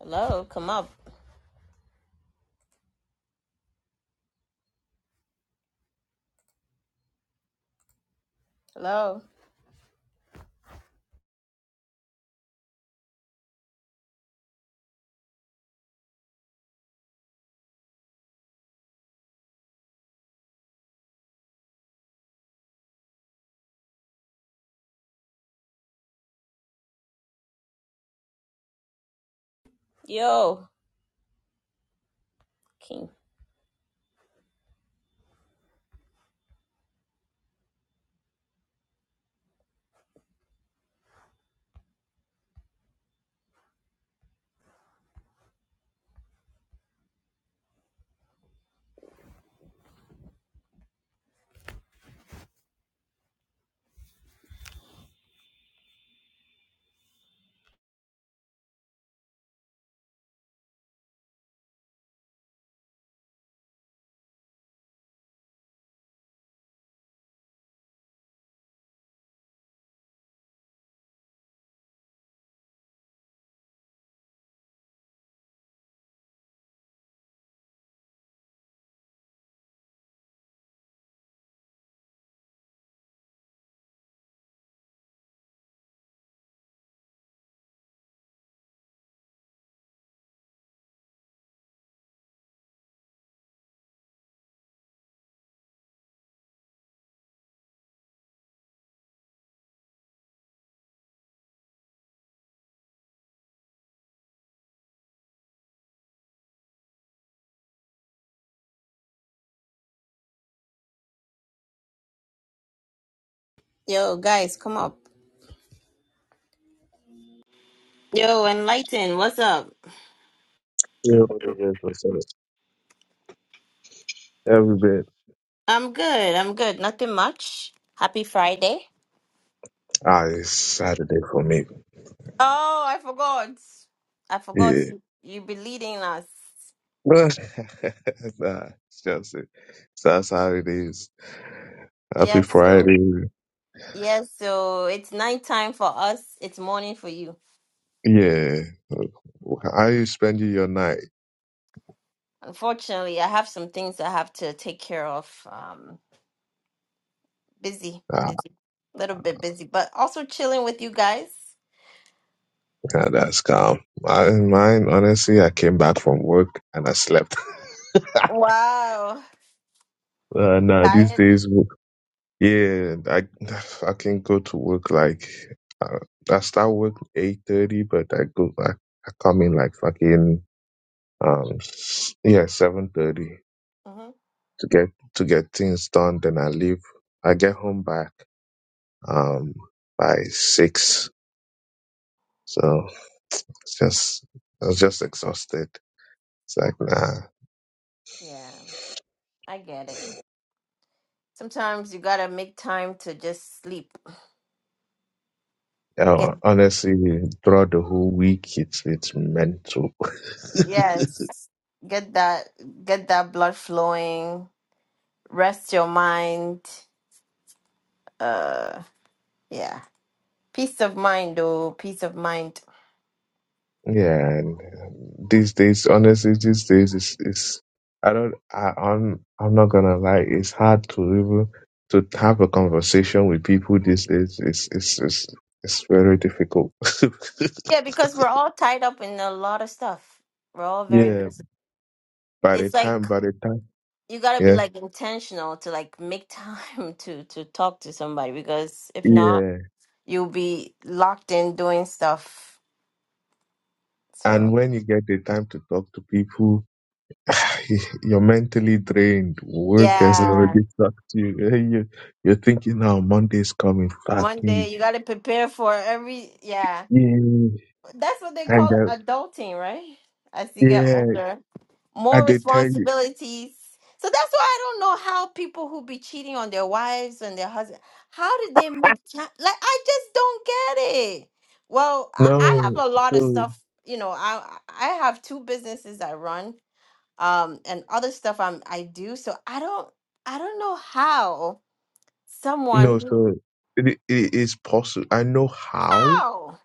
Hello, come up. Hello. Yo, King. Yo, guys, come up. Yo, Enlighten, what's up? Yeah, we just it. Every bit. I'm good, I'm good. Nothing much. Happy Friday. Ah, it's Saturday for me. Oh, I forgot. I forgot Yeah. you be leading us. nah, it's just it. So that's how it is. Happy Yes, so Friday. yes, so it's night time for us. It's morning for you. Yeah. How you spending your night? Unfortunately, I have some things I have to take care of. Um, busy, Ah, busy, little bit busy, but also chilling with you guys. okay, that's calm. I, mine, honestly, I came back from work and I slept. uh, Wow, nah, these tired days, yeah, I, I can go to work like, uh, I start work 8.30, but I go, I, I come in like fucking Um, yeah, seven thirty hmm to get to get things done. Then I leave. I get home back um by six. So it's just I was just exhausted. It's like nah. Yeah, I get it. Sometimes you gotta make time to just sleep. Get Yeah, honestly, throughout the whole week, it's it's mental. yes, get that get that blood flowing. Rest your mind. Uh, yeah, peace of mind. Oh, peace of mind. Yeah, and these days, honestly, these days is is I don't I, I'm I'm not gonna lie, it's hard to even to have a conversation with people these days. It's it's it's it's very difficult. Yeah, because we're all tied up in a lot of stuff. We're all very Yeah, busy. by the It's time, like by the time, you gotta be yeah, like intentional to like make time to to talk to somebody because if not, yeah. you'll be locked in doing stuff. So. And when you get the time to talk to people, you're mentally drained. Work has Yeah. already sucked you. you you're thinking now Monday's coming, fuck One me. day you gotta prepare for every yeah. Yeah. That's what they And call then adulting, right? As you get Yeah, older. I More did tell you. responsibilities. So that's why I don't know how people who be cheating on their wives and their husband, how did they make time? Like I just don't get it. Well, I, I have No, a lot of so stuff, you know, I I have two businesses I run, um, and other stuff I'm I do. So I don't I don't know how someone no, who so it, it is possible. I know how. how?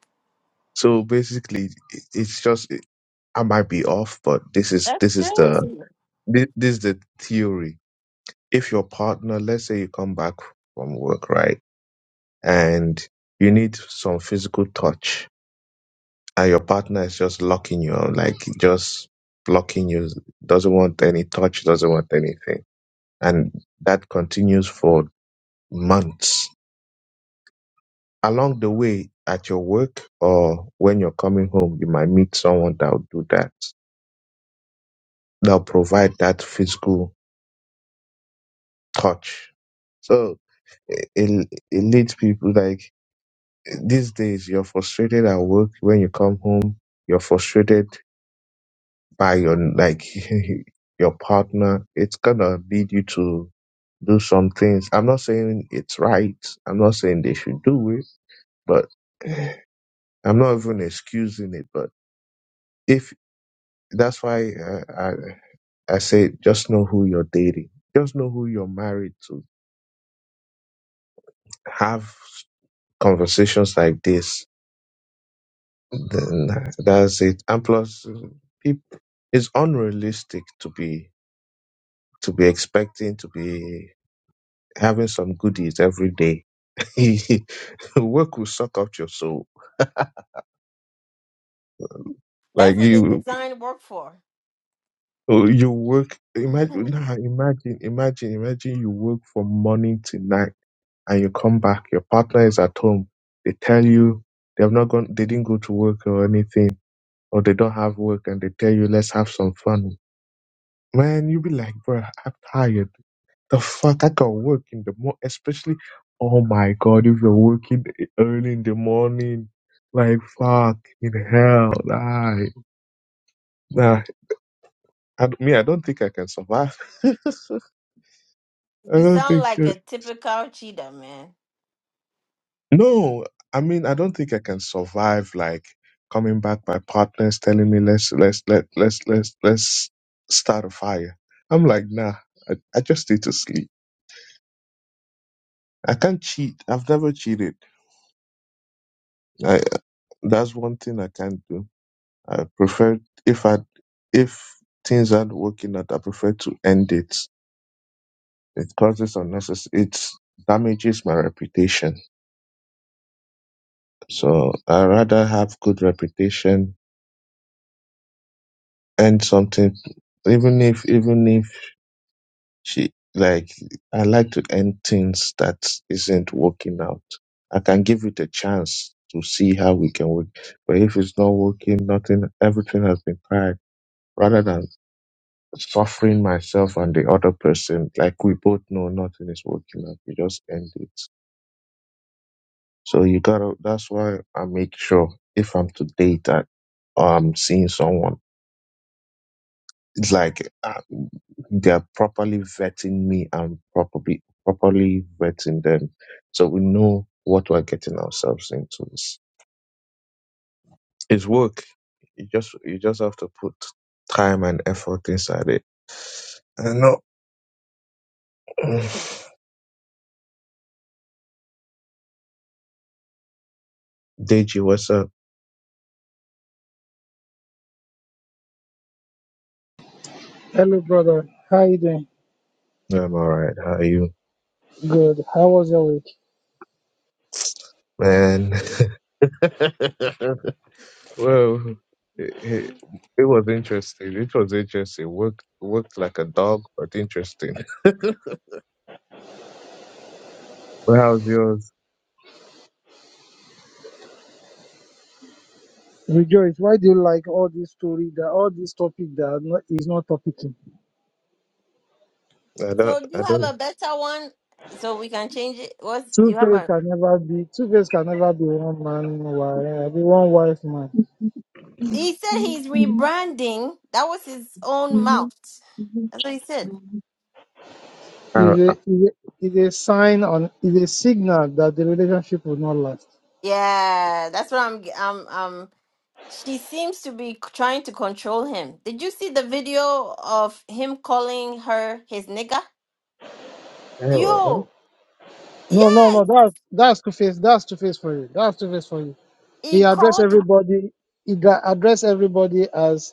So basically, it, it's just it, I might be off, but this is That's this is the crazy. this, this is the theory. If your partner, let's say you come back from work, right, and you need some physical touch, and your partner is just locking you, out, like just blocking you, doesn't want any touch, doesn't want anything, and that continues for months. Along the way, at your work or when you're coming home, you might meet someone that'll do that, that'll provide that physical touch. So it, it, it leads people like these days, you're frustrated at work. When you come home, you're frustrated by your, like, your partner. It's gonna lead you to do some things. I'm not saying it's right. I'm not saying they should do it, but I'm not even excusing it, but if That's why uh, I I say just know who you're dating. Just know who you're married to. Have conversations like this. Then uh, that's it. And plus, people, it's unrealistic to be to be expecting to be having some goodies every day. Work will suck up your soul like That's what they you designed work for. you work imagine nah, imagine imagine imagine you work from morning to night and you come back, your partner is at home, they tell you they've not gone they didn't go to work or anything, or they don't have work and they tell you let's have some fun. Man, you be like, bro, I'm tired. The fuck I got work in the morning, especially oh my god, if you're working e-, early in the morning, like fuck in hell, nah, nah. I, me, I don't think I can survive. I You don't sound think like so. a typical cheetah, man. No, I mean I don't think I can survive like coming back my partner's telling me let's let's let let's let's let's start a fire. I'm like nah, I, I just need to sleep. I can't cheat. I've never cheated. I, that's one thing I can't do. I prefer if I if things aren't working out, I prefer to end it. It causes unnecessary. It damages my reputation. So I rather have good reputation and something even if even if She like I like to end things that isn't working out. I can give it a chance to see how we can work. But if it's not working, nothing everything has been tried. Rather than suffering myself and the other person, like we both know nothing is working out. We just end it. So you gotta that's why I make sure if I'm to date I, or I'm seeing someone it's like uh, they're properly vetting me and properly properly vetting them so we know what we're getting ourselves into it's, it's work you just you just have to put time and effort inside it i know deji what's up Hello, brother. How you doing? i'm all right how are you Good. How was your week? man well it, it, it was interesting it was interesting worked worked like a dog but interesting well how's yours Rejoice. Why do you like all this story that all this topic that are not, is not topicing? i So don't i you have don't a better one so we can change it? What's Two you have face a can never be two face can never be one man wife uh, be one wife man. Uh, uh, he said yeah, he's rebranding. That was his own mouth. That's what he said. Is a is a, is a sign on is a signal that the relationship will not last. Yeah, that's what I'm um um she seems to be c- trying to control him. Did you see the video of him calling her his nigga? Yo, No, no, yes, no. That that's two face. That's two face for you. That's two face for you. he He address called her everybody. He ga- address everybody as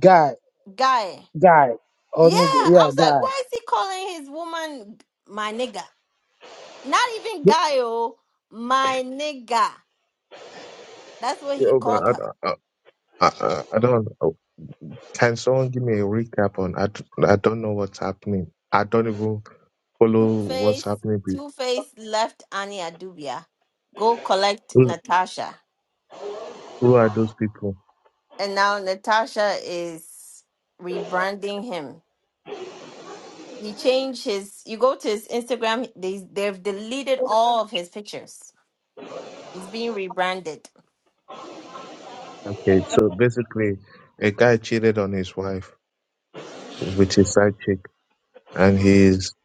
guy, guy. guy or Yeah, nigga. I Yeah, was like, why guy. is he calling his woman my nigga? Not even guy, oh, my nigga. That's what he but called I, her. I, I, I don't. oh, Can someone give me a recap on? I, d- I don't know what's happening. I don't even Two follow Face, what's happening. be- Two Face left Annie Adubia. Go collect Who, Natasha. who are those people? And now Natasha is rebranding him. He changed his, you go to his Instagram, they, they've deleted all of his pictures. He's being rebranded. Okay, so basically, a guy cheated on his wife with his side chick, and he's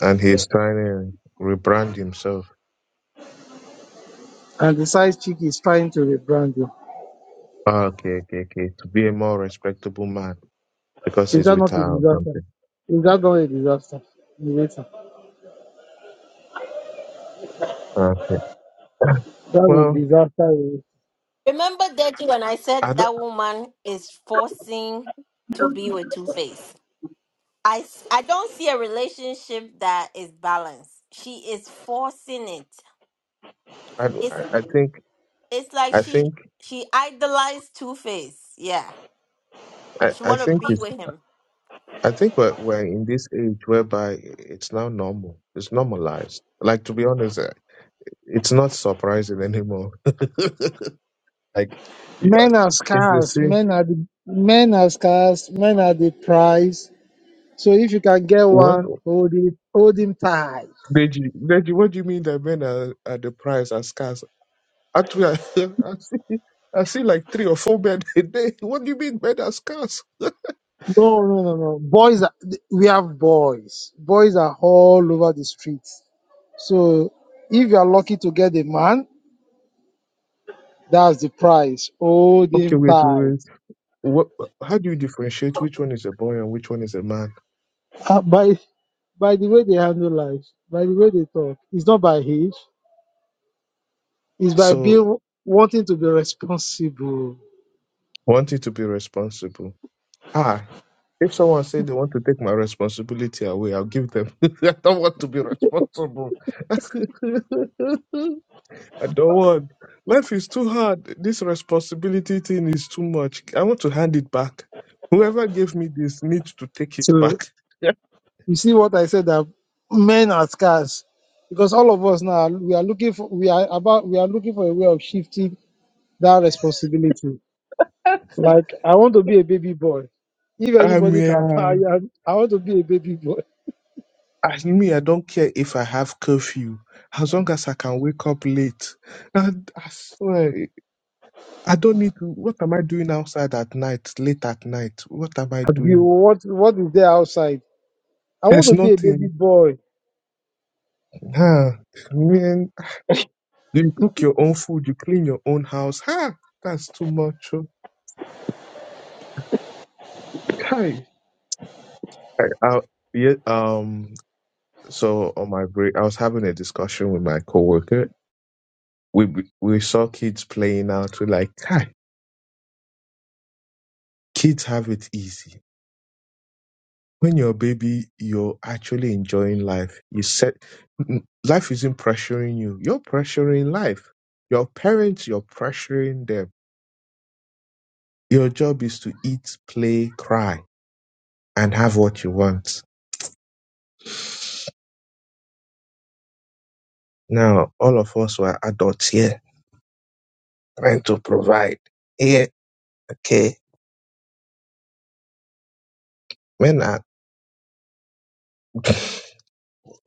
and he's trying to rebrand himself. and the size chick is trying to rebrand you. Ah, okay, okay, okay, to be a more respectable man because Is he's that with not a her or disaster? something. Is that not a disaster? Narrator. Okay. That a Well, disaster. Remember that when I I said don't. that woman is forcing to be with Two Face. I s- I don't see a relationship that is balanced. She is forcing it. I don't. It's I I think. it's like I she think. she idolized Two Face. Yeah, I, she I want to think be it's. with him. I think we're we're in this age whereby it's now normal. It's normalized. Like to be honest, uh, it's not surprising anymore. like yeah, Men are it's the scarce. same. Men are the men are scarce. Men are the prize. So if you can get What? one, hold it, hold him tight. Deji, Deji, what do you mean that men are, are the price are scarce? Actually, I, I see, I see like three or four men a day. What do you mean men are scarce? No, no, no, no. Boys, are, we have boys. Boys are all over the streets. So if you are lucky to get a man, that's the prize. Hold okay, him wait, wait, tight. wait. What? How do you differentiate which one is a boy and which one is a man? Ah, by by the way they handle life, by the way they talk, it's not by age, it's by So being wanting to be responsible. wanting to be responsible. Ah, if someone said they want to take my responsibility away, I'll give them. I don't want to be responsible. I don't want. Life is too hard. This responsibility thing is too much. I want to hand it back. Whoever gave me this needs to take it So back. you see what I said that men are scarce because all of us now we are looking for we are about we are looking for a way of shifting that responsibility. Like I want to be a baby boy. If I'm anybody can yeah. hire, I want to be a baby boy. I me, I don't care if I have curfew, as long as I can wake up late. And I swear, I don't need to. What am I doing outside at night, late at night? What am I But you- doing? What what is there outside? I want There's to be a baby nothing. boy. Huh? Man, you cook your own food, you clean your own house. Huh? That's too much. oh. Hi. I, I, yeah. Um. So on my break, I was having a discussion with my coworker. We we we saw kids playing out. We're like, hi, kids have it easy when you're a baby, you're actually enjoying life. You set n- life isn't pressuring you. You're pressuring life. Your parents, you're pressuring them. Your job is to eat, play, cry, and have what you want. Now, all of us were adults here, trying to provide. Yeah, okay. Men are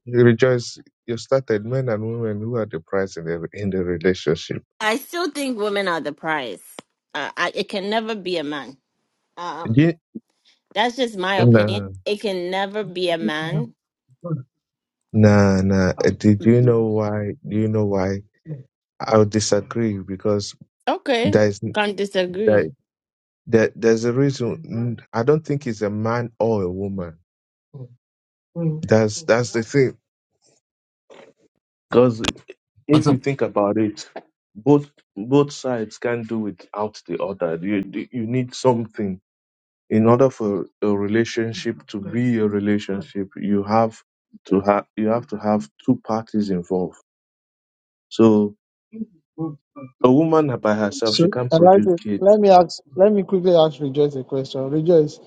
you rejoice. You started men and women who are the prize in the in the relationship. I still think women are the prize. Uh, I, it can never be a man. Um, Yeah, That's just my opinion. no. It can never be a man. Nah, nah. Uh, Do, do you Mhm. know why? Do you know why? I would disagree because Okay, there's can't there, disagree. there, there's a reason. Mm, I don't think it's a man or a woman. Mm. That's that's the thing. Because What's if you up? think about it, both both sides can do without the other. You you need something in order for a relationship to be a relationship. You have to have you have to have two parties involved. So. A woman by herself, she So, can't produce Elijah, let kids. me ask, let me quickly ask Rejoice a question. Rejoice,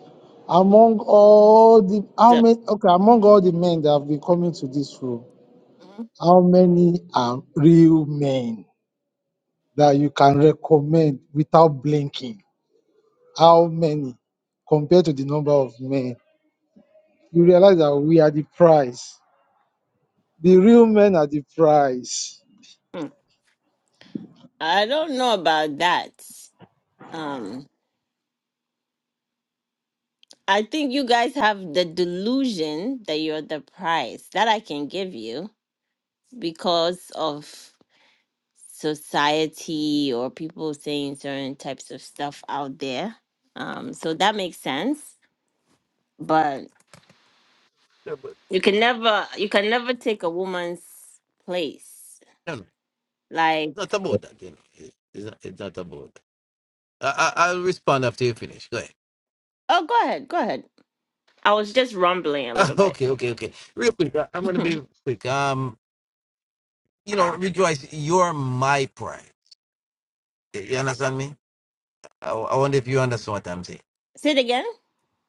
among all the, how So, many, okay, among all the men that have been coming to this room, how many are real men that you can recommend without blinking? How many compared to the number of men? You realize that we are the prize. The real men are the prize. mhm. I don't know about that. Um, I think you guys have the delusion that you're the prize that I can give you because of society or people saying certain types of stuff out there. Um, so that makes sense, but No, but- you can never you can never take a woman's place. no, no, like. it's not about that. You know, It- it's not, it's not about. That. I, I I'll respond after you finish. Go ahead. Oh, go ahead. Go ahead. I was just rumbling a Ah, little bit. okay, okay, okay. Real quick, I- I'm gonna be quick. Um, you know, rejoice. You're my pride. You you understand me? I, I wonder if you understand what I'm saying. Say it again.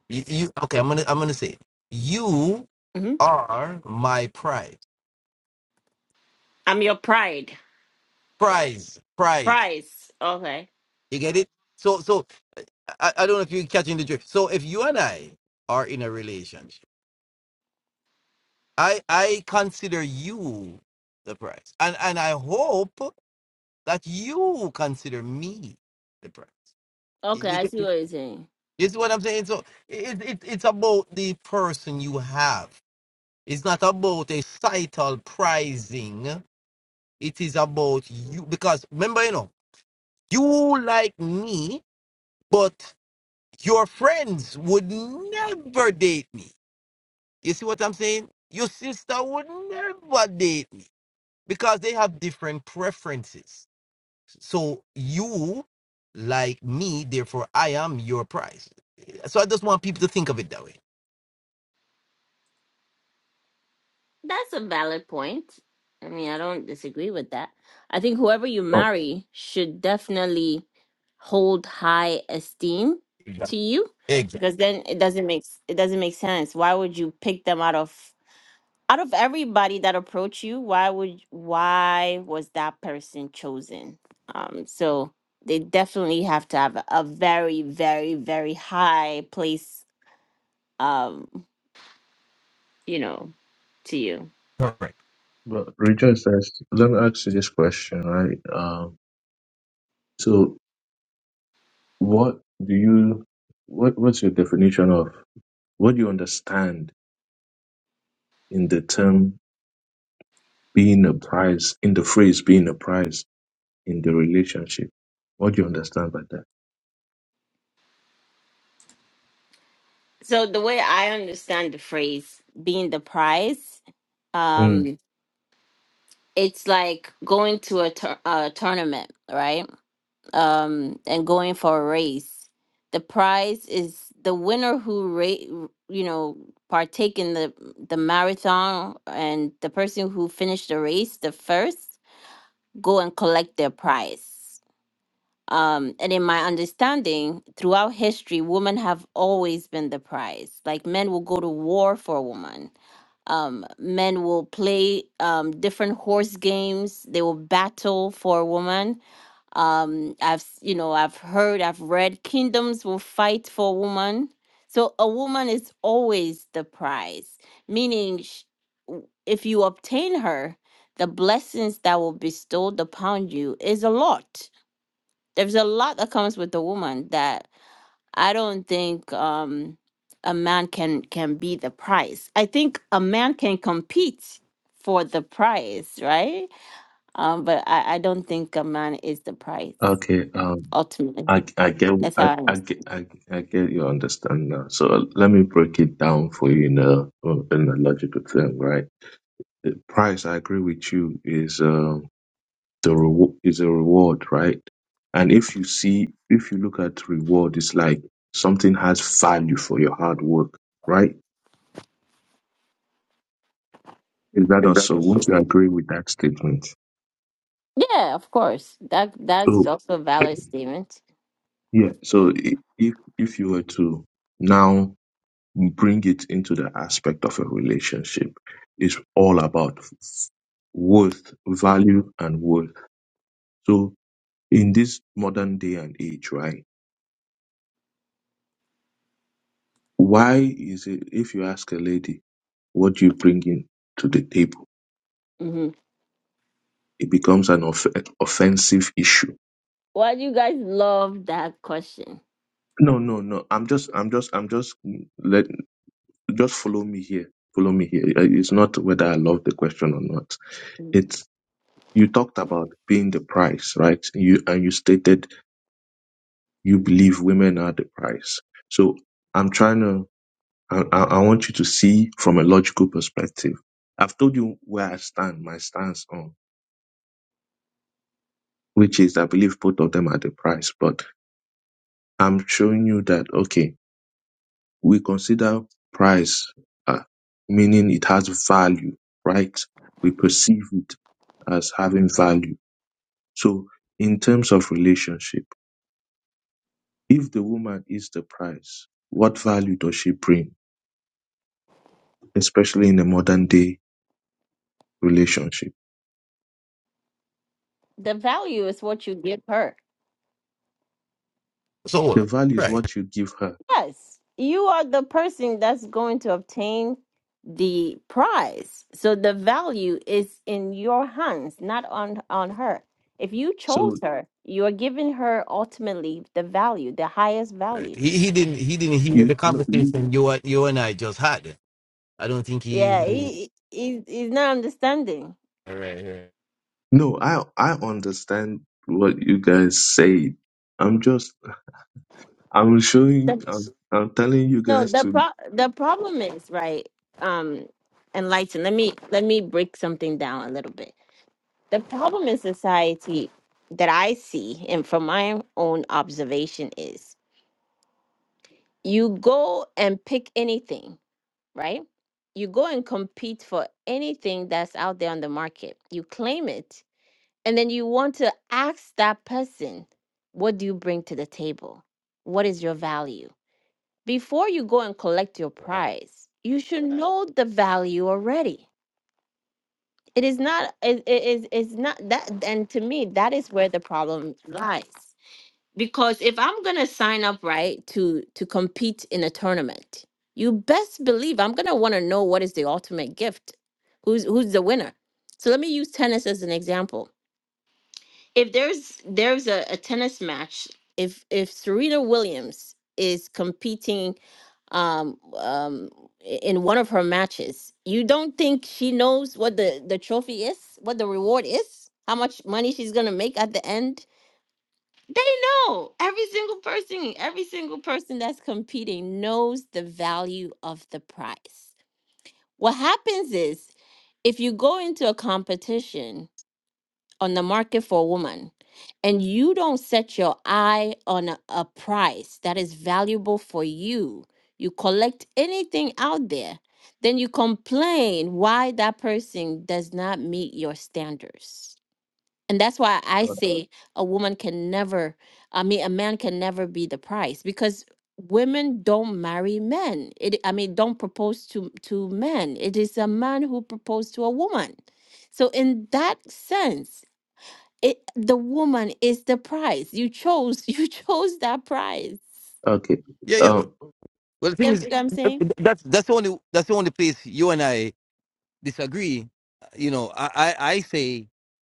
You, you okay? I'm gonna I'm gonna say you hmm are my pride. I'm your pride. Prize, prize. Prize. Okay. You get it? So so I, I don't know if you're catching the drift. So if you and I are in a relationship I I consider you the prize, and and I hope that you consider me the prize. Okay, You I you see what you're saying. you see what I'm saying? So it, it it's about the person you have. It's not about a title prizing. It is about you because remember, you know, you like me, but your friends would never date me. You see what I'm saying? Your sister would never date me because they have different preferences. So you like me, therefore I am your prize. So I just want people to think of it that way. That's a valid point. I mean, I don't disagree with that. I think whoever you Oh, marry should definitely hold high esteem Exactly. to you Exactly. because then it doesn't make it doesn't make sense. Why would you pick them out of out of everybody that approached you, why would why was that person chosen? Um, so they definitely have to have a, a very, very, very high place, um, you know, to you. Correct. but Rejoice says, let me ask you this question, right? Um, so what do you, what, what's your definition of, what do you understand in the term being a prize, in the phrase being a prize in the relationship? What do you understand by that? So the way I understand the phrase "being the prize," Mm. um, it's like going to a, tour- a tournament, right? um, and going for a race. The prize is the winner who ra- you know partake in the the marathon and the person who finished the race the first go and collect their prize. Um, and in my understanding, throughout history, women have always been the prize. Like men will go to war for a woman. Um, men will play um, different horse games. They will battle for a woman um i've s- you know i've heard i've read kingdoms will fight for woman so a woman is always the prize meaning sh- w- if you obtain her the blessings that will bestowed upon you is a lot there's a lot that comes with a woman that i don't think um a man can can be the prize i think a man can compete for the prize right um but i i don't think a man is the prize Okay. Um, ultimately. I, I get, That's I, how I I understand. get, I, I get your understanding now. So let me break it down for you in a, in a logical term, right? the price i agree with you is uh, the reward is a reward right and if you see if you look at reward it's like something has value for your hard work right is that Is that also won't you also? agree with that statement Yeah, of course. That that's so also a valid statement. yeah so i- if if you were to now bring it into the aspect of a relationship it's all about worth value and worth so in this modern day and age right Why is it if you ask a lady, what do you bring in to the table? hmm It becomes an off- offensive issue. Why do you guys love that question? No, no, no. I'm just, I'm just, I'm just, let, just follow me here. Follow me here. Uh, It's not whether I love the question or not. It's, you talked about being the price, right? You, and you stated you believe women are the price. So I'm trying to, I, I I want you to see from a logical perspective. I've told you where I stand, my stance on. which is I believe both of them are the price, but I'm showing you that okay, we consider price uh, meaning it has value, right? We perceive it as having value. So in terms of relationship, if the woman is the price, what value does she bring, especially in a modern day relationship? The value is what you give her. So The value is right, what you give her. Yes, you are the person that's going to obtain the prize. So the value is in your hands, not on on her. If you chose So her, you are giving her ultimately the value, the highest right. value. He he didn't he didn't hear the you no, you- conversation you and- you and I just had. I don't think he. Yeah, he, he he's he's not understanding. All right, right, no I I understand what you guys say. I'm just I'm showing. I'm, I'm telling you No, guys the to. pro the problem is right. Um, enlighten. Let me let me break something down a little bit. The problem in society that I see, and from my own observation, is you go and pick anything, right? You go and compete for anything that's out there on the market. You claim it, and then you want to ask that person, "What do you bring to the table? What is your value?" Before you go and collect your right. prize, you should Right. know the value already. It is not it is it's not that and to me that is where the problem lies. Because if I'm going to sign up right to to compete in a tournament, you best believe I'm going to want to know what is the ultimate gift. Who's who's the winner? So let me use tennis as an example if there's there's a, a tennis match if if Serena Williams is competing um um i- in one of her matches you don't think she knows what the the trophy is what the reward is how much money she's going to make at the end they know every single person every single person that's competing knows the value of the prize what happens is if you go into a competition on the market for a woman and you don't set your eye on a, a price that is valuable for you, you collect anything out there, then you complain why that person does not meet your standards. And that's why I Uh, say a woman can never, I mean, a man can never be the price because women don't marry men. It, I mean, don't propose to, to men. It is a man who proposed to a woman. So, in that sense, it the woman is the prize you chose you chose that prize okay. Yeah, yeah. Um. Well, the you thing know is, what i'm saying that's that's the only that's the only place you and I disagree, uh, you know, I, I, I say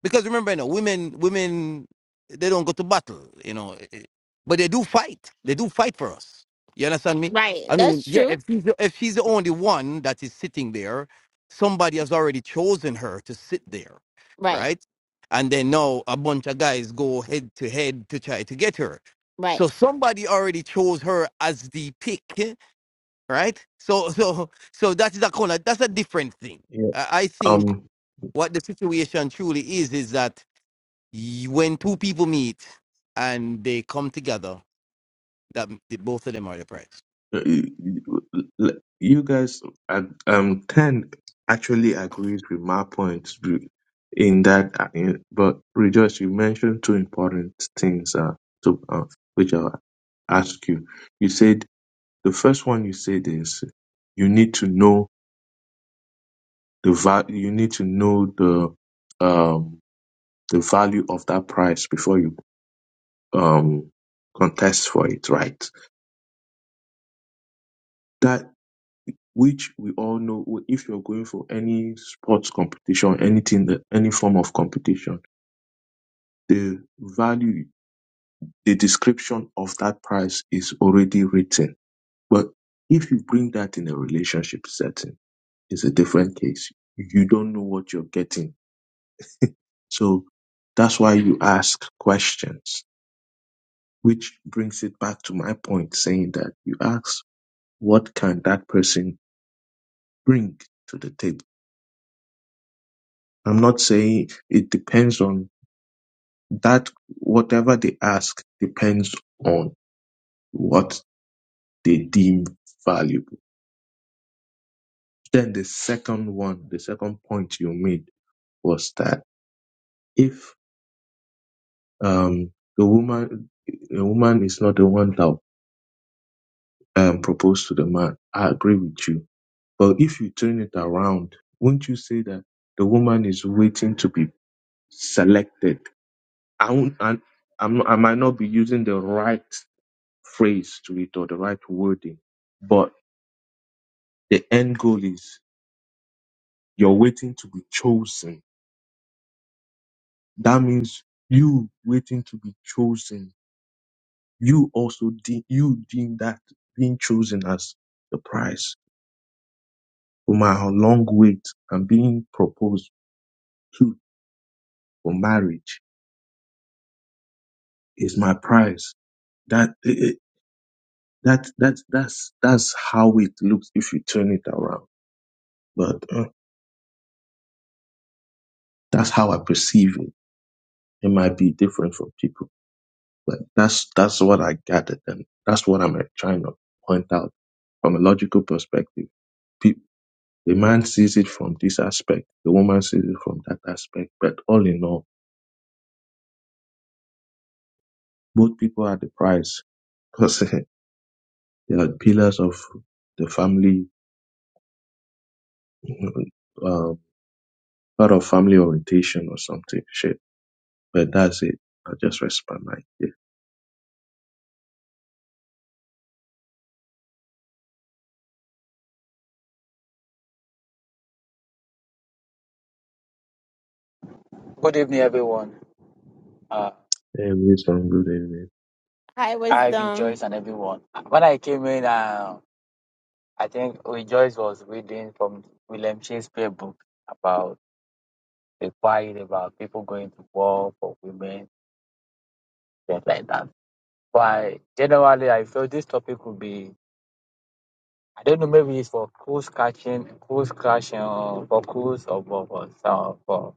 because remember, you know, women women they don't go to battle, you know, eh, eh, but they do fight. They do fight for us. You understand me? right I mean, that's yeah, true if she's the, if she's the only one that is sitting there, somebody has already chosen her to sit there, right right? And then now a bunch of guys go head to head to try to get her. right So somebody already chose her as the pick right? So so so that is a color. That's a different thing. Yeah. I I think Um. what the situation truly is is that y- when two people meet and they come together, that m- the, both of them are the prize. y- y- You guys. uh, Um. Ten actually agrees with my points be- in that. uh, in- But rejoice. You mentioned two important things. Uh. To uh, which I'll ask you. You said the first one. You said is you need to know the value. You need to know the um the value of that price before you um, contest for it, right? That which we all know, w- if you're going for any sports competition, anything, that- any form of competition, the value, the description of that price is already written. But if you bring that in a relationship setting, it's a different case. You don't know what you're getting. So that's why you ask questions, which brings it back to my point saying that you ask, what can that person bring to the table. I'm not saying it depends on that, whatever they ask depends on what they deem valuable. Then the second one, the second point you made was that if um, the woman, a woman is not the one that um, proposed to the man, I agree with you. But if you turn it around, will not you say that the woman is waiting to be selected? I won't, I, I'm, I might not be using the right phrase to it or the right wording, but the end goal is you're waiting to be chosen. That means you waiting to be chosen. You also de- you deem that being chosen as the prize for my long wait and being proposed to for marriage is my prize. That eh, eh, that that that's that's how it looks if you turn it around. But uh, that's how I perceive it. It might be different from people. Like that's that's what I gathered, and that's what I'm uh, trying to point out from a logical perspective. Pe- the man sees it from this aspect, the woman sees it from that aspect, but all in all, both people are the prize because they are pillars of the family, uh, part of family orientation or something shit. But that's it. I just respect my mind. yeah. Good evening, everyone. Uh, Hey, Wilson, good evening. High Ivy, wisdom Joyce, and everyone. When I came in, uh, I think we- Joyce was reading from William Shakespeare book about the quiet, about people going to war for women, things like that. But generally, I feel this topic would be, I don't know, maybe it's for cruise catching, cruise crashing, or for cruise or for, for, some- for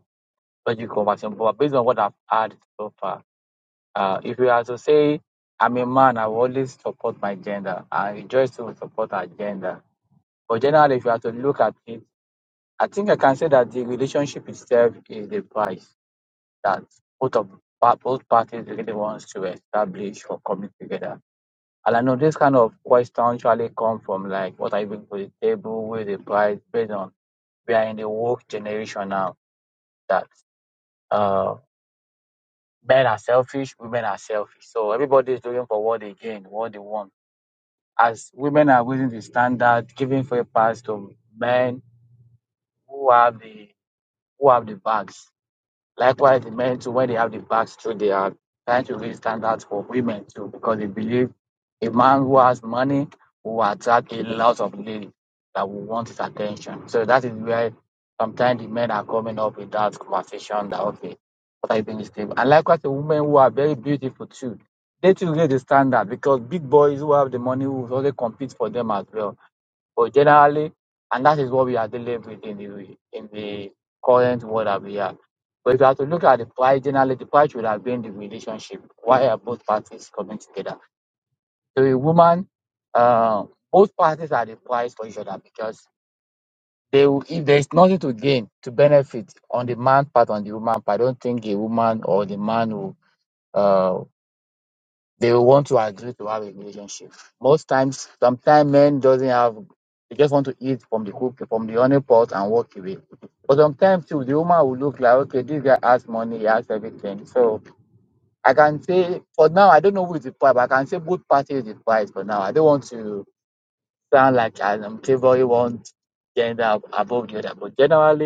logical conversation, but based on what I've heard so far, Uh, if you are to say, I'm a man, I will always support my gender. I rejoice to support our gender. But generally, if you are to look at it, I think I can say that the relationship itself is the price that both of pa- both parties really wants to establish or commit together. And I know this kind of question usually come from like what I bring to the table, with the price based on we are in the woke generation now that uh men are selfish, women are selfish. So everybody is looking for what they gain, what they want as women are raising the standard, giving free pass to men who have the who have the bags. Likewise, the men too, when they have the bags too, they are trying to raise standards for women too, because they believe a man who has money will attract a lot of ladies that will want his attention. So that is where sometimes the men are coming up with that conversation that okay, what are you doing this table? And likewise the women who are very beautiful too. They too raise the standard because big boys who have the money will also compete for them as well. But generally, and that is what we are dealing with in the in the current world that we are. But if you have to look at the pride, generally the pride would have been the relationship. Why are both parties coming together? So a woman, uh, both parties are the prize for each other because they will, if there is nothing to gain to benefit on the man part on the woman part, I don't think a woman or the man will. uh, they will want to agree to have a relationship. Most times, sometimes men doesn't have. They just want to eat from the cook from the honey pot and walk away. But sometimes too, the woman will look like, okay, this guy has money, he has everything. So I can say for now, I don't know who is the prize, but I can say both parties is the prize for now. I don't want to sound like I'm favoring one gender above the other, but generally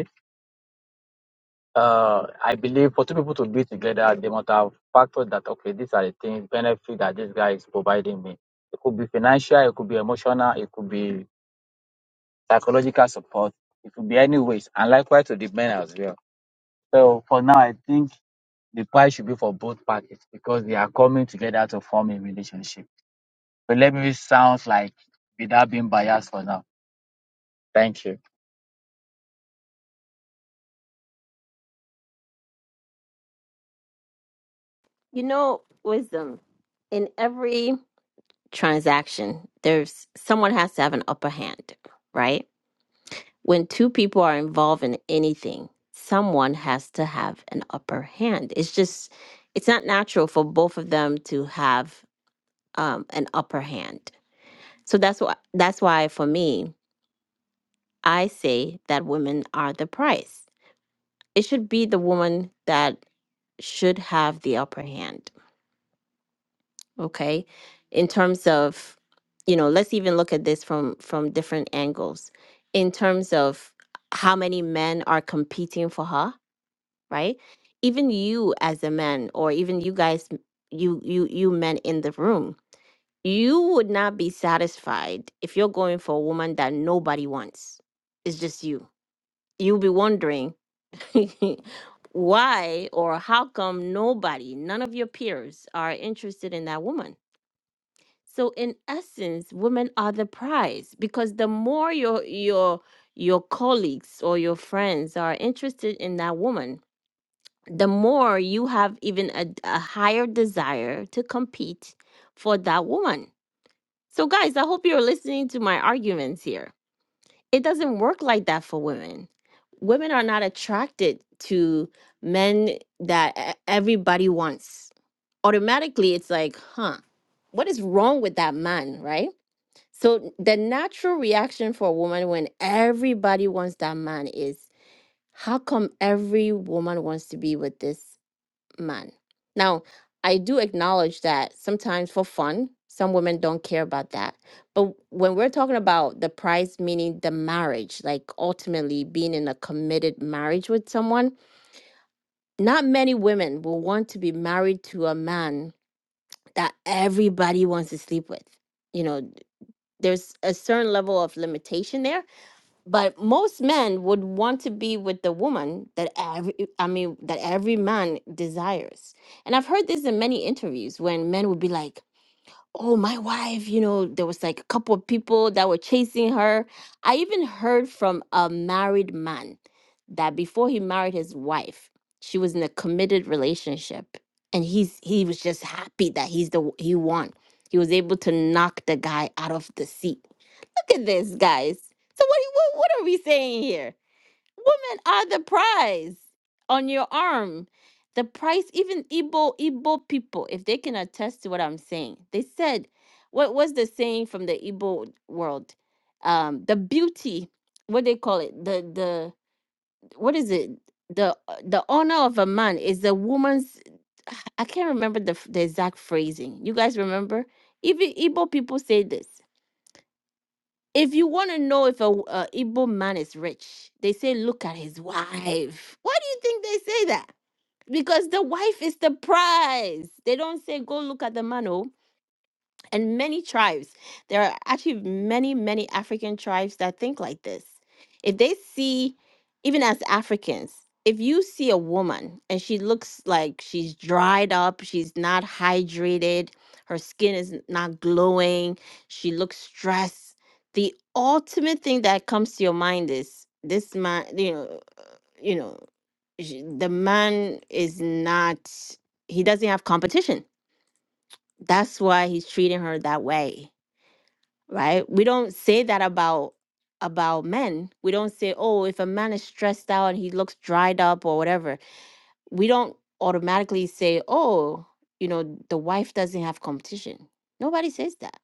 uh, I believe for two people to be together, they must have factors that okay, these are the things benefit that this guy is providing me. It could be financial, it could be emotional, it could be psychological support, it could be any ways, and likewise to the men as well. So for now, I think the price should be for both parties because they are coming together to form a relationship. But let me sound like without being biased for now. Thank you. you know wisdom in every transaction there's someone has to have an upper hand right when two people are involved in anything someone has to have an upper hand it's just it's not natural for both of them to have um, an upper hand so that's why that's why for me I say that women are the prize. It should be the woman that should have the upper hand, okay? In terms of, you know, let's even look at this from from different angles. In terms of how many men are competing for her, right? Even you as a man or even you guys you you you men in the room, you would not be satisfied if you're going for a woman that nobody wants. It's just you. You'll be wondering Why or how come nobody, none of your peers are interested in that woman? So in essence, women are the prize because the more your your your colleagues or your friends are interested in that woman, the more you have even a, a higher desire to compete for that woman. So guys, I hope you're listening to my arguments here it doesn't work like that for women. Women are not attracted to men that e- everybody wants. Automatically, it's like, huh, what is wrong with that man, right? So the natural reaction for a woman when everybody wants that man is, how come every woman wants to be with this? man. Now, I do acknowledge that sometimes for fun, some women don't care about that. But when we're talking about the price, meaning the marriage, like ultimately being in a committed marriage with someone, not many women will want to be married to a man that everybody wants to sleep with. You know, there's a certain level of limitation there but most men would want to be with the woman that every i mean that every man desires and i've heard this in many interviews when men would be like oh my wife you know there was like a couple of people that were chasing her i even heard from a married man that before he married his wife she was in a committed relationship and he's he was just happy that he's the he won he was able to knock the guy out of the seat Look at this, guys. So what, what what are we saying here? Women are the prize on your arm. The price, even Igbo Igbo people, if they can attest to what I'm saying, they said, what was the saying from the Igbo world? Um, the beauty, what they call it, the the what is it? The the honor of a man is a woman's. I can't remember the the exact phrasing. You guys remember? Even Igbo people say this. If you want to know if a a Igbo man is rich, they say, look at his wife. Why do you think they say that? Because the wife is the prize. They don't say, go look at the man. oh and many tribes. There are actually many, many African tribes that think like this. If they see, even as Africans, if you see a woman and she looks like she's dried up, she's not hydrated, her skin is n- not glowing, she looks stressed, the ultimate thing that comes to your mind is this man, you know, you know, sh- the man is not, he doesn't have competition. That's why he's treating her that way right? We don't say that about about men. We don't say, "Oh, if a man is stressed out and he looks dried up or whatever." We don't automatically say, "Oh, you know, the wife doesn't have competition." Nobody says that.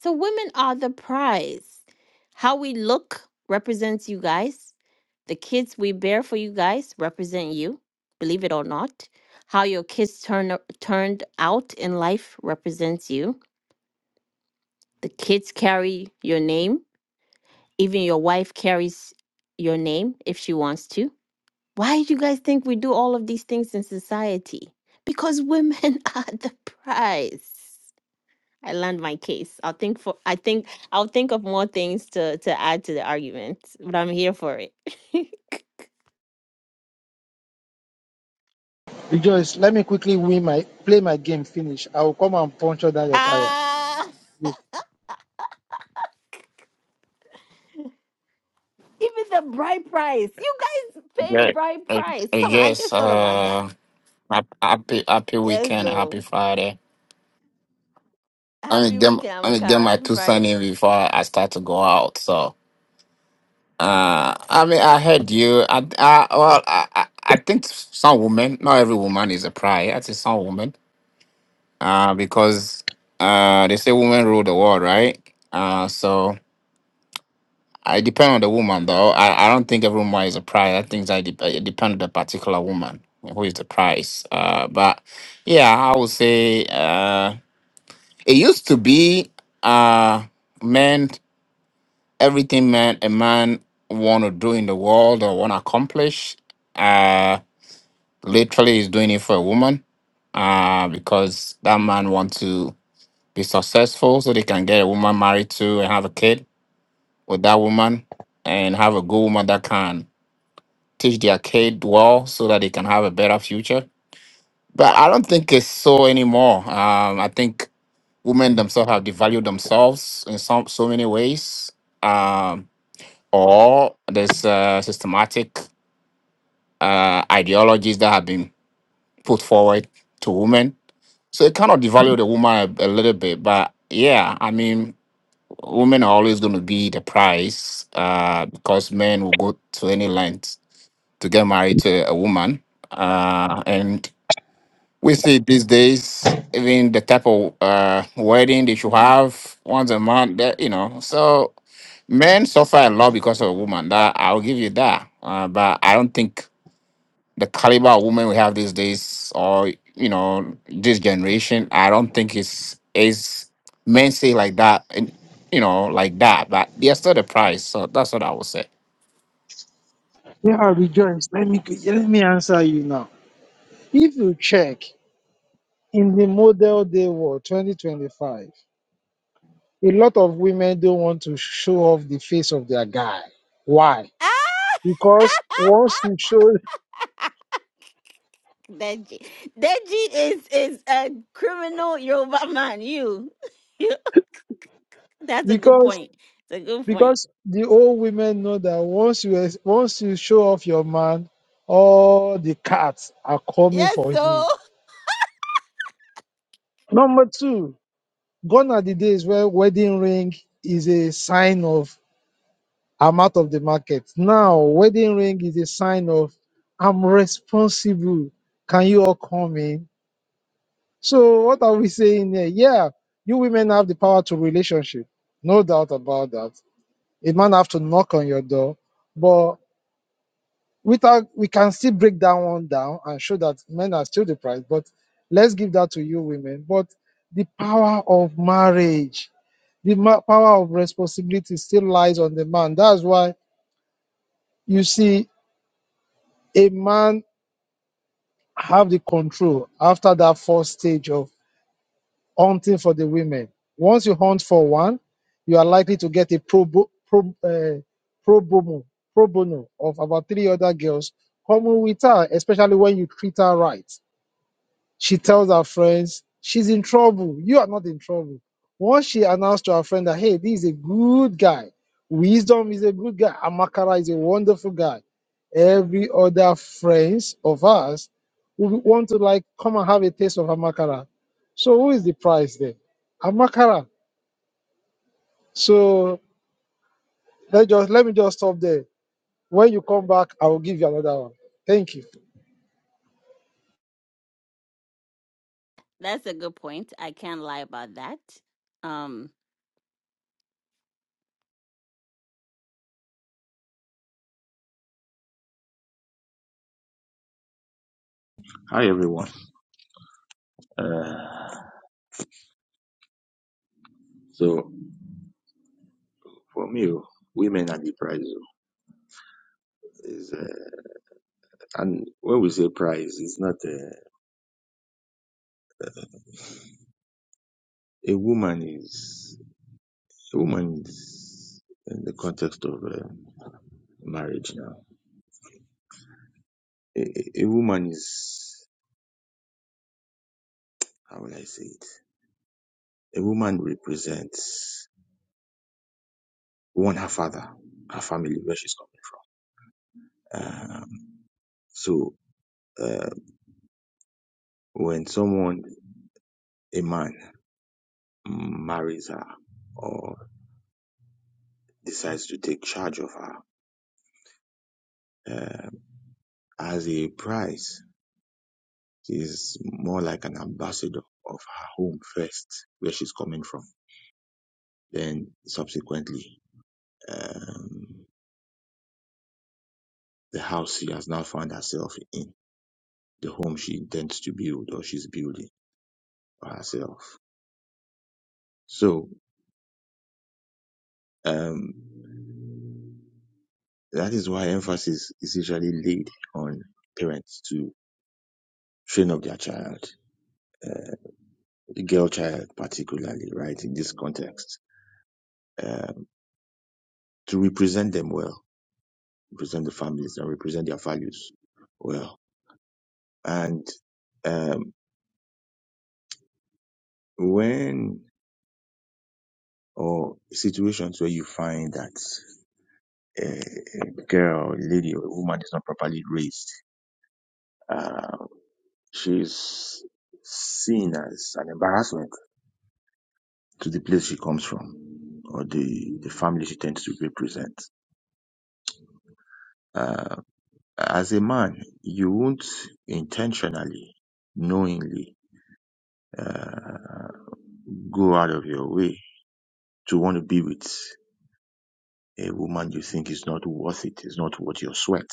So women are the prize. How we look represents you guys. The kids we bear for you guys represent you, believe it or not. How your kids turn turned out in life represents you. The kids carry your name even your wife carries your name if she wants to. Why do you guys think we do all of these things in society? Because women are the prize. I land my case. I'll think for I think I'll think of more things to to add to the argument, but I'm here for it. Rejoice, let me quickly win my, play my game, finish. I will come and puncture down your tire. ah, even the bride price. You guys pay Yeah, bride I, price. I Come on, I guess. just thought about that. Uh, hap- happy happy Yes, weekend, happy though. Friday. Let me Happy get weekend, let me get Amakara. my Happy two son Friday. in before I start to go out. So, uh, I mean, I heard you. I, I well, I, I I think some women, not every woman is a prior. I think some women, uh, because uh, they say women rule the world, right? Uh, so I depend on the woman though. I, I don't think every woman is a prize. I think I de- it depends on the particular woman who is the prize. Uh, but yeah, I would say uh, it used to be uh, men everything man a man want to do in the world or want to accomplish. Uh, literally, is doing it for a woman uh, because that man want to be successful so they can get a woman married to and have a kid with that woman and have a good woman that can. teach their kid well so that they can have a better future. But I don't think it's so anymore. Um, I think women themselves have devalued themselves in some so many ways, um, or there's uh, systematic uh, ideologies that have been put forward to women. So it kind of devalued the woman a, a little bit. But yeah, I mean, women are always going to be the prize uh, because men will go to any length to get married to a woman. Uh, and We see these days, even the type of uh, wedding they should have once a month, that, you know. So men suffer a lot because of women. That I'll give you that. Uh, but I don't think the caliber of women we have these days, or you know, this generation, I don't think it's is men say like that, and you know, like that. But they're still the price. So that's what I would say. Yeah, rejoice. Let me let me answer you now. If you check in the model day world 2025, a lot of women don't want to show off the face of their guy. Why? Because once you show Deji. Deji is is a criminal Yoruba man. You. That's a good because point. It's a good point. because the old women know that once you ex- once you show off your man, all the cats are coming Yes, for him. so Number two, gone are the days where wedding ring is a sign of I'm out of the market. Now, wedding ring is a sign of I'm responsible. Can you all come in? So, what are we saying here? Yeah, you women have the power to relationship. No doubt about that. A man have to knock on your door, but without we can still break that one down and show that men are still the prize. But let's give that to you women. But the power of marriage the ma- power of responsibility still lies on the man. That's why you see a man have the control after that first stage of hunting for the women. Once you hunt for one, you are likely to get a pro, bo- pro, uh, pro, bono, pro bono of about three other girls common with her, especially when you treat her right. She tells her friends she's in trouble. You are not in trouble. Once she announced to her friend that, hey, this is a good guy. Wisdom is a good guy. Amakara is a wonderful guy. Every other friends of us would want to like come and have a taste of Amakara. So who is the prize there? Amakara. So let just let me just stop there. When you come back, I will give you another one. Thank you. That's a good point. I can't lie about that. Um Hi everyone. Uh, so for me, oh, women are the prize. oh. Is uh, and when we say prize, it's not uh, a woman is a woman is in the context of uh, marriage now. A, a a woman is how will I say it? A woman represents one her father, her family where she's coming. Um, so uh, when someone a man marries her or decides to take charge of her. Uh, as a prize. She's more like an ambassador of her home first, where she's coming from. Then subsequently, um, the house she has now found herself in, the home she intends to build or she's building for herself. So, um, that is why emphasis is usually laid on parents to train up their child, uh, the girl child particularly, right, in this context, um, to represent them well represent the families and represent their values well. And um, when or situations where you find that uh, a girl, lady, or woman is not properly raised, uh, she's seen as an embarrassment to the place she comes from or the, the family she tends to represent. Uh, as a man, you won't intentionally, knowingly uh, go out of your way to want to be with a woman you think is not worth it. It's not worth your sweat.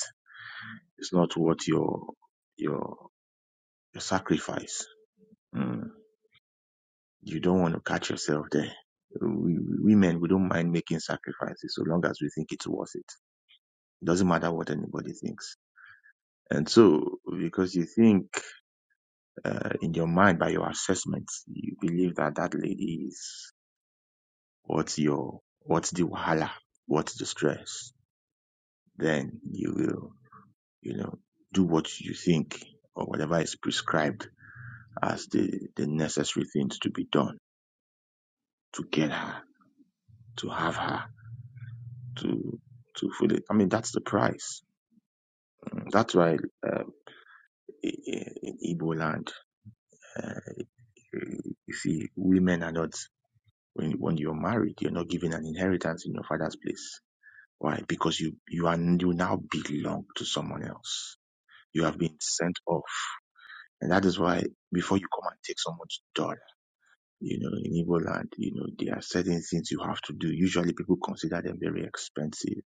It's not worth your your, your sacrifice. Mm. You don't want to catch yourself there. We, women, we don't mind making sacrifices so long as we think it's worth it. It doesn't matter what anybody thinks. And so, because you think uh, in your mind by your assessments, you believe that that lady is what's your what's the wahala, what's the stress, then you will you know, do what you think or whatever is prescribed as the, the necessary things to be done to get her, to have her, to to fully. I mean, that's the price. That's why uh, in Igbo land, uh, you see, women are not when when you're married, you're not given an inheritance in your father's place. Why? Because you you are you now belong to someone else. You have been sent off, and that is why before you come and take someone's daughter You know, in Igbo land, you know, there are certain things you have to do. Usually people consider them very expensive.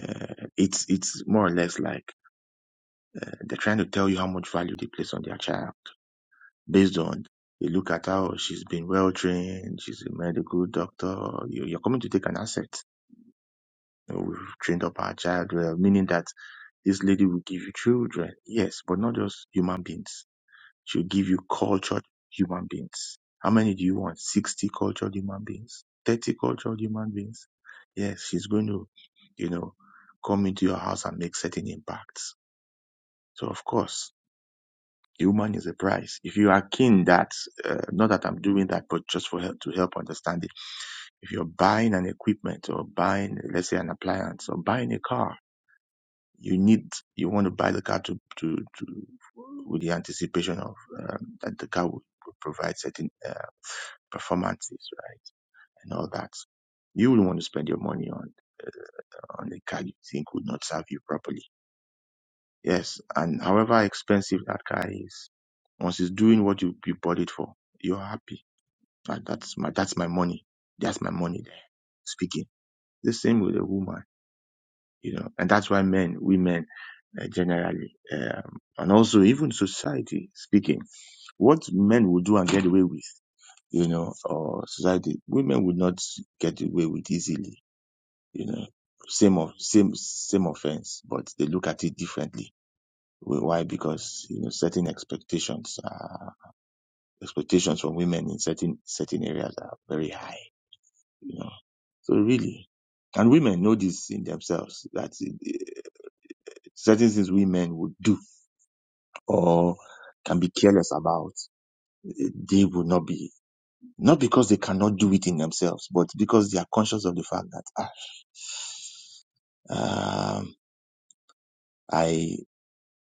Uh, it's, it's more or less like uh, they're trying to tell you how much value they place on their child based on they look at her, oh, she's been well trained, she's a medical doctor. You, you're coming to take an asset. You know, we've trained up our child well, meaning that this lady will give you children. Yes, but not just human beings She'll give you cultured human beings. How many do you want? 60 cultured human beings? 30 cultured human beings? Yes, she's going to, you know, come into your house and make certain impacts. So, of course, the woman is a prize. If you are keen that, uh, not that I'm doing that, but just for help, to help understand it. If you're buying an equipment or buying, let's say, an appliance or buying a car, you need you want to buy the car to to, to with the anticipation of um, that the car will, will provide certain uh, performances, right, and all that. You will want to spend your money on on a car you think would not serve you properly. Yes, and however expensive that car is, once it's doing what you, you bought it for, you're happy. That, that's my that's my money. That's my money there. Speaking the same with a woman, you know, and that's why men, women uh, generally, um, and also even society speaking, what men would do and get away with, you know, or society, women would not get away with easily, you know, same of same same offense, but they look at it differently. Wh- Why? Because you know certain expectations, uh, expectations from women in certain certain areas are very high, you know. So really, and women know this in themselves that uh, certain things women would do or can be careless about they will not be not because they cannot do it in themselves, but because they are conscious of the fact that ah, um, I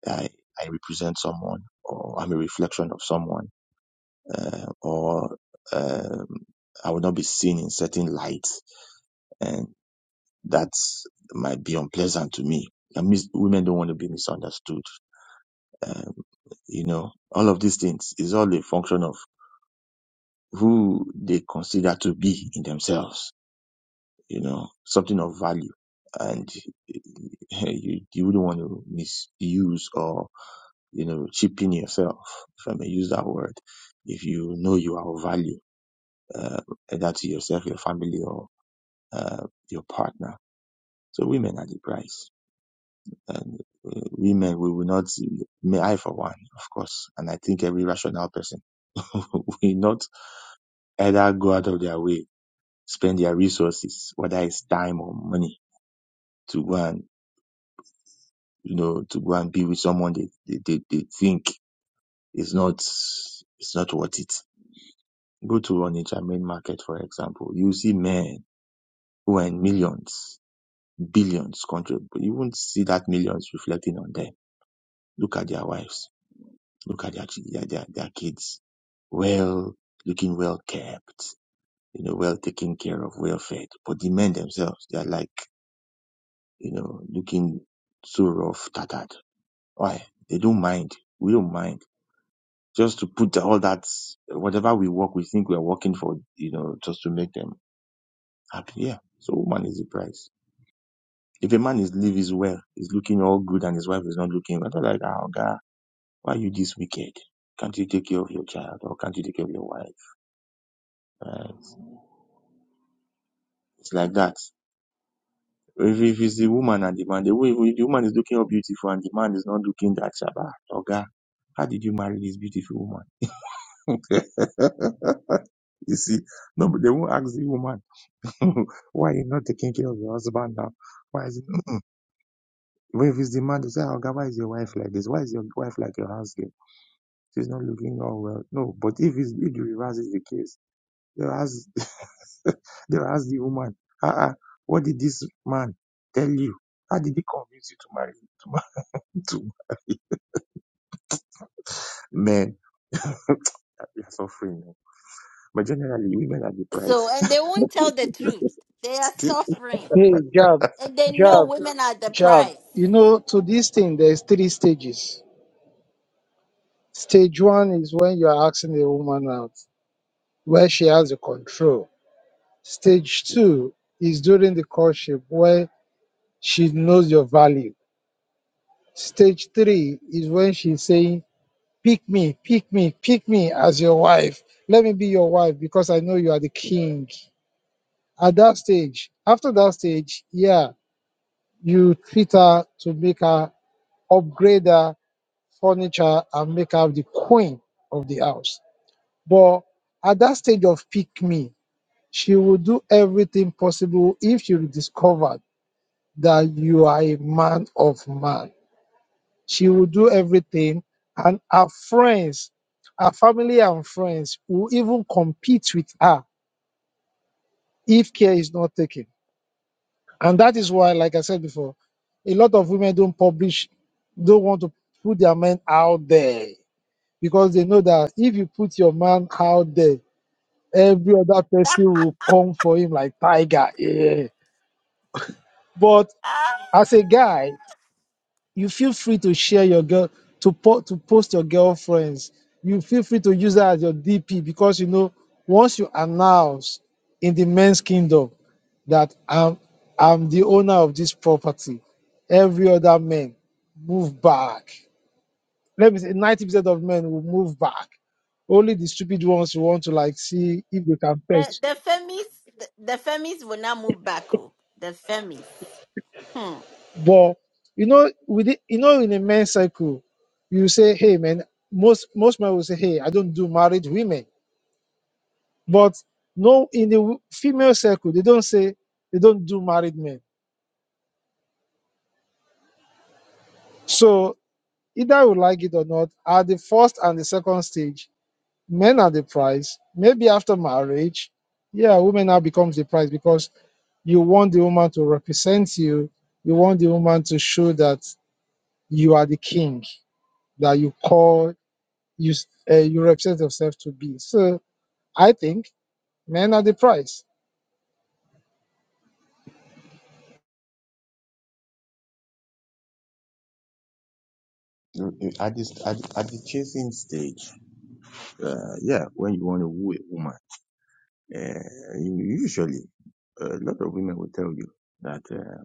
I I represent someone, or I'm a reflection of someone, uh, or um, I will not be seen in certain light, and that might be unpleasant to me. And mis- women don't want to be misunderstood. Um, you know, all of these things is all a function of who they consider to be in themselves you know, something of value. And you, you wouldn't want to misuse or, you know, cheapen yourself, if I may use that word, if you know you are of value, uh, either to yourself, your family, or uh, your partner. So women are the prize. And uh, women, we will not, may I for one, of course, and I think every rational person will not either go out of their way, spend their resources, whether it's time or money, to go and you know, to go and be with someone they, they, they, they think is not, it's not worth it. Go to Onitsha main market, for example. You see men who are in millions, billions country, but you won't see that millions reflecting on them. Look at their wives. Look at their, their, their, their kids. Well, looking well kept, you know, well taken care of, well fed. But the men themselves, they are like, you know, looking so rough, tattered. Why? They don't mind. We don't mind just to put all that whatever we work, we think we are working for, you know, just to make them happy. Yeah. So woman is the price. If a man is live is well, is looking all good and his wife is not looking, I don't like, oh God, why are you this wicked? Can't you take care of your child or can't you take care of your wife? Right. It's like that. If, if it's the woman and the man, the, way- if the woman is looking all beautiful and the man is not looking that shabba, oh God, how did you marry this beautiful woman? you see, no, but they won't ask the woman. Why you not taking care of your husband now? Why is if it's the man to say, oh God, why is your wife like this? Why is your wife like your house girl? She's not looking all well. No, but if it's if the reverse is the case, they'll ask they'll ask the woman, uh uh, what did this man tell you? How did he convince you to marry to man to men? We are suffering. eh. But generally women are the so price. and they won't tell the truth. They are suffering. Hey, Jab, And they know Jab, women are the Jab. prize. You know, to this thing, there's three stages. Stage one is when you're asking the woman out, where she has the control. Stage two is during the courtship, where she knows your value. Stage three is when she's saying, Pick me, pick me, pick me as your wife. Let me be your wife because I know you are the king. At that stage, after that stage, yeah, you treat her to make her upgrade her furniture and make her the queen of the house. But at that stage of pick me, She will do everything possible if she discovered that you are a man of man. She will do everything, and her friends, her family and friends will even compete with her if care is not taken. And that is why, like I said before, a lot of women don't publish, don't want to put their men out there because they know that if you put your man out there, every other person will come for him like tiger. Yeah. But as a guy, you feel free to share your girl to po- to post your girlfriends. You feel free to use that as your DP because you know once you announce in the men's kingdom that I'm I'm the owner of this property, every other man move back. Let me say ninety percent of men will move back. Only the stupid ones who want to like see if they can the fetch. the femis the, the femis will not move back. Oh. The femis. hmm. But you know, with the, you know, in a men's circle, you say, "Hey, man." Most most men will say, "Hey, I don't do married women." But no, in the female circle, they don't say they don't do married men. So either you like it or not, at the first and the second stage, men are the prize. Maybe after marriage, yeah, women now becomes the prize because you want the woman to represent you. You want the woman to show that you are the king that you call you uh, you represent yourself to be. So I think men are the prize. at this at, at the chasing stage, uh, yeah, when you want to woo a woman, uh, you- usually. a lot of women will tell you that uh,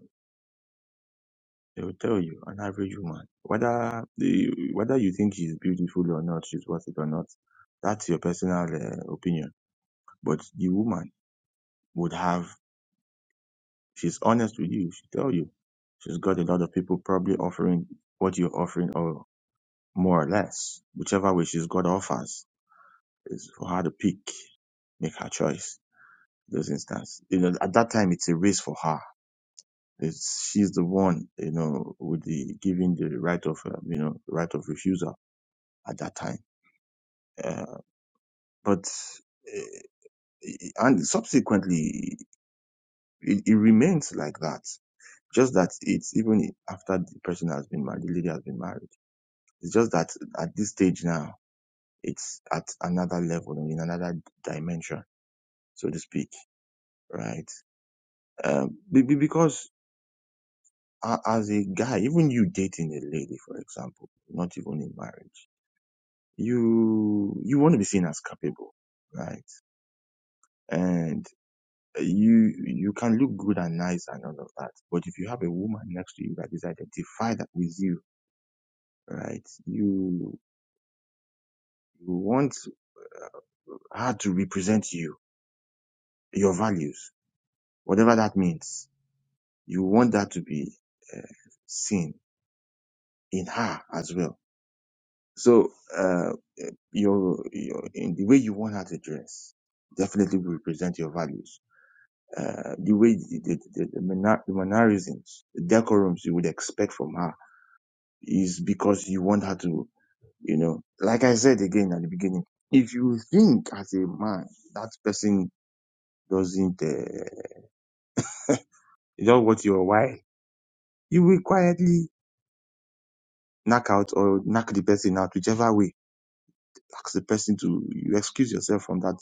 they will tell you an average woman whether the, whether you think she's beautiful or not, she's worth it or not. That's your personal uh, opinion. But the woman would have she's honest with you. She tell you she's got a lot of people probably offering what you're offering or more or less whichever way she's got offers is for her to pick, make her choice. In those instances, you know, at that time it's a race for her It's, she's the one, you know, with the giving the right of, uh, you know, right of refusal at that time. Uh, but uh, and subsequently, it, it remains like that. Just that it's even after the person has been married, the lady has been married. It's just that at this stage now, it's at another level and in another dimension, so to speak, right? Um, be- be- because a- as a guy, even you dating a lady, for example, not even in marriage you you want to be seen as capable, right? And you you can look good and nice and all of that, but if you have a woman next to you that is identified with you, right? You you want her to represent you, your values, whatever that means. You want that to be uh, seen in her as well. So uh, your your in the way you want her to dress definitely will represent your values uh, the way the, the, the, the, manner, the mannerisms, the decorums you would expect from her is because you want her to, you know, like I said again at the beginning, if you think as a man that person doesn't, uh, you know what your why, you will quietly knock out or knock the person out, whichever way. Ask the person to, you excuse yourself from that,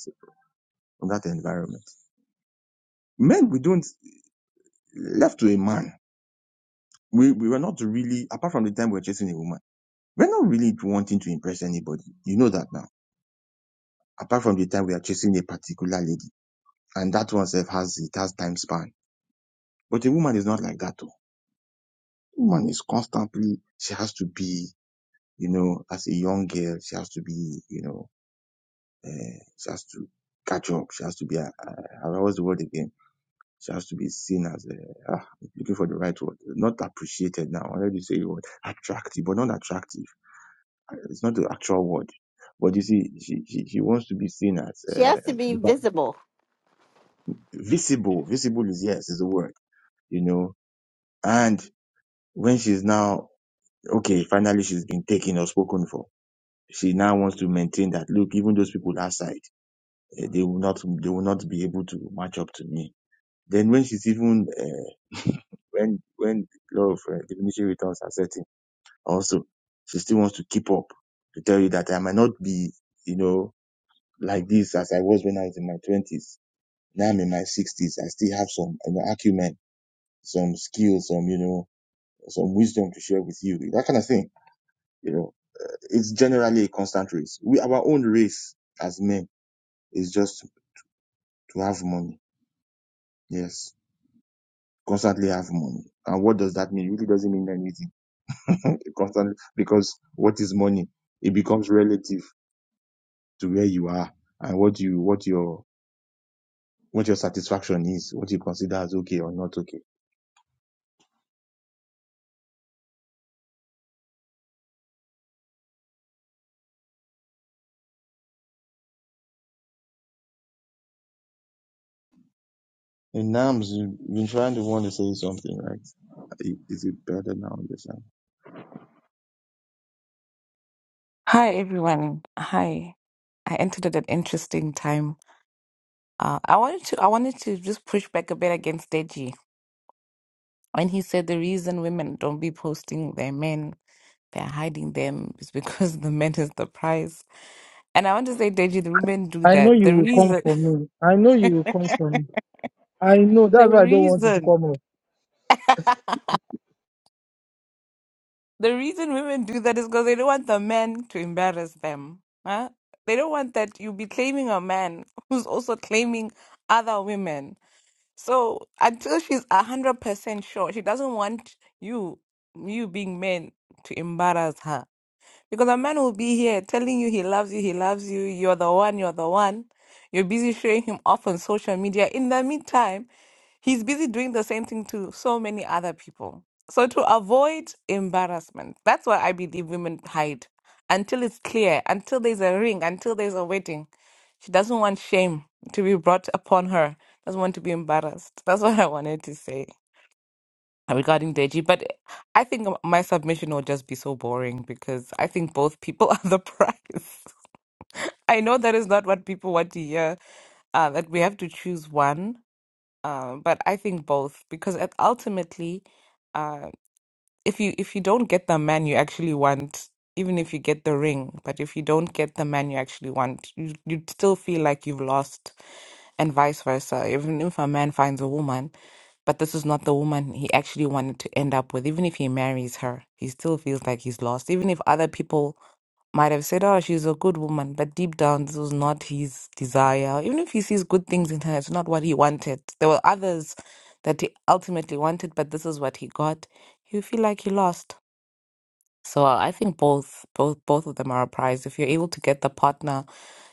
from that environment. Men, we don't, left to a man, we, we were not really, apart from the time we were chasing a woman We're not really wanting to impress anybody. You know that now. Apart from the time we are chasing a particular lady, and that one self has it has time span. But a woman is not like that. Though. A Woman is constantly she has to be, you know, as a young girl, she has to be, you know, uh, she has to catch up. She has to be. Uh, uh, what's the word again? She has to be seen as a, ah, looking for the right word, not appreciated now. I already say the word attractive, but not attractive It's not the actual word. But you see, she, she, she wants to be seen as she has uh, to be visible. visible. Visible is yes, is the word, you know. And when she's now okay, finally she's been taken or spoken for. She now wants to maintain that look, even those people outside, eh, they will not, they will not be able to match up to me. Then when she's even uh, when when the law of uh, diminishing returns are setting, also she still wants to keep up to tell you that I might not be, you know, like this as I was when I was in my twenties Now I'm in my 60s. I still have some you know, acumen, some skills, some, you know, some wisdom to share with you. That kind of thing. You know, it's generally a constant race. We, our own race as men is just to have money. Yes. Constantly have money. And what does that mean? It really doesn't mean anything. constantly, because what is money? It becomes relative to where you are and what you, what your, what your satisfaction is, what you consider as okay or not okay. And Nams, you've been trying to want to say something, right? Is it better now on this end? Hi everyone. Hi. I entered at an interesting time. Uh, I wanted to I wanted to just push back a bit against Deji when he said the reason women don't be posting their men, they're hiding them is because the men is the prize. And I want to say, Deji, the women do I know that. you The will come reason for me. I know you will come for me. I know the that's why I don't want it to reason come up. the reason women do that is because they don't want the men to embarrass them. Huh? They don't want that you be claiming a man who's also claiming other women. So until she's a hundred percent sure, she doesn't want you, you being men, to embarrass her. Because a man will be here telling you he loves you, he loves you, you're the one, you're the one. You're busy showing him off on social media. In the meantime, he's busy doing the same thing to so many other people. So to avoid embarrassment, that's why I believe women hide until it's clear, until there's a ring, until there's a wedding. She doesn't want shame to be brought upon her. Doesn't want to be embarrassed. That's what I wanted to say regarding Deji, but I think my submission will just be so boring because I think both people are the prize. I know that is not what people want to hear, uh, that we have to choose one, uh, but I think both because at- ultimately. uh, if you if you don't get the man you actually want, even if you get the ring, but if you don't get the man you actually want, you you'd still feel like you've lost, and vice versa. Even if a man finds a woman, but this is not the woman he actually wanted to end up with, even if he marries her, he still feels like he's lost. Even if other people might have said, Oh, she's a good woman, but deep down, this was not his desire. Even if he sees good things in her, it's not what he wanted. There were others that he ultimately wanted, but this is what he got. You feel like he lost. So uh, I think both, both, both of them are a prize. If you're able to get the partner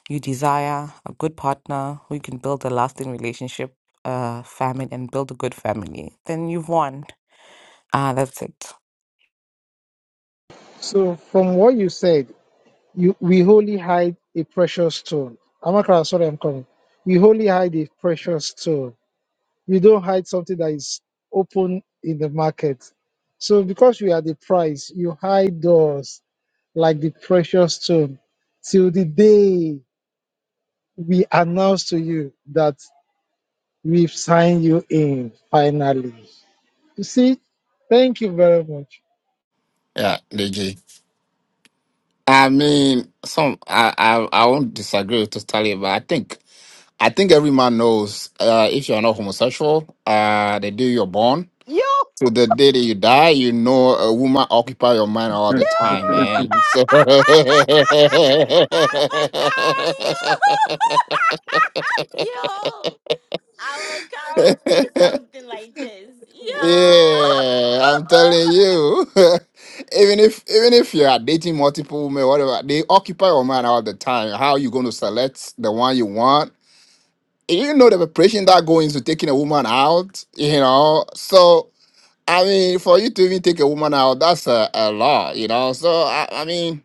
you desire, a good partner who you can build a lasting relationship, uh, family, and build a good family, then you've won. Ah, that's it. So from what you said, you we wholly hide a precious stone. Amakara, sorry, I'm coming. We wholly hide a precious stone. You don't hide something that is open in the market. So because we are the price, you hide us like the precious stone till the day we announce to you that we've signed you in finally. You see, thank you very much. Yeah, DG. I mean, some I I, I won't disagree with totally, but I think I think every man knows uh, if you're not homosexual, uh, the day you're born Yo! to the day that you die, you know a woman occupy your mind all the You! time, man. So I'm a girl, you! Yo! I'm a girl would say something like this. Yo! yeah, I'm telling you, even if even if you are dating multiple women, whatever, they occupy your mind all the time. How you going to select the one you want? You know the preparation that goes into taking a woman out, you know. So I mean, for you to even take a woman out, that's a, a law, you know. So I, I mean,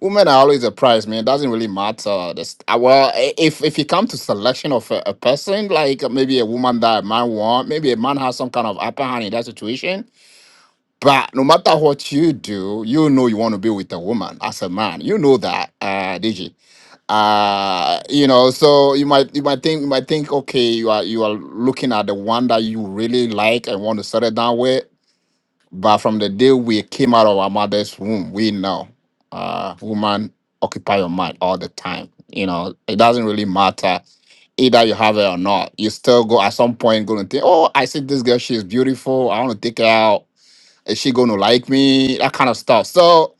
women are always a prize, man. It doesn't really matter. This, uh, well, i- if if you come to selection of a, a person, like uh, maybe a woman that a man want, maybe a man has some kind of upper hand in that situation. But no matter what you do, you know you want to be with a woman as a man. You know that, uh, DG. Uh, you know, so you might you might think you might think, okay, you are you are looking at the one that you really like and want to settle down with but from the day we came out of our mother's womb, we know uh woman occupy your mind all the time. You know, it doesn't really matter either you have it or not. You still go at some point gonna think, Oh, I see this girl, she's beautiful, I wanna take her out. Is she gonna like me? That kind of stuff. So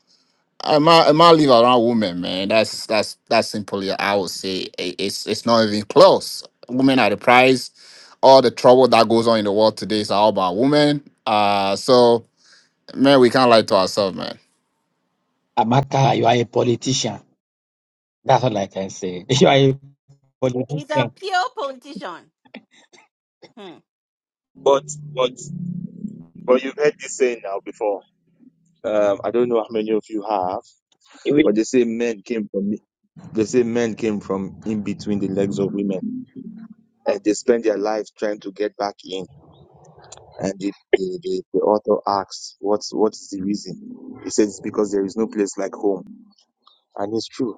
I might, I might leave around women, man. That's that's that's simply I would say i- it's it's not even close. Women are the prize. All the trouble that goes on in the world today is all about women. Uh so man, we can't lie to ourselves, man. Amaka, you are a politician. That's all I can say. You are a He's a politician. pure politician. Hmm. But but but you've heard this saying now before. Um, I don't know how many of you have, but they say men came from they say men came from in between the legs of women, and they spend their lives trying to get back in. And the the, the, the author asks, "What's what is the reason?" He says, "It's because there is no place like home." And it's true.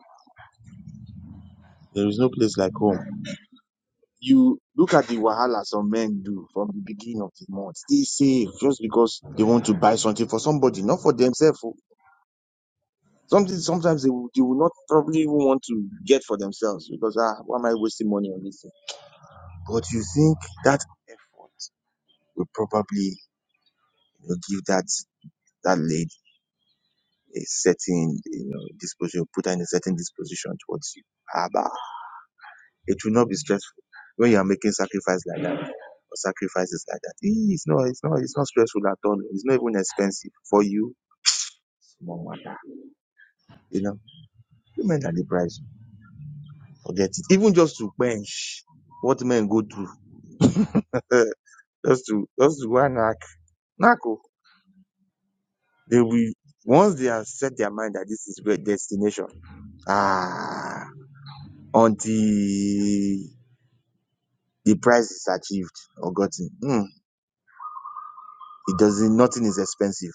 There is no place like home. You look at the wahala some men do from the beginning of the month. Stay safe just because they want to buy something for somebody, not for themselves. oh. Something sometimes they will, they will not probably even want to get for themselves because ah, why am I wasting money on this thing? But you think that effort will probably you know, give that that lady a certain you know disposition, put her in a certain disposition towards you. Haba. It will not be stressful when you are making sacrifice like that or sacrifices like that. Eh, It's not, it's not, it's not stressful at all. It's not even expensive for you. Small matter, you know. Women are the price. Forget it. Even just to bench, what men go through, uh, just to just to go and knack, knack oh. They will once they have set their mind that this is their destination. Ah, until the price is achieved or gotten. Hmm, it doesn't. Nothing is expensive.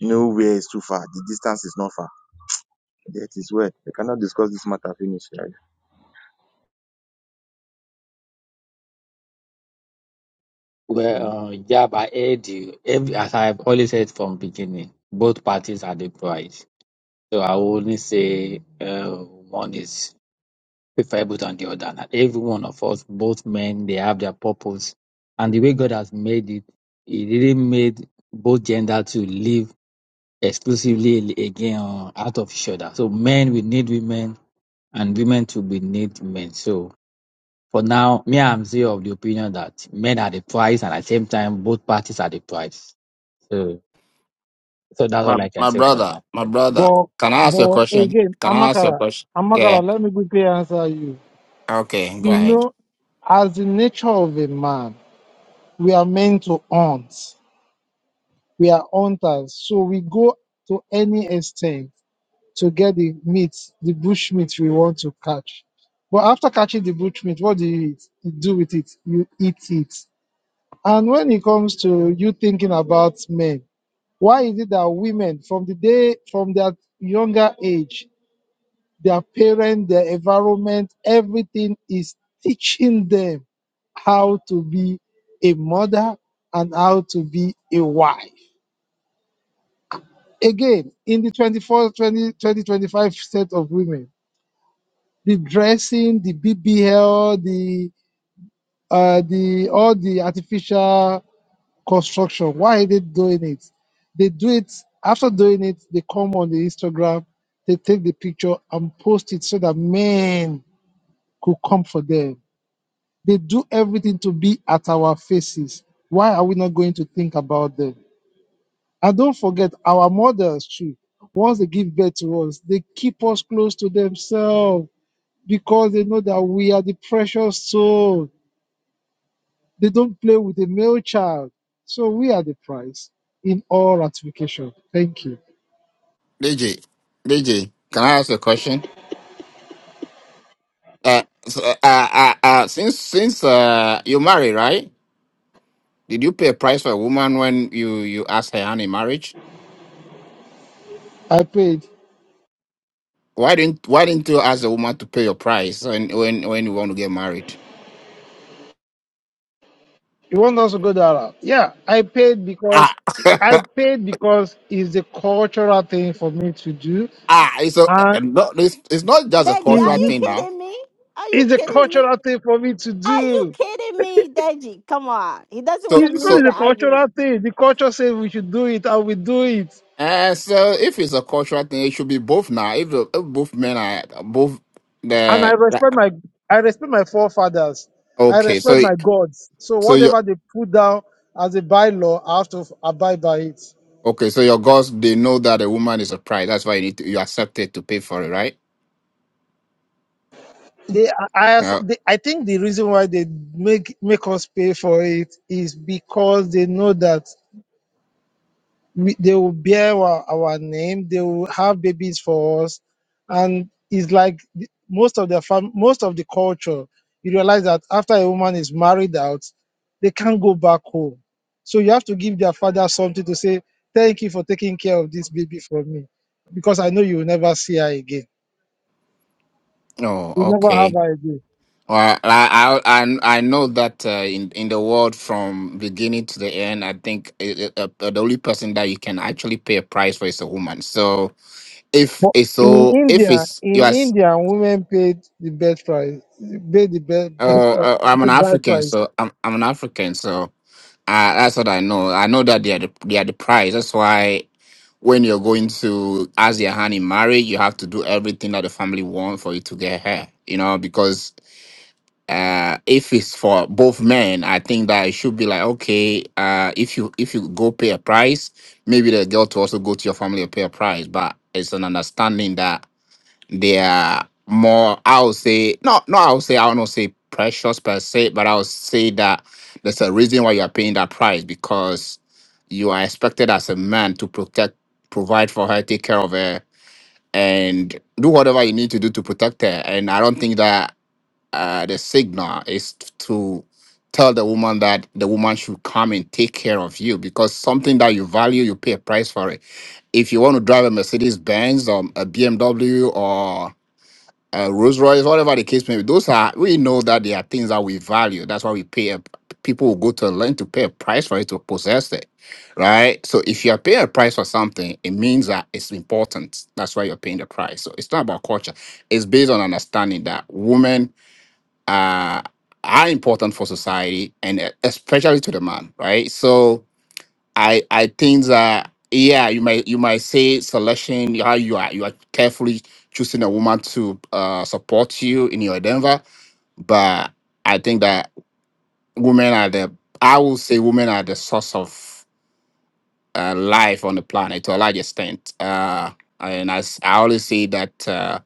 Nowhere is too far. The distance is not far. That is where we cannot discuss this matter finish. right? Well, uh, yeah, but I heard you. Every, as I've always said from beginning, both parties are the prize. So I will only say uh, one is preferable than the other. And every one of us, both men, they have their purpose. And the way God has made it, He didn't made both gender to live exclusively again uh, out of each other. So men will need women, and women to be need men. So for now, me, I'm still of the opinion that men are the prize, and at the same time, both parties are the prize. So, so that's My all I can my say for brother, now. my brother. But Can I ask you a but question? again, Can I ask you a Amakara, question? Yeah. Amakara, let me quickly answer you. Okay, go You ahead. know, as the nature of a man, we are meant to hunt. We are hunters, so we go to any extent to get the meat, the bush meat we want to catch. But after catching the bush meat, what do you eat? You do with it? You eat it. And when it comes to you thinking about men, why is it that women from the day from their younger age their parents, their environment, everything is teaching them how to be a mother and how to be a wife. Again, in the 24 20 20 25 set of women, the dressing, the BBL, the uh, the all the artificial construction. Why are they doing it? They do it after doing it. They come on the Instagram, they take the picture and post it so that men could come for them They do everything to be at our faces. Why are we not going to think about them? And don't forget, our mothers, too, once they give birth to us, they keep us close to themselves because they know that we are the precious soul. They don't play with a male child. So we are the prize in all ratification. Thank you. DJ, DJ, can I ask you a question? Uh, so, uh, uh, uh, uh, since since uh, you married, right? Did you pay a price for a woman when you you asked her hand in marriage? I paid. Why didn't Why didn't you ask the woman to pay your price when when when you want to get married? You want us to go that route? Yeah, I paid Ah, because I paid because it's the cultural thing for me to do, ah, it's a, uh, and no, it's, it's not just a Deji, are it's cultural you the thing now. kidding me? Are you It's a kidding me? cultural thing for me to Are you do. kidding me, Deji? Come on. He doesn't want So to It's because so lose the it's a cultural argument. thing. The culture says we should do it, and we do it. And so, if it's a cultural thing, it should be both now. If, the, if both men are both And I the respect my, I respect my forefathers. I okay, respect so my gods. So so your whatever they put down as a bylaw, I have to abide by it. okay, so your girls they know that a woman is a prize. That's why you need to you accept it to pay for it, right? They, I, I Yeah. they, I think the reason why they make make us pay for it is because they know that we, they will bear our, our name they will have babies for us and it's like the- most of the fam- most of the culture you realize that after a woman is married out they can't go back home so you have to give their father something to say thank you for taking care of this baby for me because i know you will never see her again Oh, you never have okay. her again Well, I I I I know that uh, in in the world from beginning to the end, I think it, it, uh, uh, the only person that you can actually pay a price for is a woman. So if but it's in so if india it's you in are s- india women paid the birth price paid the birth, uh, uh, I'm an birth, birth African, price so I'm I'm an African, so Uh, that's what I know. I know that they are the, they are the prize. That's why when you're going to ask your hand in marriage, you have to do everything that the family want for you to get her. You know, because uh, if it's for both men, I think that it should be like okay, uh, if you if you go pay a price, maybe the girl to also go to your family and pay a price. But it's an understanding that they are more, I would say, not, no, no, I would say, I don't say precious per se, but I would say that there's a reason why you are paying that price because you are expected as a man to protect, provide for her, take care of her, and do whatever you need to do to protect her. And I don't think that uh, the signal is to tell the woman that the woman should come and take care of you because something that you value, you pay a price for it. If you want to drive a Mercedes Benz or a BMW uh, Rolls Royce, whatever the case may be, those are we know that they are things that we value. That's why we pay. A, people will go to learn to pay a price for it to possess it, right? So if you are paying a price for something, it means that it's important. That's why you're paying the price. So it's not about culture. It's based on understanding that women are are important for society and uh, especially to the man, right? So I I think that yeah, you might you might say selection how you are you are carefully choosing a woman to uh, support you in your endeavor, but I think that women are the I will say women are the source of uh, life on the planet to a large extent. Uh, and as I always say that uh,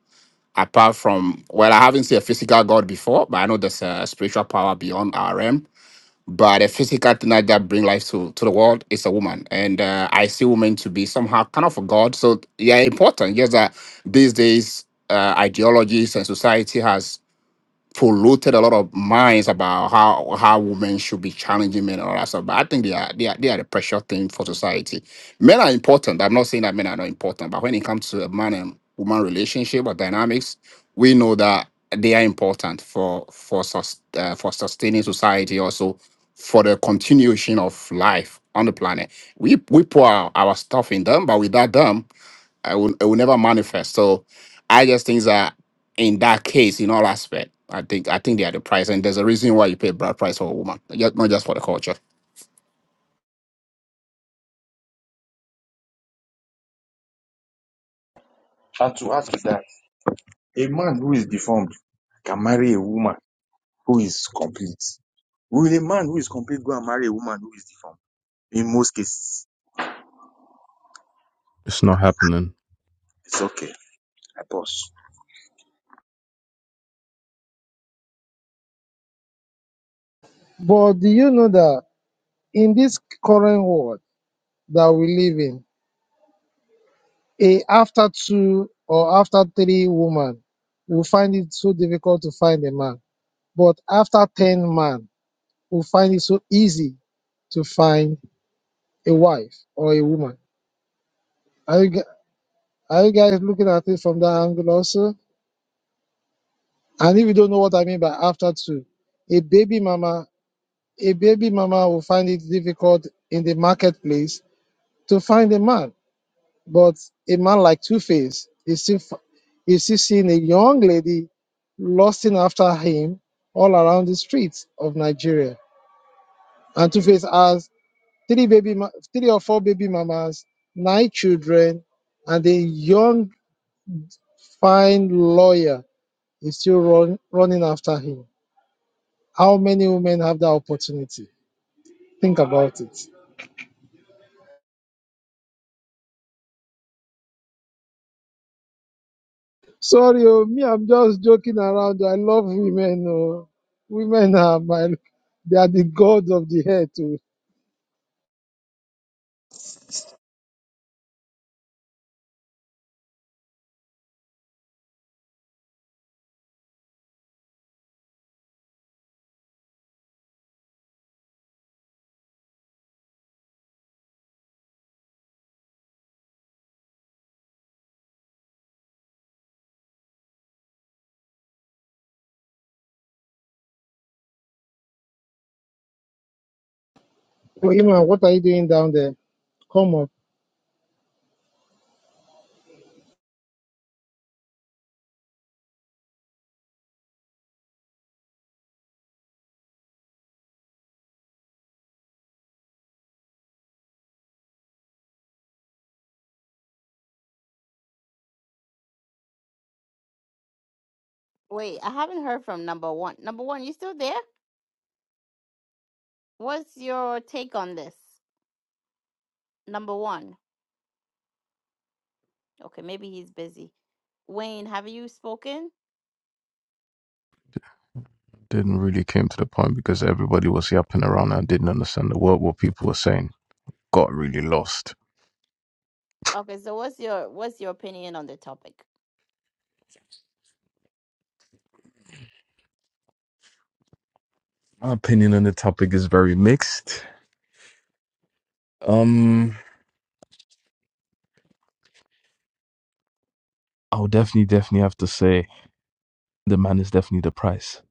apart from well, I haven't seen a physical God before, but I know there's a spiritual power beyond our realm but the physical thing like that bring life to, to the world is a woman. And uh, I see women to be somehow kind of a god. So yeah, important. Yes, that these days uh, ideologies and society has polluted a lot of minds about how how women should be challenging men and all that stuff. But I think they are they are they are the precious thing for society. Men are important. I'm not saying that men are not important, but when it comes to a man and woman relationship or dynamics, we know that they are important for for sus- uh, for sustaining society also for the continuation of life on the planet. We we pour our, our stuff in them, but without them. I will, it will never manifest. So I just think that in that case, in all aspect, I think I think they are the price, and there's a reason why you pay bride price for a woman, ju- not just for the culture. And to ask that, a man who is deformed can marry a woman who is complete. Will a man who is complete go and marry a woman who is deformed? In most cases, It's not happening. it's okay. I pause. but do you know that? in this current world that we live in, a after two or after three women will find it so difficult to find a man. But after 10 men, will find it so easy to find a wife or a woman. Are you, gu- are you guys looking at it from that angle also? And if you don't know what I mean by after two, a baby mama, a baby mama will find it difficult in the marketplace to find a man But a man like Two Face is still f- is still seeing a young lady lusting after him all around the streets of Nigeria. And Two Face has three baby, ma- three or four baby mamas, nine children, and a young fine lawyer is still run, running after him. How many women have that opportunity? Think about it. Sorry, oh, me, I'm just joking around. I love women. Oh. Women are my, they are the gods of the hair too. Oh, Iman, what are you doing down there? Come up. Wait, I haven't heard from number one. Number one, you still there? What's your take on this? Number one. Okay, maybe he's busy. Wayne, have you spoken? Didn't really came to the point because everybody was yapping around and I didn't understand the word what people were saying. Got really lost. Okay, so what's your what's your opinion on the topic? My opinion on the topic is very mixed. Um, I'll definitely, definitely have to say the man is definitely the price,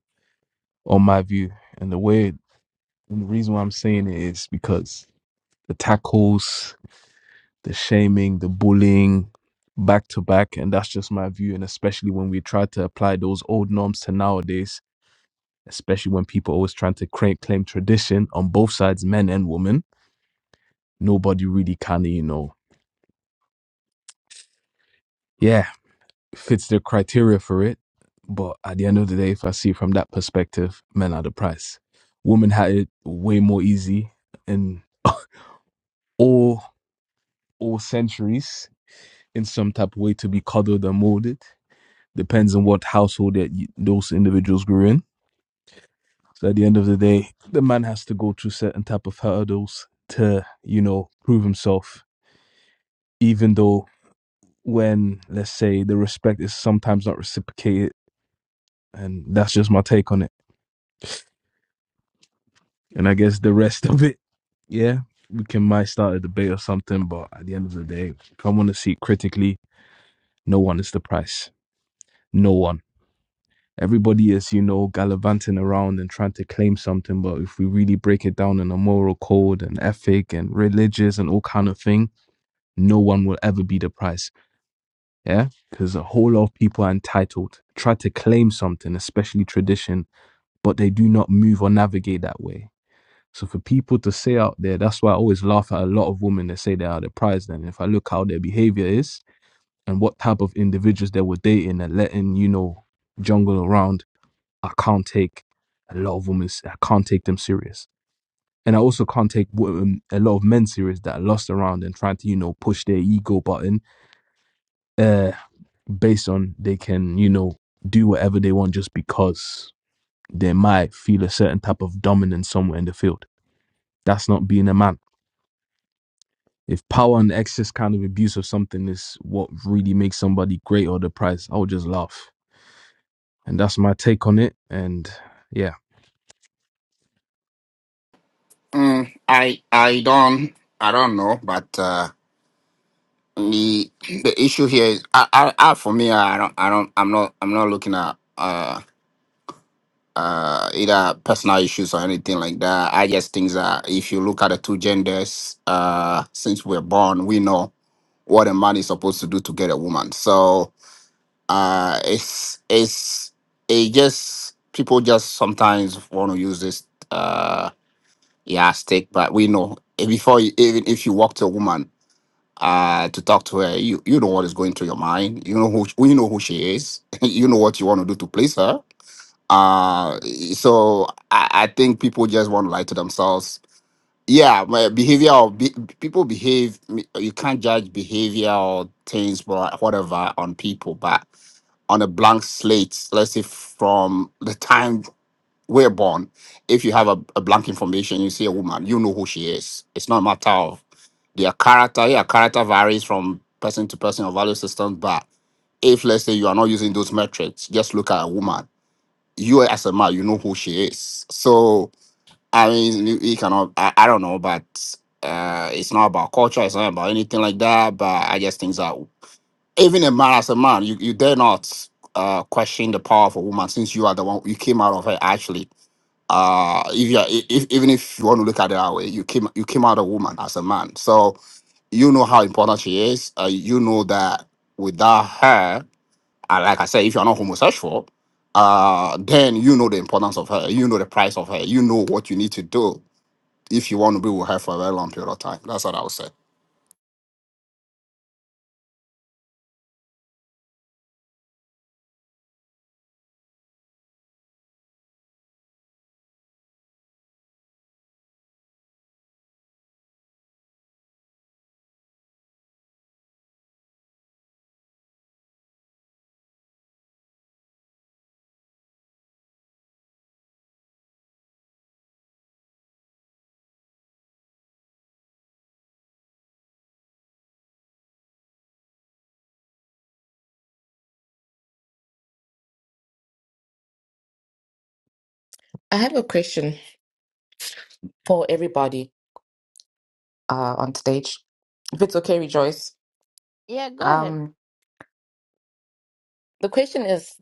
on my view. And the way, and the reason why I'm saying it is because the tackles, the shaming, the bullying, back to back, and that's just my view. And especially when we try to apply those old norms to nowadays, especially when people always trying to cra- claim tradition on both sides, men and women. Nobody really kind of, you know, yeah, fits the criteria for it. But at the end of the day, if I see it from that perspective, men are the price. Women had it way more easy in all all centuries in some type of way to be coddled and molded. Depends on what household that you, those individuals grew in. So at the end of the day, the man has to go through certain type of hurdles to, you know, prove himself even though when let's say the respect is sometimes not reciprocated and that's just my take on it and i guess the rest of it yeah we can might start a debate or something but at the end of the day if i want to see it critically no one is the price no one everybody is you know gallivanting around and trying to claim something but if we really break it down in a moral code and ethic and religious and all kind of thing no one will ever be the price yeah because a whole lot of people are entitled try to claim something especially tradition but they do not move or navigate that way so for people to say out there that's why i always laugh at a lot of women that say they are the prize then if i look how their behavior is and what type of individuals they were dating and letting you know jungle around i can't take a lot of women i can't take them serious and i also can't take women, a lot of men serious that are lost around and trying to you know push their ego button uh based on they can, you know, do whatever they want just because they might feel a certain type of dominance somewhere in the field. That's not being a man. If power and excess kind of abuse of something is what really makes somebody great or the prize, I would just laugh. And that's my take on it. And yeah. Mm, I I don't I don't know, but uh, the the issue here is I, I, I for me I don't I don't I'm not I'm not looking at uh uh either personal issues or anything like that. I just think that if you look at the two genders, uh, since we're born, we know what a man is supposed to do to get a woman. So uh it's it's it just people just sometimes want to use this uh yeah but we know eh, before you, even if you walk to a woman uh to talk to her you you know what is going through your mind you know who sh- you know who she is you know what you want to do to please her uh so i, I think people just want to lie to themselves yeah my behavior of be, people behave you can't judge behavior or things but whatever on people but on a blank slate let's say from the time we're born if you have a, a blank information you see a woman you know who she is it's not a matter of their character yeah character varies from person to person or value system but if let's say you are not using those metrics just look at a woman you as a man you know who she is so I mean, you, you cannot. I, I don't know, but uh, it's not about culture. It's not about anything like that. But I just think that even a man as a man, you, you dare not uh, question the power of a woman since you are the one you came out of her. Actually, uh, if you are, i- if even if you want to look at it that way, you came you came out a woman as a man. So you know how important she is. Uh, you know that without her, uh, like I said, if you are not homosexual, uh, then you know the importance of her. You know the price of her. You know what you need to do if you want to be with her for a very long period of time. That's what I would say. I have a question for everybody uh, on stage, if it's okay, Rejoice. Yeah, go ahead. Um, the question is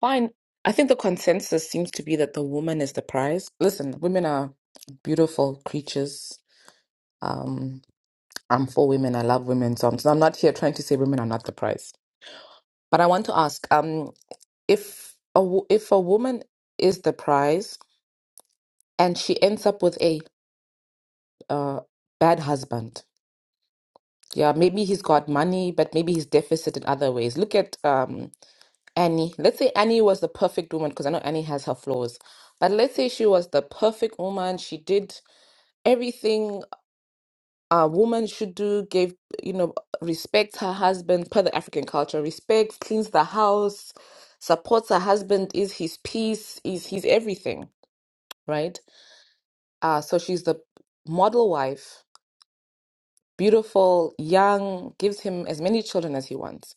fine. I think the consensus seems to be that the woman is the prize. Listen, women are beautiful creatures. Um, I'm for women. I love women. So I'm, so I'm not here trying to say women are not the prize. But I want to ask, um, if a wo- if a woman is the prize and she ends up with a uh, bad husband, yeah, maybe he's got money, but maybe he's deficit in other ways. Look at um, Annie, let's say Annie was the perfect woman, because I know Annie has her flaws, but let's say she was the perfect woman. She did everything a woman should do, gave, you know, respect her husband per the African culture, respect, cleans the house, supports her husband, is his peace, is his everything, right? Uh, so she's the model wife, beautiful, young, gives him as many children as he wants.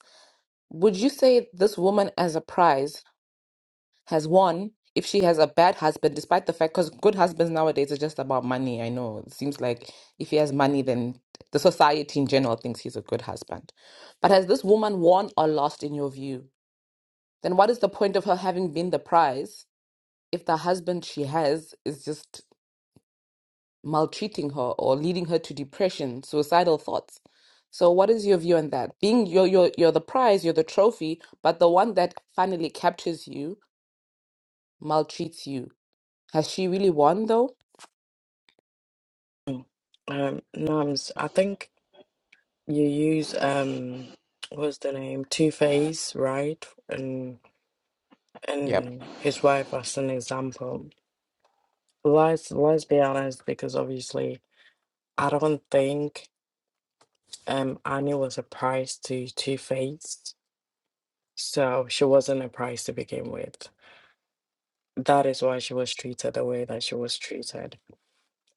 Would you say this woman as a prize? has won if she has a bad husband, despite the fact because good husbands nowadays are just about money. I know it seems like if he has money, then the society in general thinks he's a good husband. But has this woman won or lost in your view? Then what is the point of her having been the prize if the husband she has is just maltreating her or leading her to depression, suicidal thoughts? So what is your view on that? Being you're you're you're the prize, you're the trophy, but the one that finally captures you maltreats you Has she really won though? Um, Nams, I think you use um, what's the name? Two Face, right? And Yep. and his wife as an example. Let's let's be honest, because obviously I don't think um Annie was a prize to Two Face, so she wasn't a prize to begin with. That is why she was treated the way that she was treated,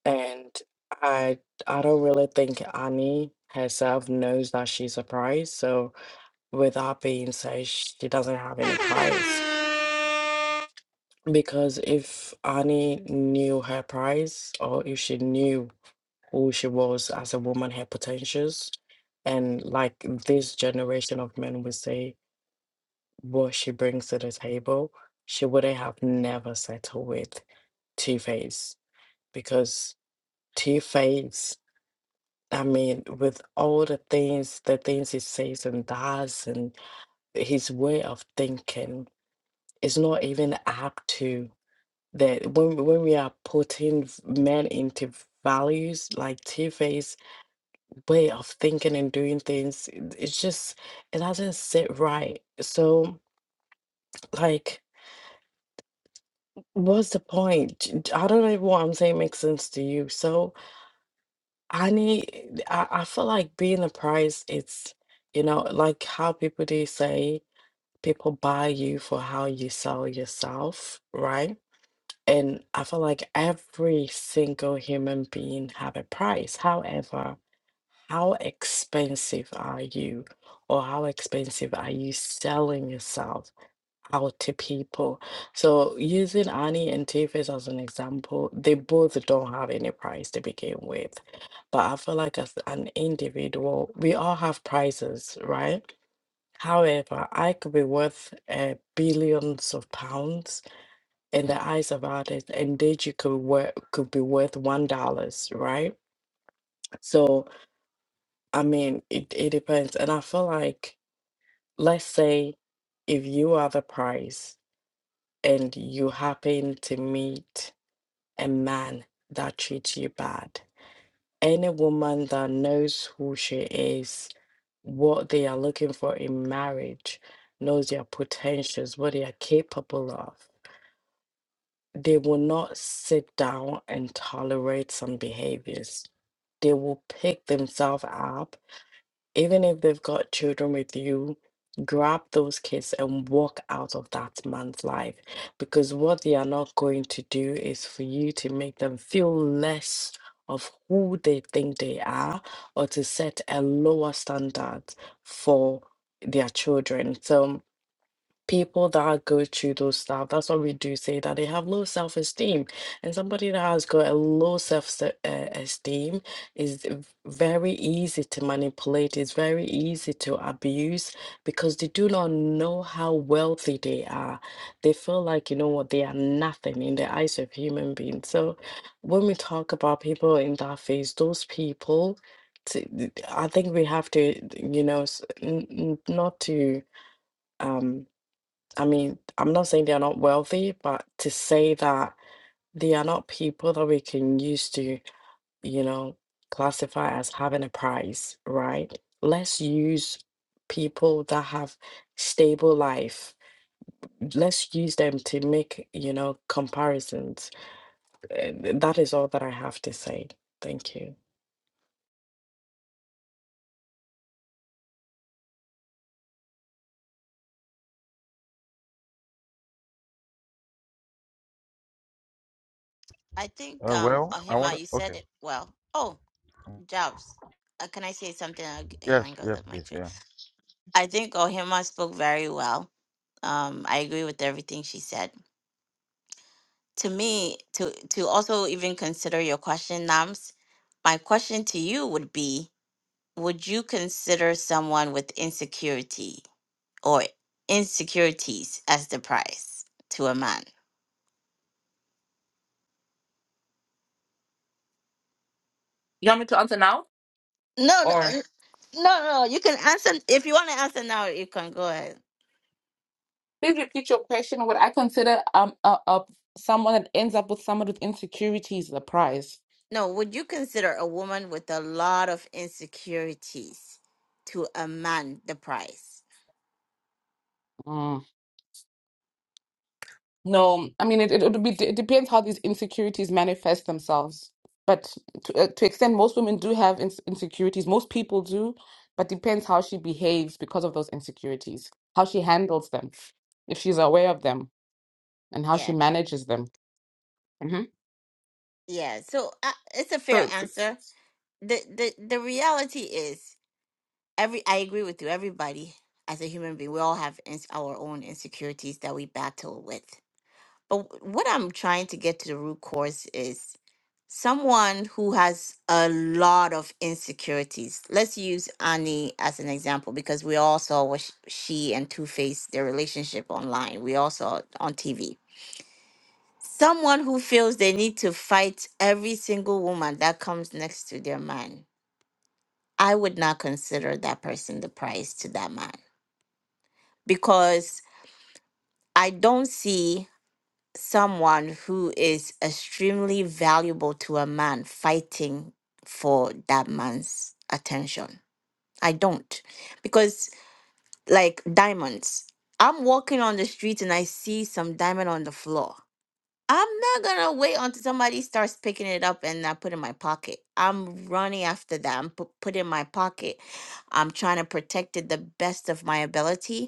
and I I don't really think Annie herself knows that she's a prize, so. Without being said, she doesn't have any price. Because if Annie knew her price, or if she knew who she was as a woman, her potentials, and like this generation of men would say, what she brings to the table, she wouldn't have never settled with Two Face. Because Two Face, I mean, with all the things, the things he says and does, and his way of thinking it's not even apt to that when when we are putting v- men into values like T-Face way of thinking and doing things, it- it's just it doesn't sit right. So like what's the point? J- j- I don't know if what I'm saying makes sense to you. So I need I, I feel like being a price it's you know like how people do say people buy you for how you sell yourself, right? And I feel like every single human being have a price. However, how expensive are you? Or how expensive are you selling yourself out to people? So using Annie and Tiffany as an example, they both don't have any price to begin with. But I feel like as an individual, we all have prices, right? However, I could be worth uh, billions of pounds in the eyes of others, and that you could work could be worth one dollars, right? So I mean, it, it depends, and I feel like let's say if you are the price and you happen to meet a man that treats you bad, any woman that knows who she is, what they are looking for in marriage, knows their potentials, what they are capable of. they will not sit down and tolerate some behaviors. They will pick themselves up, even if they've got children with you, grab those kids and walk out of that man's life. Because what they are not going to do is for you to make them feel less of who they think they are or to set a lower standard for their children. So, people that go through those stuff, that's what we do say that they have low self esteem. And somebody that has got a low self uh, esteem is v- very easy to manipulate, it's very easy to abuse because they do not know how wealthy they are. They feel like, you know what, they are nothing in the eyes of human beings. So when we talk about people in that phase, those people, to, I think we have to, you know, s- n- n- not to. um. I mean, I'm not saying they are not wealthy, but to say that they are not people that we can use to, you know, classify as having a price, right? Let's use people that have stable life. Let's use them to make, you know, comparisons. Uh, th- That is all that I have to say. Thank you. I think um Ohima, you said it well. Oh, Jobs. Uh, can I say something? I'll g- Yes, hang up the mic. for- I think Ohima spoke very well. Um, I agree with everything she said. To me, to to also even consider your question, Nams, my question to you would be, would you consider someone with insecurity or insecurities as the price to a man? You want me to answer now? No, Or no, no, no. You can answer if you want to answer now. You can go ahead. Please repeat your question. Would I consider um a, a someone that ends up with someone with insecurities the prize? No, would you consider a woman with a lot of insecurities to a man the price? Mm. No, I mean it. It would be. It depends how these insecurities manifest themselves. But to uh, to extent, most women do have ins insecurities. Most people do, but depends how she behaves because of those insecurities. How she handles them, if she's aware of them, and how she Yeah, manages them. hmm yeah. So uh, it's a fair So it's answer. the the The reality is, every I agree with you. Everybody, as a human being, we all have ins- our own insecurities that we battle with. But what I'm trying to get to the root cause is someone who has a lot of insecurities. Let's use Annie as an example because we all saw what sh- she and Two Face their relationship online. We all saw it on TV. Someone who feels they need to fight every single woman that comes next to their man. I would not consider that person the prize to that man because I don't see someone who is extremely valuable to a man fighting for that man's attention. I don't. Because, like diamonds, I'm walking on the street and I see some diamond on the floor. I'm not gonna wait until somebody starts picking it up and I put it in my pocket. I'm running after that. I'm pu- put it in my pocket. I'm trying to protect it the best of my ability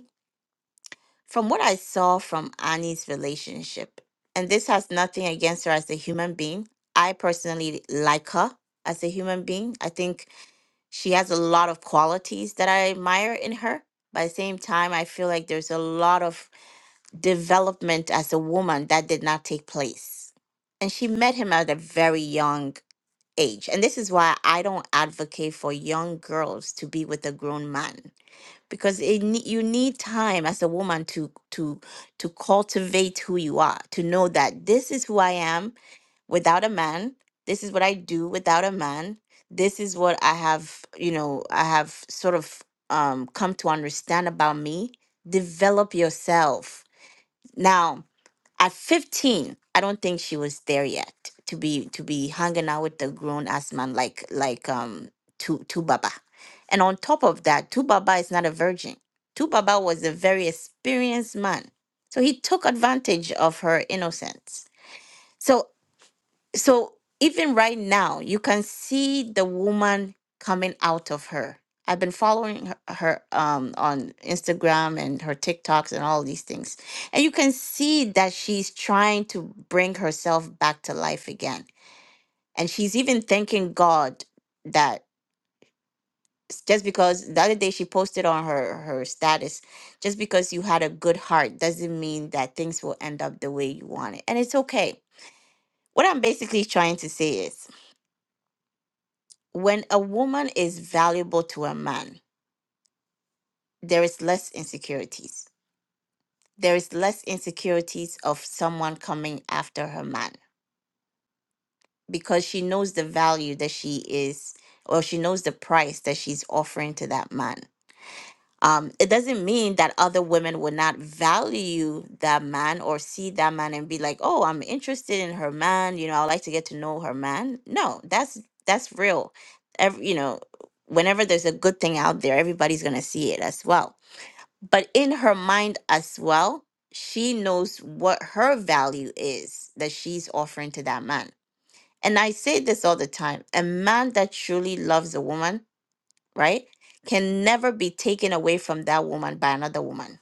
from what I saw from Annie's relationship, and this has nothing against her as a human being, I personally like her as a human being. I think she has a lot of qualities that I admire in her. But at the same time, I feel like there's a lot of development as a woman that did not take place. And she met him at a very young age. And this is why I don't advocate for young girls to be with a grown man because it nee- you need time as a woman to to to cultivate who you are to know that this is who i am without a man this is what i do without a man this is what i have you know i have sort of um, come to understand about me develop yourself now at 15, I don't think she was there yet to be to be hanging out with a grown ass man like like um Tu Tu Baba. And on top of that, Tu Baba is not a virgin. Tu Baba was a very experienced man. So he took advantage of her innocence. So so even right now you can see the woman coming out of her i've been following her, her um, on instagram and her tiktoks and all these things and you can see that she's trying to bring herself back to life again and she's even thanking god that s- just because the other day she posted on her her status just because you had a good heart doesn't mean that things will end up the way you want it and it's okay what i'm basically trying to say is when a woman is valuable to a man, there is less insecurities. There is less insecurities of someone coming after her man because she knows the value that she is, or she knows the price that she's offering to that man. um, it doesn't mean that other women would not value that man or see that man and be like, oh, I'm interested in her man. You know, I would like to get to know her man. No, that's that's real. Every, you know, whenever there's a good thing out there, everybody's gonna see it as well. But in her mind as well, she knows what her value is that she's offering to that man. And I say this all the time: a man that truly loves a woman right, can never be taken away from that woman by another woman.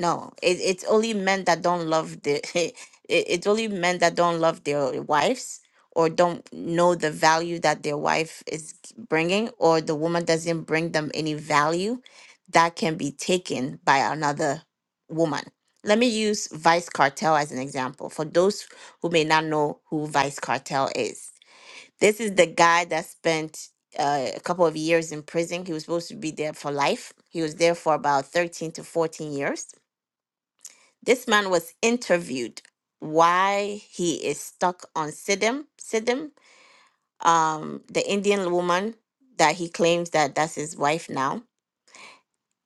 No, it, it's only men that don't love the, it, it's only men that don't love their wives or don't know the value that their wife is bringing or the woman doesn't bring them any value that can be taken by another woman. Let me use Vice Cartel as an example for those who may not know who Vice Cartel is this is the guy that spent uh, a couple of years in prison. He was supposed to be there for life. He was there for about 13 to 14 years. This man was interviewed why he is stuck on Siddim. Siddim, um, the Indian woman that he claims that that's his wife now.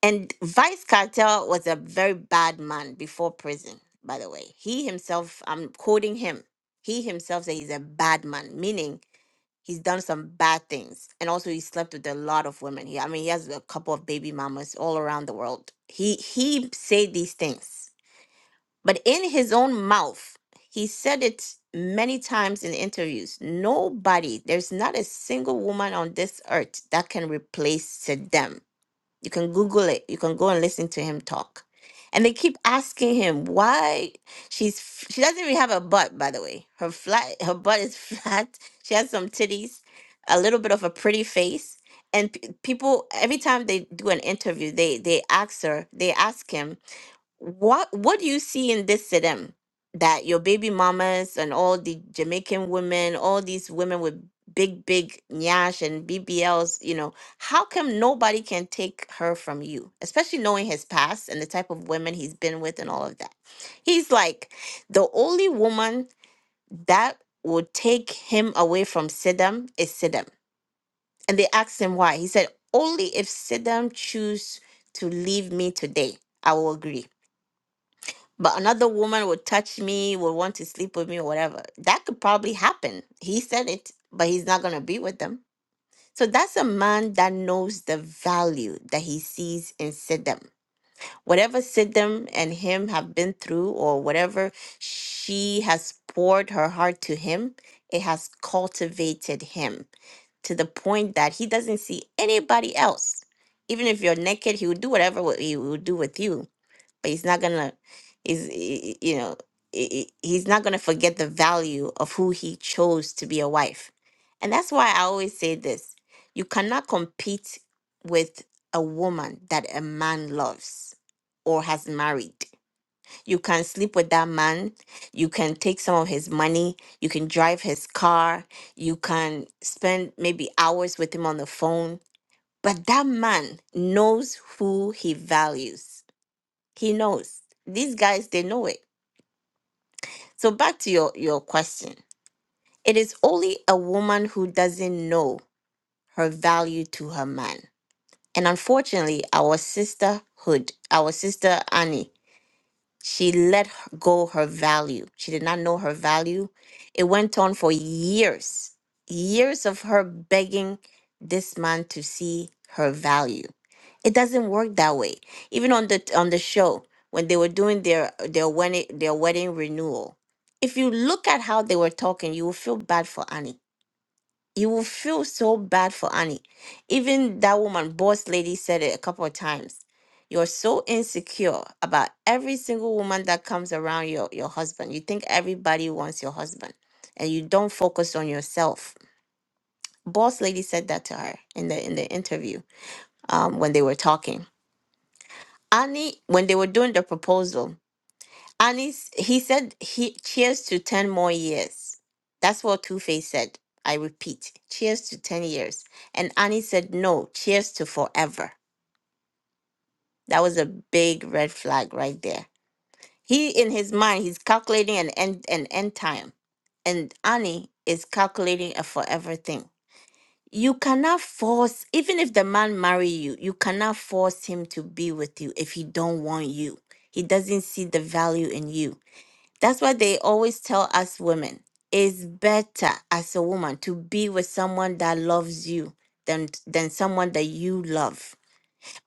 And Vice Cartel was a very bad man before prison, by the way. He himself, I'm quoting him, he himself said he's a bad man, meaning He's done some bad things. And also he slept with a lot of women. He, I mean, he has a couple of baby mamas all around the world. He he said these things. But in his own mouth, he said it many times in interviews. Nobody, there's not a single woman on this earth that can replace them. You can Google it. You can go and listen to him talk. And they keep asking him why she's f- she doesn't even have a butt, by the way. Her flat her butt is flat. She has some titties, a little bit of a pretty face. And p- people every time they do an interview, they they ask her, they ask him what what do you see in this Sidem that your baby mamas and all the Jamaican women, all these women with big, big nyash and BBLs, you know, how come nobody can take her from you? Especially knowing his past and the type of women he's been with and all of that. He's like the only woman that would take him away from Sidem is Sidem. And they asked him why. He said, Only if Sidem choose to leave me today, I will agree but another woman would touch me, would want to sleep with me or whatever. That could probably happen. He said it, but he's not going to be with them. So that's a man that knows the value that he sees in Siddim. Whatever Siddim and him have been through, or whatever she has poured her heart to him, it has cultivated him to the point that he doesn't see anybody else. Even if you're naked, he will do whatever wh- he will do with you but he's not gonna is y- you know i- i- he's not gonna forget the value of who he chose to be a wife and that's why i always say this you cannot compete with a woman that a man loves or has married you can sleep with that man you can take some of his money you can drive his car you can spend maybe hours with him on the phone but that man knows who he values he knows. These guys, they know it. So back to your, your question. It is only a woman who doesn't know her value to her man. And unfortunately, our sisterhood, our sister Annie, She let h- go her value. She did not know her value. It went on for years, years of her begging this man to see her value. It doesn't work that way. Even on the on the show when they were doing their their wedding their wedding renewal, if you look at how they were talking, you will feel bad for Annie you will feel so bad for Annie. Even that woman, boss lady, said it a couple of times. You're so insecure about every single woman that comes around your, your husband. You think everybody wants your husband and you don't focus on yourself. Boss lady said that to her in the in the interview um, when they were talking. Annie, when they were doing the proposal, and he's, he said, he, cheers to 10 more years. That's what Two Face said. I repeat, cheers to 10 years. And Annie said, no, cheers to forever. That was a big red flag right there. He, in his mind, he's calculating an end, an end time. And Annie is calculating a forever thing. You cannot force, even if the man marry you, you cannot force him to be with you if he don't want you. He doesn't see the value in you that's what they always tell us women. It's better as a woman to be with someone that loves you than than someone that you love.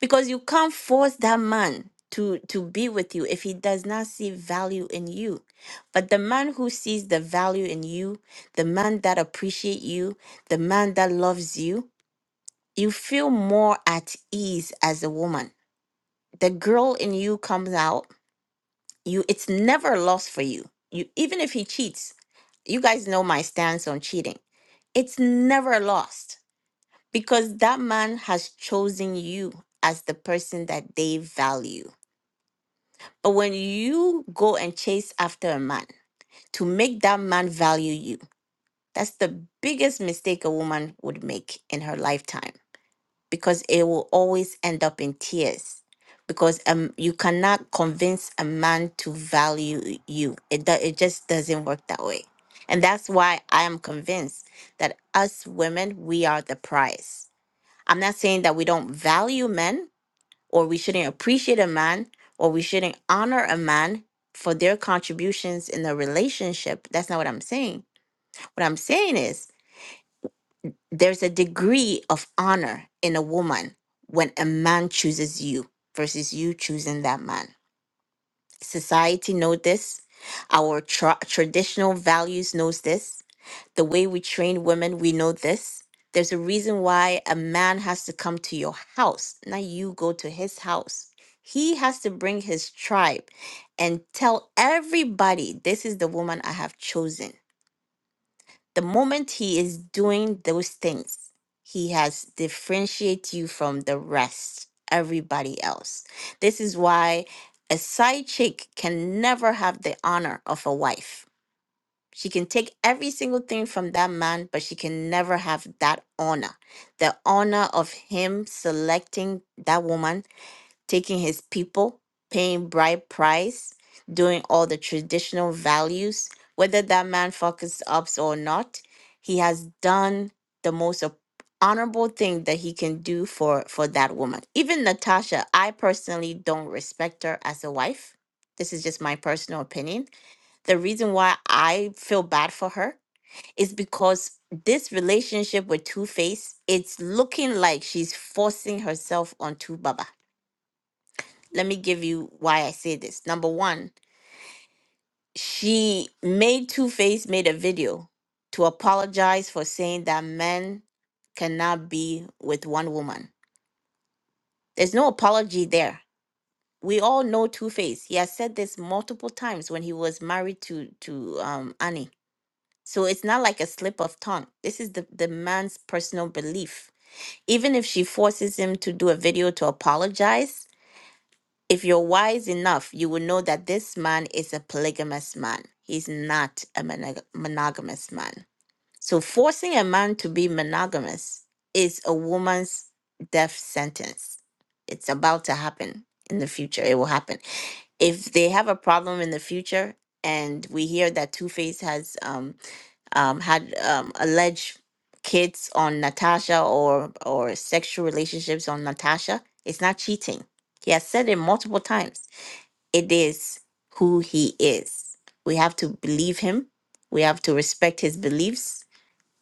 Because you can't force that man to to be with you if he does not see value in you. But the man who sees the value in you, the man that appreciates you, the man that loves you, you feel more at ease as a woman. The girl in you comes out you it's never a loss for you you even if he cheats you guys know my stance on cheating it's never lost because that man has chosen you as the person that they value but when you go and chase after a man to make that man value you that's the biggest mistake a woman would make in her lifetime because it will always end up in tears because um you cannot convince a man to value you it do, it just doesn't work that way and that's why i am convinced that us women we are the prize i'm not saying that we don't value men or we shouldn't appreciate a man or we shouldn't honor a man for their contributions in the relationship that's not what i'm saying what i'm saying is there's a degree of honor in a woman when a man chooses you versus you choosing that man. Society knows this. Our tra- traditional values knows this. The way we train women, we know this. There's a reason why a man has to come to your house, not you go to his house. He has to bring his tribe and tell everybody, this is the woman I have chosen the moment he is doing those things, he has differentiate you from the rest, everybody else. This is why a side chick can never have the honor of a wife. She can take every single thing from that man, but she can never have that honor. The honor of him selecting that woman taking his people, paying bride price, doing all the traditional values, whether that man fucks ups or not, he has done the most op- honorable thing that he can do for for that woman. Even Natasha, I personally don't respect her as a wife. This is just my personal opinion. The reason why I feel bad for her is because this relationship with Two Face, it's looking like she's forcing herself on Two Baba let me give you why I say this. Number one, she made Two Face made a video to apologize for saying that men cannot be with one woman. There's no apology there. We all know Two Face. He has said this multiple times when he was married to to um, Annie. So it's not like a slip of tongue. This is the, the man's personal belief. Even if she forces him to do a video to apologize, If you're wise enough, you will know that this man is a polygamous man. He's not a monog- monogamous man. So, forcing a man to be monogamous is a woman's death sentence. It's about to happen in the future. It will happen. If they have a problem in the future, and we hear that Two Face has um, um, had um, alleged kids on Natasha or or sexual relationships on Natasha, it's not cheating. He has said it multiple times it is who he is. We have to believe him, we have to respect his beliefs,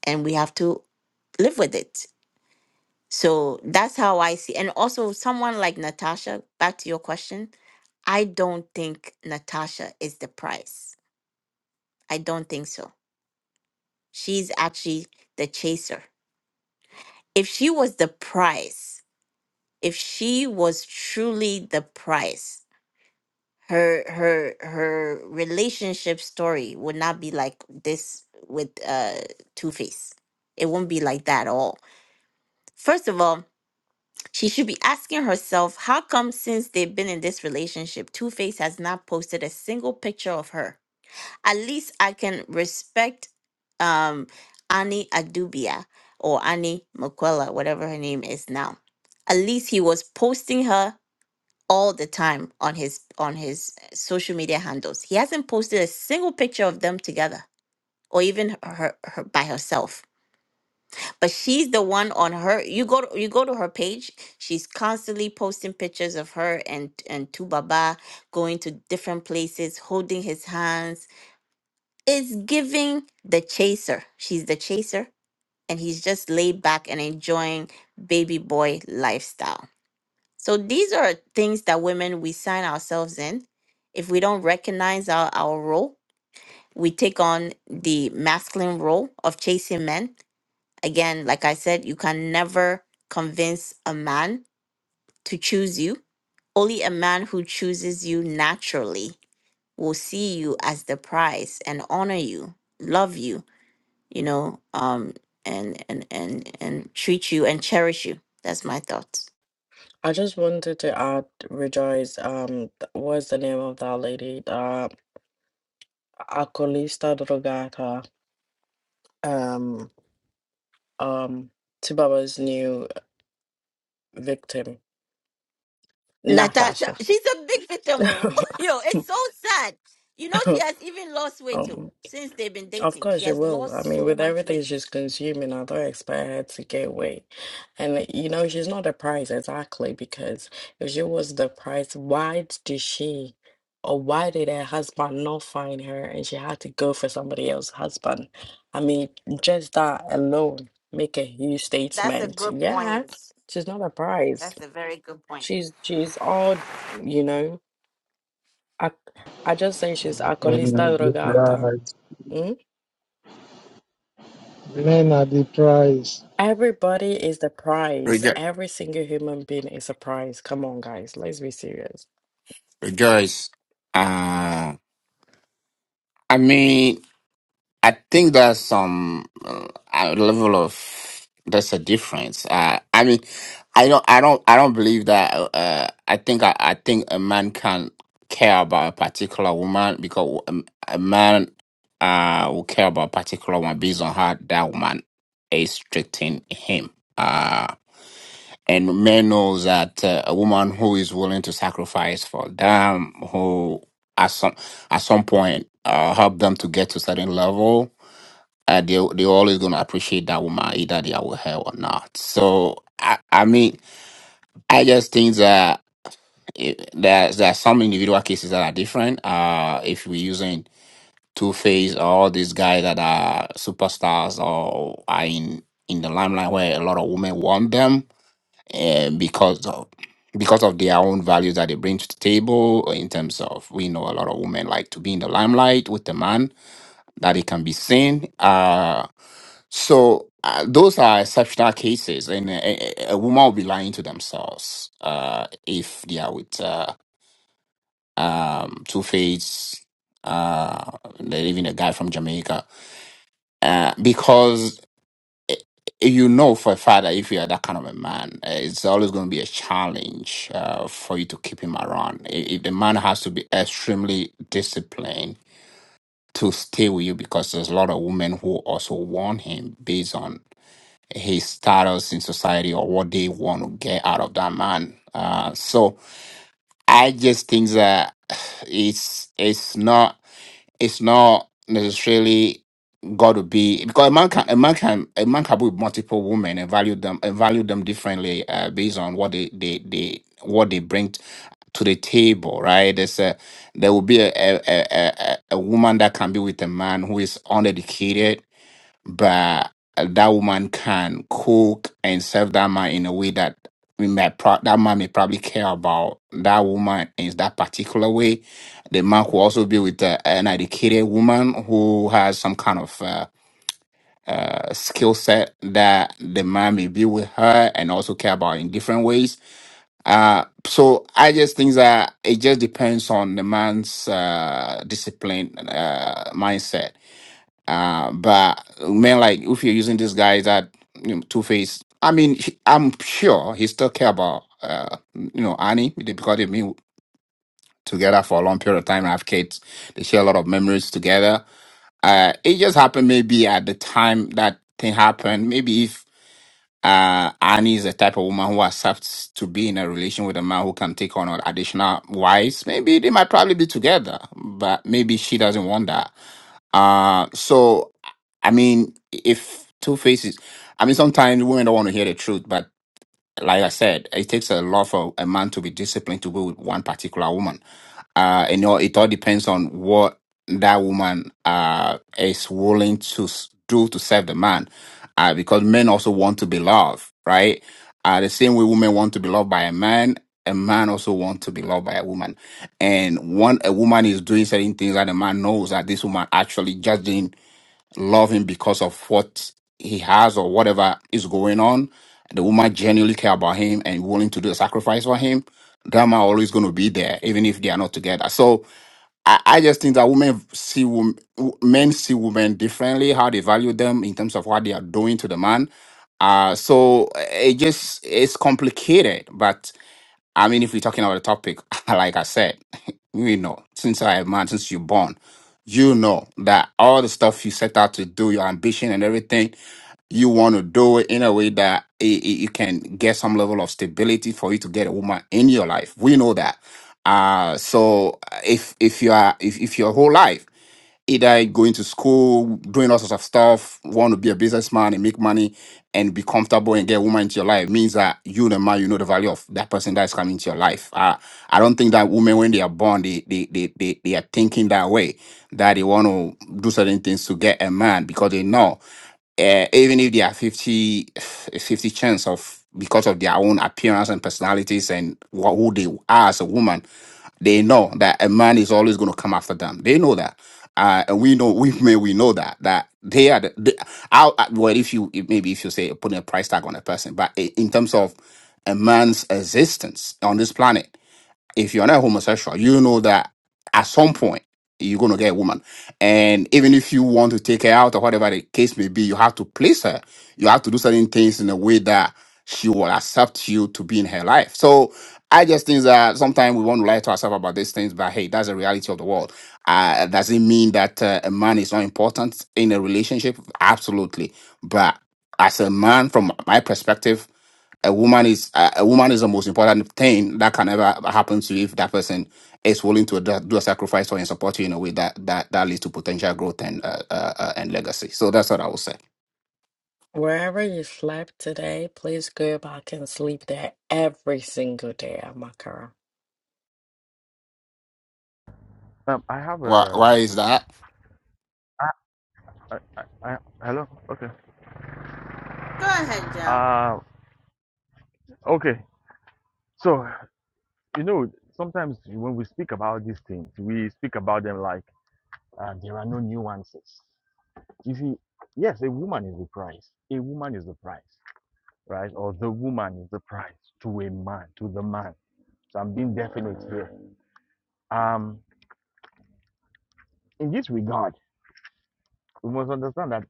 and we have to live with it. So that's how I see. And also, someone like Natasha, back to your question, I don't think Natasha is the prize. I don't think so. She's actually the chaser. If she was the prize, if she was truly the prize, her her her relationship story would not be like this with uh Two Face. It will not be like that at all. First of all, she should be asking herself how come since they've been in this relationship, Two Face has not posted a single picture of her. At least I can respect um Annie Adubia or Annie Makwela, whatever her name is now. At least he was posting her all the time on his on his eh, social media handles. He hasn't posted a single picture of them together or even her, her by herself. But she's the one on her you go to, you go to her page, she's constantly posting pictures of her and and Tubaba going to different places, holding his hands. It's giving the chaser. She's the chaser and he's just laid back and enjoying baby boy lifestyle. So these are things that women we sign ourselves in. If we don't recognize our, our role, we take on the masculine role of chasing men. Again, like I said, you can never convince a man to choose you. Only a man who chooses you naturally will see you as the prize and honor you, love you, you know, um, and and and and treat you and cherish you. That's my thoughts. I just wanted to add, Rejoice, um, th- what's the name of that lady? Uh, Akolista Drogata. Um, um Tubaba's new victim, Natasha, Natasha. she's a big victim. oh. Yo, it's so sad. You know, she has even lost weight too um, since they've been of dating. course She she has will. I lost mean, so with much everything weight. she's consuming, I don't expect her to get weight. And you know, she's not the prize exactly because if she was the prize, why did she or why did her husband not find her and she had to go for somebody else's husband? I mean, just that alone make a huge That's a statement. good Yeah, point. she's not a prize. That's a very good point. She's she's all, you know, I I just say she's Men are alcolista the drogata. prize. Mm? Men are the prize. Everybody is the prize. Rejo- Every single human being is a prize. Come on, guys, let's be serious. Rejoice. Uh, I mean, I think there's some uh, a level of there's a difference. Uh, I mean, I don't, I don't, I don't believe that. Uh, I think, I, I think a man can care about a particular woman because um, a man uh will care about a particular woman based on how that woman is treating him. Uh, And a man knows that uh, a woman who is willing to sacrifice for them, who at some at some point uh, help them to get to a certain level, uh, they they always gonna appreciate that woman either they are with her or not. So I, I mean, I just think that it, there's there are some individual cases that are different. Uh, if we're using Two Face or all these guys that are superstars or are in in the limelight where a lot of women want them and because of because of their own values that they bring to the table or in terms of we know a lot of women like to be in the limelight with the man that it can be seen uh so uh, those are exceptional cases and a, a a woman will be lying to themselves uh if they are with uh um two-faced uh even a guy from jamaica uh, because eh, you know for a father if you are that kind of a man uh, it's always going to be a challenge uh, for you to keep him around I- if the man has to be extremely disciplined to stay with you because there's a lot of women who also want him based on his status in society or what they want to get out of that man uh, so i just think that it's it's not it's not necessarily got to be because a man can a man can a man can be with multiple women and value them and value them differently uh, based on what they they they what they bring t- to the table, right? There's a there will be a a, a a a a woman that can be with a man who is uneducated but that woman can cook and serve that man in a way that we may pro- that man may probably care about that woman in that particular way. The man could also be with uh, an educated woman who has some kind of uh, uh, skill set that the man may be with her and also care about in different ways. Uh, so I just think that it just depends on the man's uh, discipline uh, mindset uh, but man, like if you're using this guy that you know, Two Face, I mean, he- I'm sure he still care about uh, you know Annie because they've been together for a long period of time and have kids. They share a lot of memories together. Uh, it just happened maybe at the time that thing happened. Maybe if uh, Annie is the type of woman who accepts to be in a relation with a man who can take on additional wives, maybe they might probably be together. But maybe she doesn't want that uh, so I mean, if two faces, I mean, sometimes women don't want to hear the truth, but like I said, it takes a lot for a man to be disciplined to be with one particular woman. Uh, you know, it all depends on what that woman uh, is willing to s- do to serve the man, uh, because men also want to be loved, right? Uh, the same way women want to be loved by a man, a man also wants to be loved by a woman. And when a woman is doing certain things that a man knows that this woman actually judging love him because of what he has or whatever is going on. The woman genuinely care about him and willing to do a sacrifice for him. That man always going to be there, even if they are not together. So I, I just think that women see wom- men see women differently, how they value them in terms of what they are doing to the man. Uh, so it just it's complicated, but I mean, if we're talking about the topic, like I said, we know since I am man, since you're born, you know that all the stuff you set out to do, your ambition and everything, you want to do it in a way that it, it, you can get some level of stability for you to get a woman in your life. We know that. Uh, so uh, if if you are if, if your whole life either going to school, doing all sorts of stuff, want to be a businessman and make money and be comfortable and get a woman into your life means that you the man, you know the value of that person that's coming into your life. I, I don't think that women when they are born, they they, they they they are thinking that way, that they want to do certain things to get a man because they know uh, even if they are 50 a 50 chance of because of their own appearance and personalities and what, who they are as a woman they know that a man is always going to come after them they know that uh, and we know we may we know that that they are the, the out well if you if- maybe if you say putting a price tag on a person but i- in terms of a man's existence on this planet if you're not homosexual, you know that at some point you're gonna get a woman. And even if you want to take her out or whatever the case may be, you have to place her. You have to do certain things in a way that she will accept you to be in her life. So I just think that sometimes we want to lie to ourselves about these things, but hey, that's the reality of the world. Uh, does it mean that uh, a man is not important in a relationship? Absolutely. But as a man, from my perspective, a woman is a a woman is the most important thing that can ever happen to you if that person is willing to do, do a sacrifice for and support you in a way that that that leads to potential growth and uh, uh, uh, and legacy. So that's what I would say. Wherever you slept today, please go back and sleep there every single day, Amakara. um, I have Why a. why is that? I, I, I, hello. Okay. Go ahead, Joe. Uh, okay. So you know, sometimes when we speak about these things, we speak about them like uh, there are no nuances. If you, yes, a woman is the price. A woman is the price, right? Or the woman is the price to a man, to the man. So I'm being definite here. Um, in this regard, we must understand that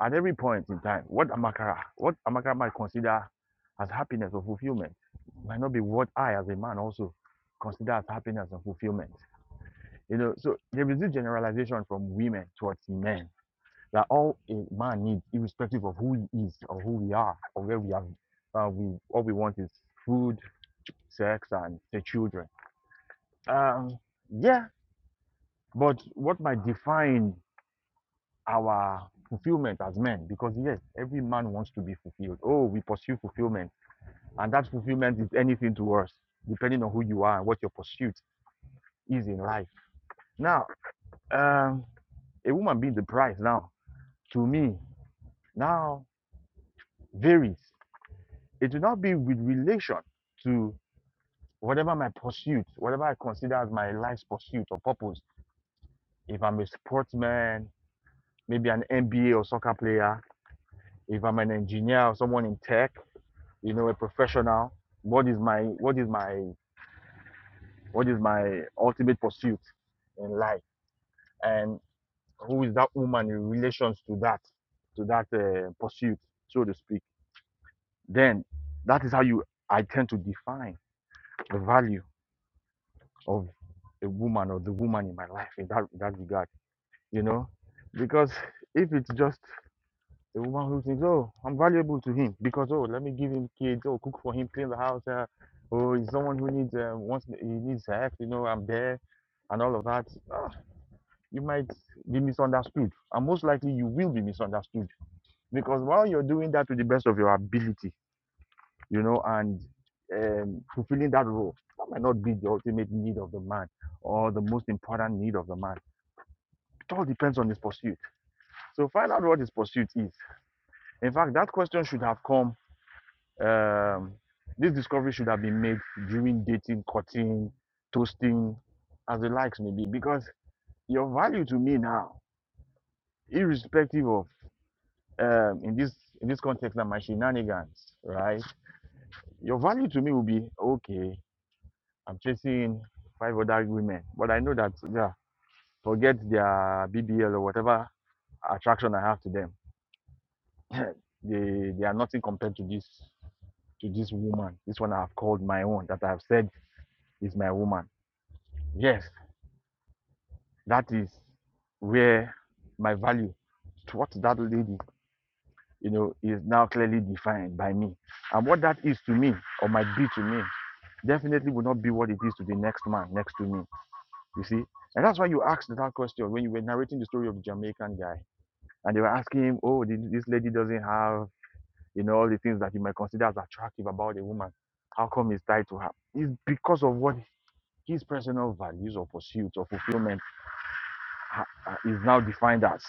at every point in time, what Amakara, what Amakara might consider as happiness or fulfillment, might not be what I, as a man, also consider as happiness and fulfillment. You know, so there is this generalization from women towards men that all a man needs, irrespective of who he is or who we are or where we are, uh, we all we want is food, sex, and the children. Um, yeah, but what might define our fulfillment as men? Because yes, every man wants to be fulfilled. Oh, we pursue fulfillment, and that fulfillment is anything to us, depending on who you are and what your pursuit is in life. Now, um, a woman being the prize now to me now varies It will not be with relation to whatever my pursuit, whatever I consider as my life's pursuit or purpose. If I'm a sportsman, maybe an NBA or soccer player, if I'm an engineer or someone in tech, you know, a professional, what is my what is my what is my ultimate pursuit in life? And who is that woman in relations to that to that uh, pursuit, so to speak? Then that is how you I tend to define the value of a woman or the woman in my life in that in that regard, you know, because if it's just a woman who thinks, oh, I'm valuable to him because oh, let me give him kids, oh, cook for him, clean the house, uh, oh, he's someone who needs um, wants he needs help, you know, I'm there, and all of that, ah, you might be misunderstood, and most likely you will be misunderstood because while you're doing that to the best of your ability you know, and um, fulfilling that role. That might not be the ultimate need of the man or the most important need of the man. It all depends on his pursuit. So find out what his pursuit is. In fact, that question should have come. Um, this discovery should have been made during dating, courting, toasting, as the likes may be, because your value to me now, irrespective of um, in this in this context, that my shenanigans, right? Your value to me will be okay. I'm chasing five other women, but I know that yeah, forget their BBL or whatever attraction I have to them. They they are nothing compared to this to this woman. This one I have called my own that I have said is my woman. Yes, that is where my value to what that lady you know is now clearly defined by me and what that is to me or might be to me definitely will not be what it is to the next man next to me You see? And that's why you asked that question when you were narrating the story of the Jamaican guy. And they were asking him, oh, this lady doesn't have, you know, all the things that you might consider as attractive about a woman. How come he's tied to her? It's because of what his personal values or pursuits or fulfillment is now defined as.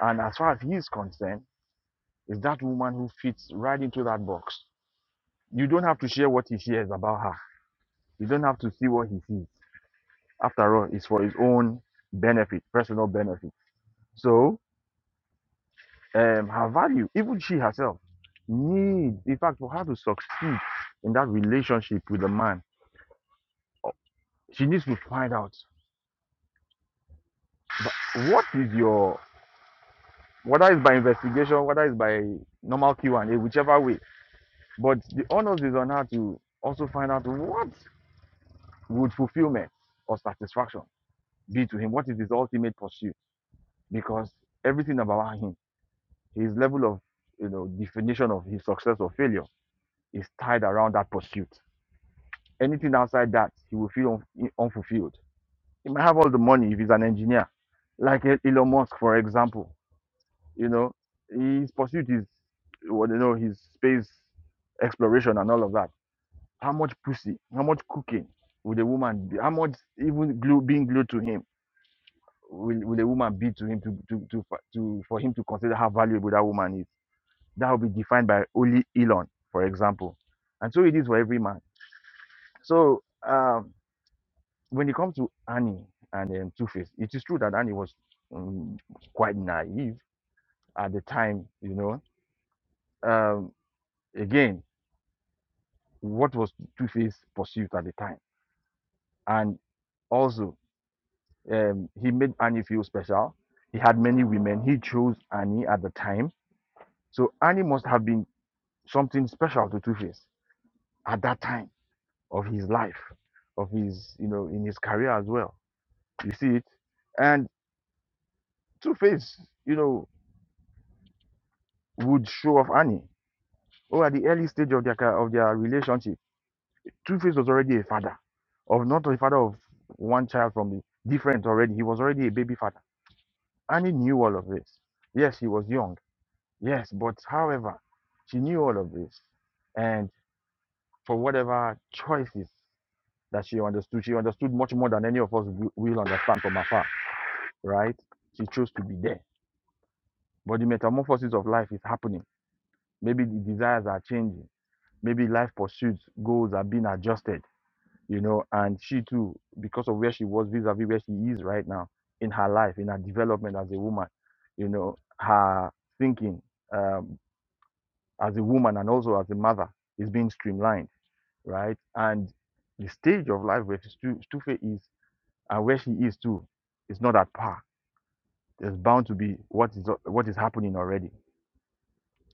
And as far as he is concerned, is that woman who fits right into that box. You don't have to share what he shares about her. You don't have to see what he sees. After all, it's for his own benefit, personal benefit. So um, her value, even she herself, needs, in fact, for her to succeed in that relationship with the man, she needs to find out but what is your, whether it's by investigation, whether it's by normal Q&A, whichever way. But the onus is on her to also find out what would fulfillment or satisfaction be to him. What is his ultimate pursuit? Because everything about him, his level of, you know, definition of his success or failure is tied around that pursuit. Anything outside that, he will feel un- unfulfilled. He might have all the money if he's an engineer, like E- Elon Musk, for example. You know, his pursuit is, well, you know, his space exploration and all of that. How much pussy, how much cooking would a woman, be, how much even glue, being glued to him will, will a woman be to him to, to, to, to, for him to consider how valuable that woman is? That will be defined by only Elon, for example. And so it is for every man. So, um, when it comes to Annie and um, Two Face, it is true that Annie was um, quite naive at the time, you know. Um, again, what was Two Face pursuit at the time? And also, um, he made Annie feel special. He had many women. He chose Annie at the time. So Annie must have been something special to Two Face at that time of his life, of his, you know, in his career as well. You see it? And Two Face, you know, would show off Annie or at the early stage of their of their relationship, Two-Face was already a father of not a father of one child from the different already. He was already a baby father, and he knew all of this. Yes, he was young. Yes, but however, she knew all of this, and for whatever choices that she understood, she understood much more than any of us wi- will understand from afar. Right? She chose to be there. But the metamorphosis of life is happening. Maybe the desires are changing. Maybe life pursuits, goals are being adjusted you know, and she too, because of where she was vis-a-vis where she is right now in her life, in her development as a woman, you know, her thinking um, as a woman and also as a mother is being streamlined, right? And the stage of life where Stufe is and where she is too is not at par. There's bound to be what is what is happening already,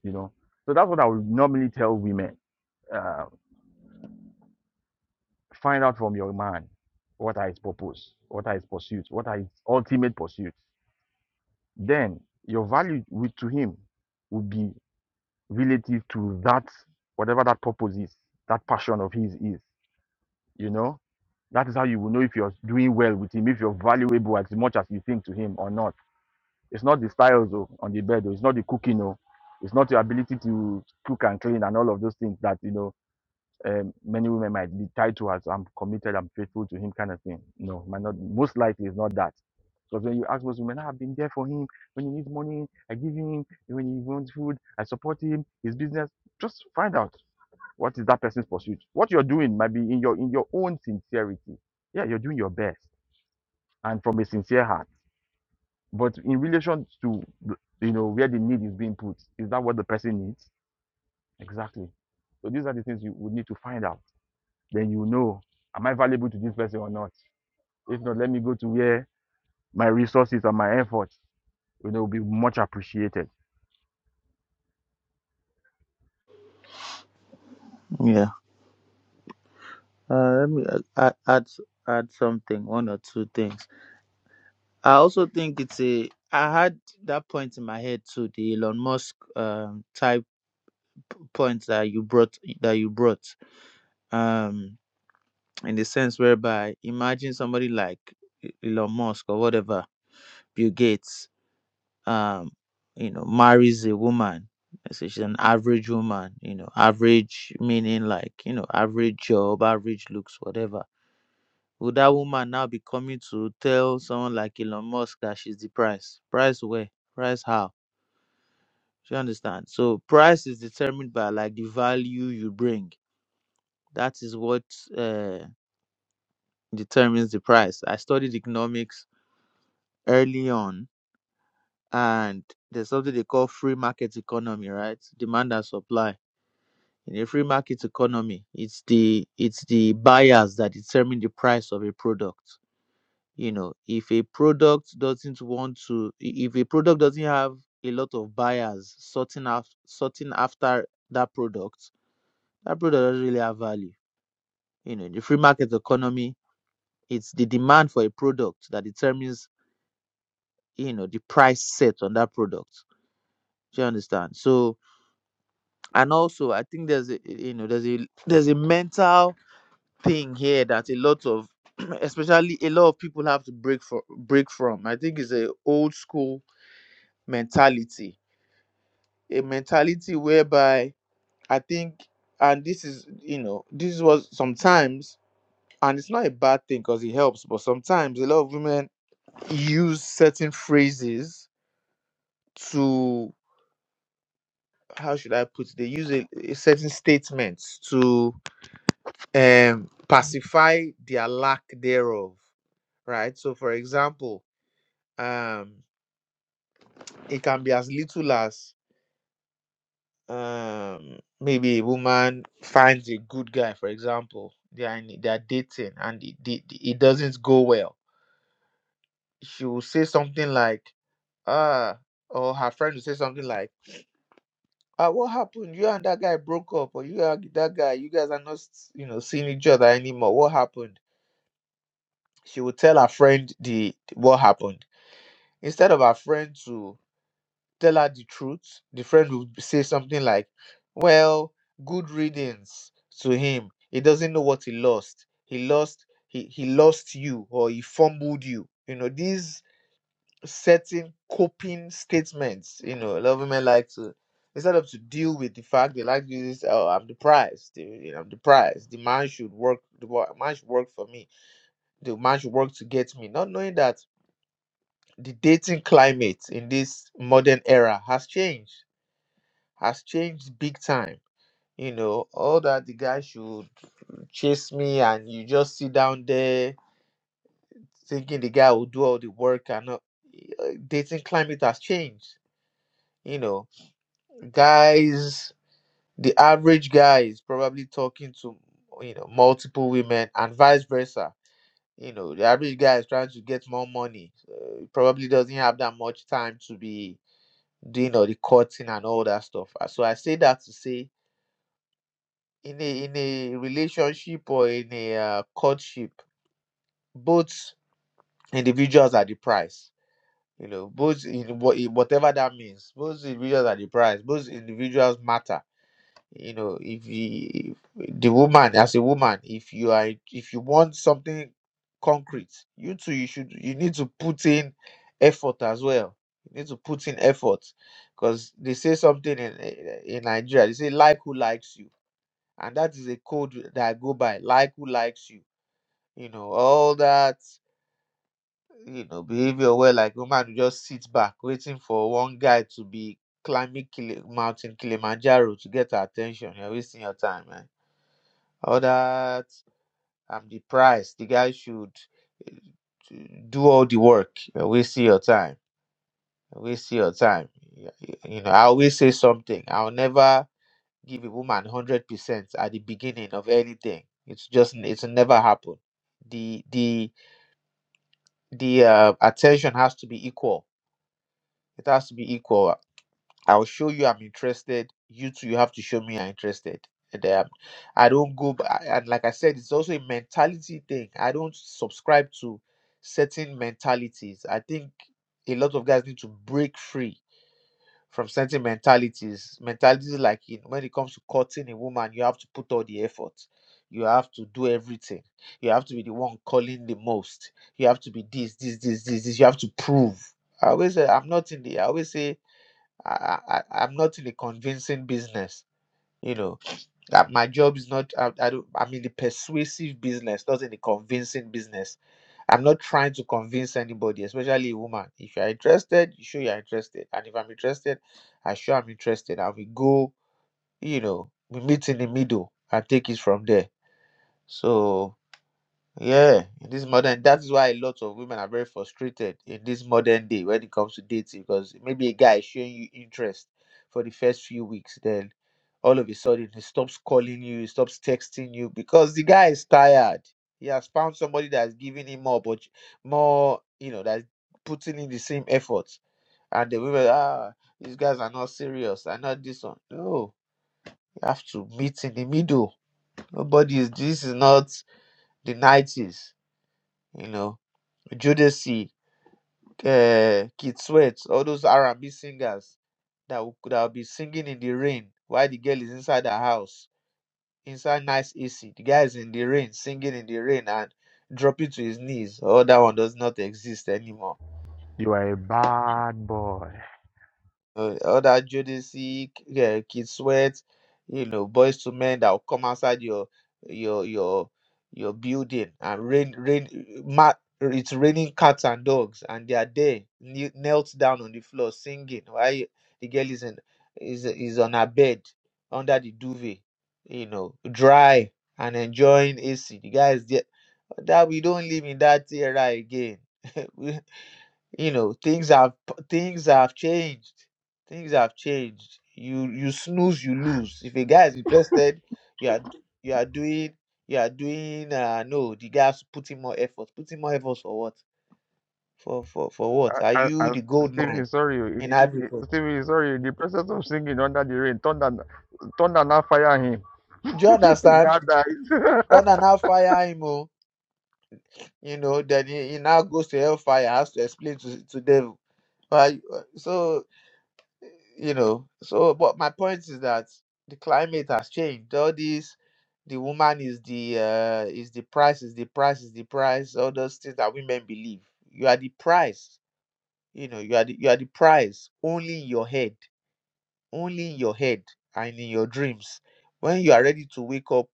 you know. So that's what I would normally tell women: uh, find out from your man what are his purpose, what are his pursuits, what are his ultimate pursuit. then your value with to him will be relative to that whatever that purpose is, that passion of his is. You know, that is how you will know if you're doing well with him, if you're valuable as much as you think to him or not. It's not the styles oh, on the bed, oh, it's not the cooking, oh, it's not your ability to cook and clean and all of those things that you know um, many women might be tied to as I'm committed, I'm faithful to him kind of thing. No, might not. Most likely, it's not that. Because when you ask most women, "Ah, I've been there for him. When he needs money, I give him. When he wants food, I support him. His business. Just find out what is that person's pursuit. What you're doing might be in your in your own sincerity. Yeah, you're doing your best and from a sincere heart. But in relation to you know where the need is being put, is that what the person needs exactly? So these are the things you would need to find out then you know am i valuable to this person or not if not let me go to where my resources and my efforts you know will be much appreciated Yeah. Uh, let me add, add add add something, one or two things. I also think it's a. I had that point in my head too, the Elon Musk um, type point that you brought that you brought. Um, in the sense whereby, imagine somebody like E- Elon Musk or whatever, Bill Gates. Um, you know, marries a woman. Let's say She's an average woman. You know, average meaning like you know, average job, average looks, whatever Would that woman now be coming to tell someone like Elon Musk that she's the price? Price where? Price how? Do you understand? So price is determined by like the value you bring. That is what uh, determines the price. I studied economics early on, and there's something they call free market economy, right? Demand and supply. In a free market economy, it's the it's the buyers that determine the price of a product you know if a product doesn't want to i- if a product doesn't have a lot of buyers sorting after sorting after that product that product doesn't really have value you know in the free market economy it's the demand for a product that determines you know the price set on that product do you understand so and also i think there's a you know there's a there's a mental thing here that a lot of especially a lot of people have to break for break from i think it's a old school mentality a mentality whereby I think, and this is, you know, this was sometimes, and it's not a bad thing because it helps, but sometimes a lot of women use certain phrases to, how should I put it? They use a, a certain statements to um, pacify their lack thereof, right? So, for example, um, it can be as little as um maybe a woman finds a good guy for example they are in, they are dating and it, it, it doesn't go well she will say something like ah or her friend will say something like ah what happened you and that guy broke up or you and that guy you guys are not you know seeing each other anymore what happened she will tell her friend the what happened instead of her friend to tell her the truth, the friend will say something like, Well, good riddance to him. He doesn't know what he lost. He lost he, he lost you or he fumbled you. You know, these certain coping statements, you know, a lot of men like to instead of to deal with the fact they like to use this, oh I'm deprived. you know, I'm deprived. The man should work the wo- man should work for me. The man should work to get me. Not knowing that the dating climate in this modern era has changed has changed big time. You know, all that the guy should chase me and you just sit down there thinking the guy will do all the work and not, uh, dating climate has changed. You know, guys, the average guy is probably talking to, you know, multiple women and vice versa. You know, the average guy is trying to get more money. Uh, he probably doesn't have that much time to be doing all the cutting and all that stuff. Uh, So I say that to say in a in a relationship or in a uh, courtship both individuals are the price you know both in what whatever that means both individuals are the price both individuals matter you know if you, if the woman as a woman if you are if you want something concrete you too you should you need to put in effort as well you need to put in effort because they say something in in nigeria they say like who likes you and that is a code that I go by. Like who likes you, you know, all that you know behavior where like woman will just sit back waiting for one guy to be climbing Kili- mountain Kilimanjaro to get her attention. You're wasting your time, man. All that I'm the price. The guy should eh, do all the work. You're wasting your time. You're wasting your time. You you know, I always say something. I'll never. give a woman 100% at the beginning of anything it's just it's never happen the the the uh, attention has to be equal it has to be equal i'll show you i'm interested you too you have to show me you're interested and um, i don't go b- I- and like i said it's also a mentality thing i don't subscribe to certain mentalities i think a lot of guys need to break free from certain mentalities. Mentalities like you know, when it comes to courting a woman, you have to put all the effort. You have to do everything. You have to be the one calling the most. You have to be this, this, this, this, this. You have to prove. I always say I'm not in the. I always say I, I, I- I'm not in the convincing business. You know that my job is not. I, I don't. I'm in the persuasive business, not in the convincing business I'm not trying to convince anybody, especially a woman. If you're interested, you show you're interested. And if I'm interested, I sure I'm interested. And we go, you know, we meet in the middle and take it from there. So yeah, in this modern, that is why a lot of women are very frustrated in this modern day when it comes to dating because maybe a guy is showing you interest for the first few weeks, then all of a sudden he stops calling you, he stops texting you because the guy is tired. He has found somebody that's giving him more, but more, you know, that's putting in the same effort. And the women, ah, these guys are not serious. I not this one. No, you have to meet in the middle. Nobody is. This is not the nineties, you know Jodeci, uh, Kid Sweat, all those R&B singers that will, that will be singing in the rain while the girl is inside the house, inside nice AC. The guy is in the rain, singing in the rain and dropping to his knees. Oh, that one does not exist anymore. you are a bad boy uh, other Jodeci, uh, Kid Sweat, you know, boys to men that will come outside your your your your building and rain rain ma- it's raining cats and dogs and they are there kne- knelt down on the floor singing while the girl is in, is is on her bed under the duvet, you know, dry and enjoying AC. The guys there that we don't live in that era again. you know things have things have changed things have changed you you snooze you lose if a guy is interested you are d- you are doing you are doing uh no the guy has to put in more effort put in more effort for what for for for what are And, you and the gold mine Stephen, sorry, oh, in in ivory the, eh, coast Stephen, sorry, in the process of singing under the rain, thunder, thunder now fire him. do you he understand now dies. thunder now fire him oh you know then he, he now goes to hellfire has to explain to to devil Why- uh, so you know so but my point is that the climate has changed all these the woman is the uh is the price is the price is the price all those things that women believe you are the price you know you are the, you are the price only in your head only in your head and in your dreams when you are ready to wake up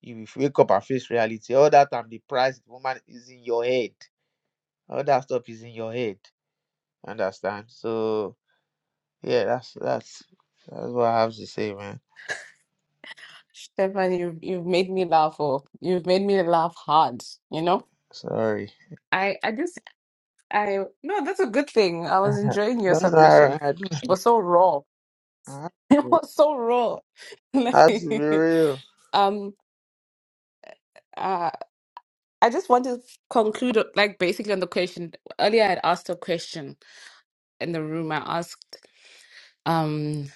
you will wake up and face reality all that time the price the woman is in your head all that stuff is in your head understand so yeah that's that's that's what i have to say man Stefan, you've you've made me laugh or you've made me laugh hard, you know? Sorry. I I just I no, that's a good thing. I was enjoying your that's no, submission. I, don't- It was so raw. have It to was so raw. be Like real. um uh I just want to conclude like basically on the question earlier I had asked a question in the room. I asked um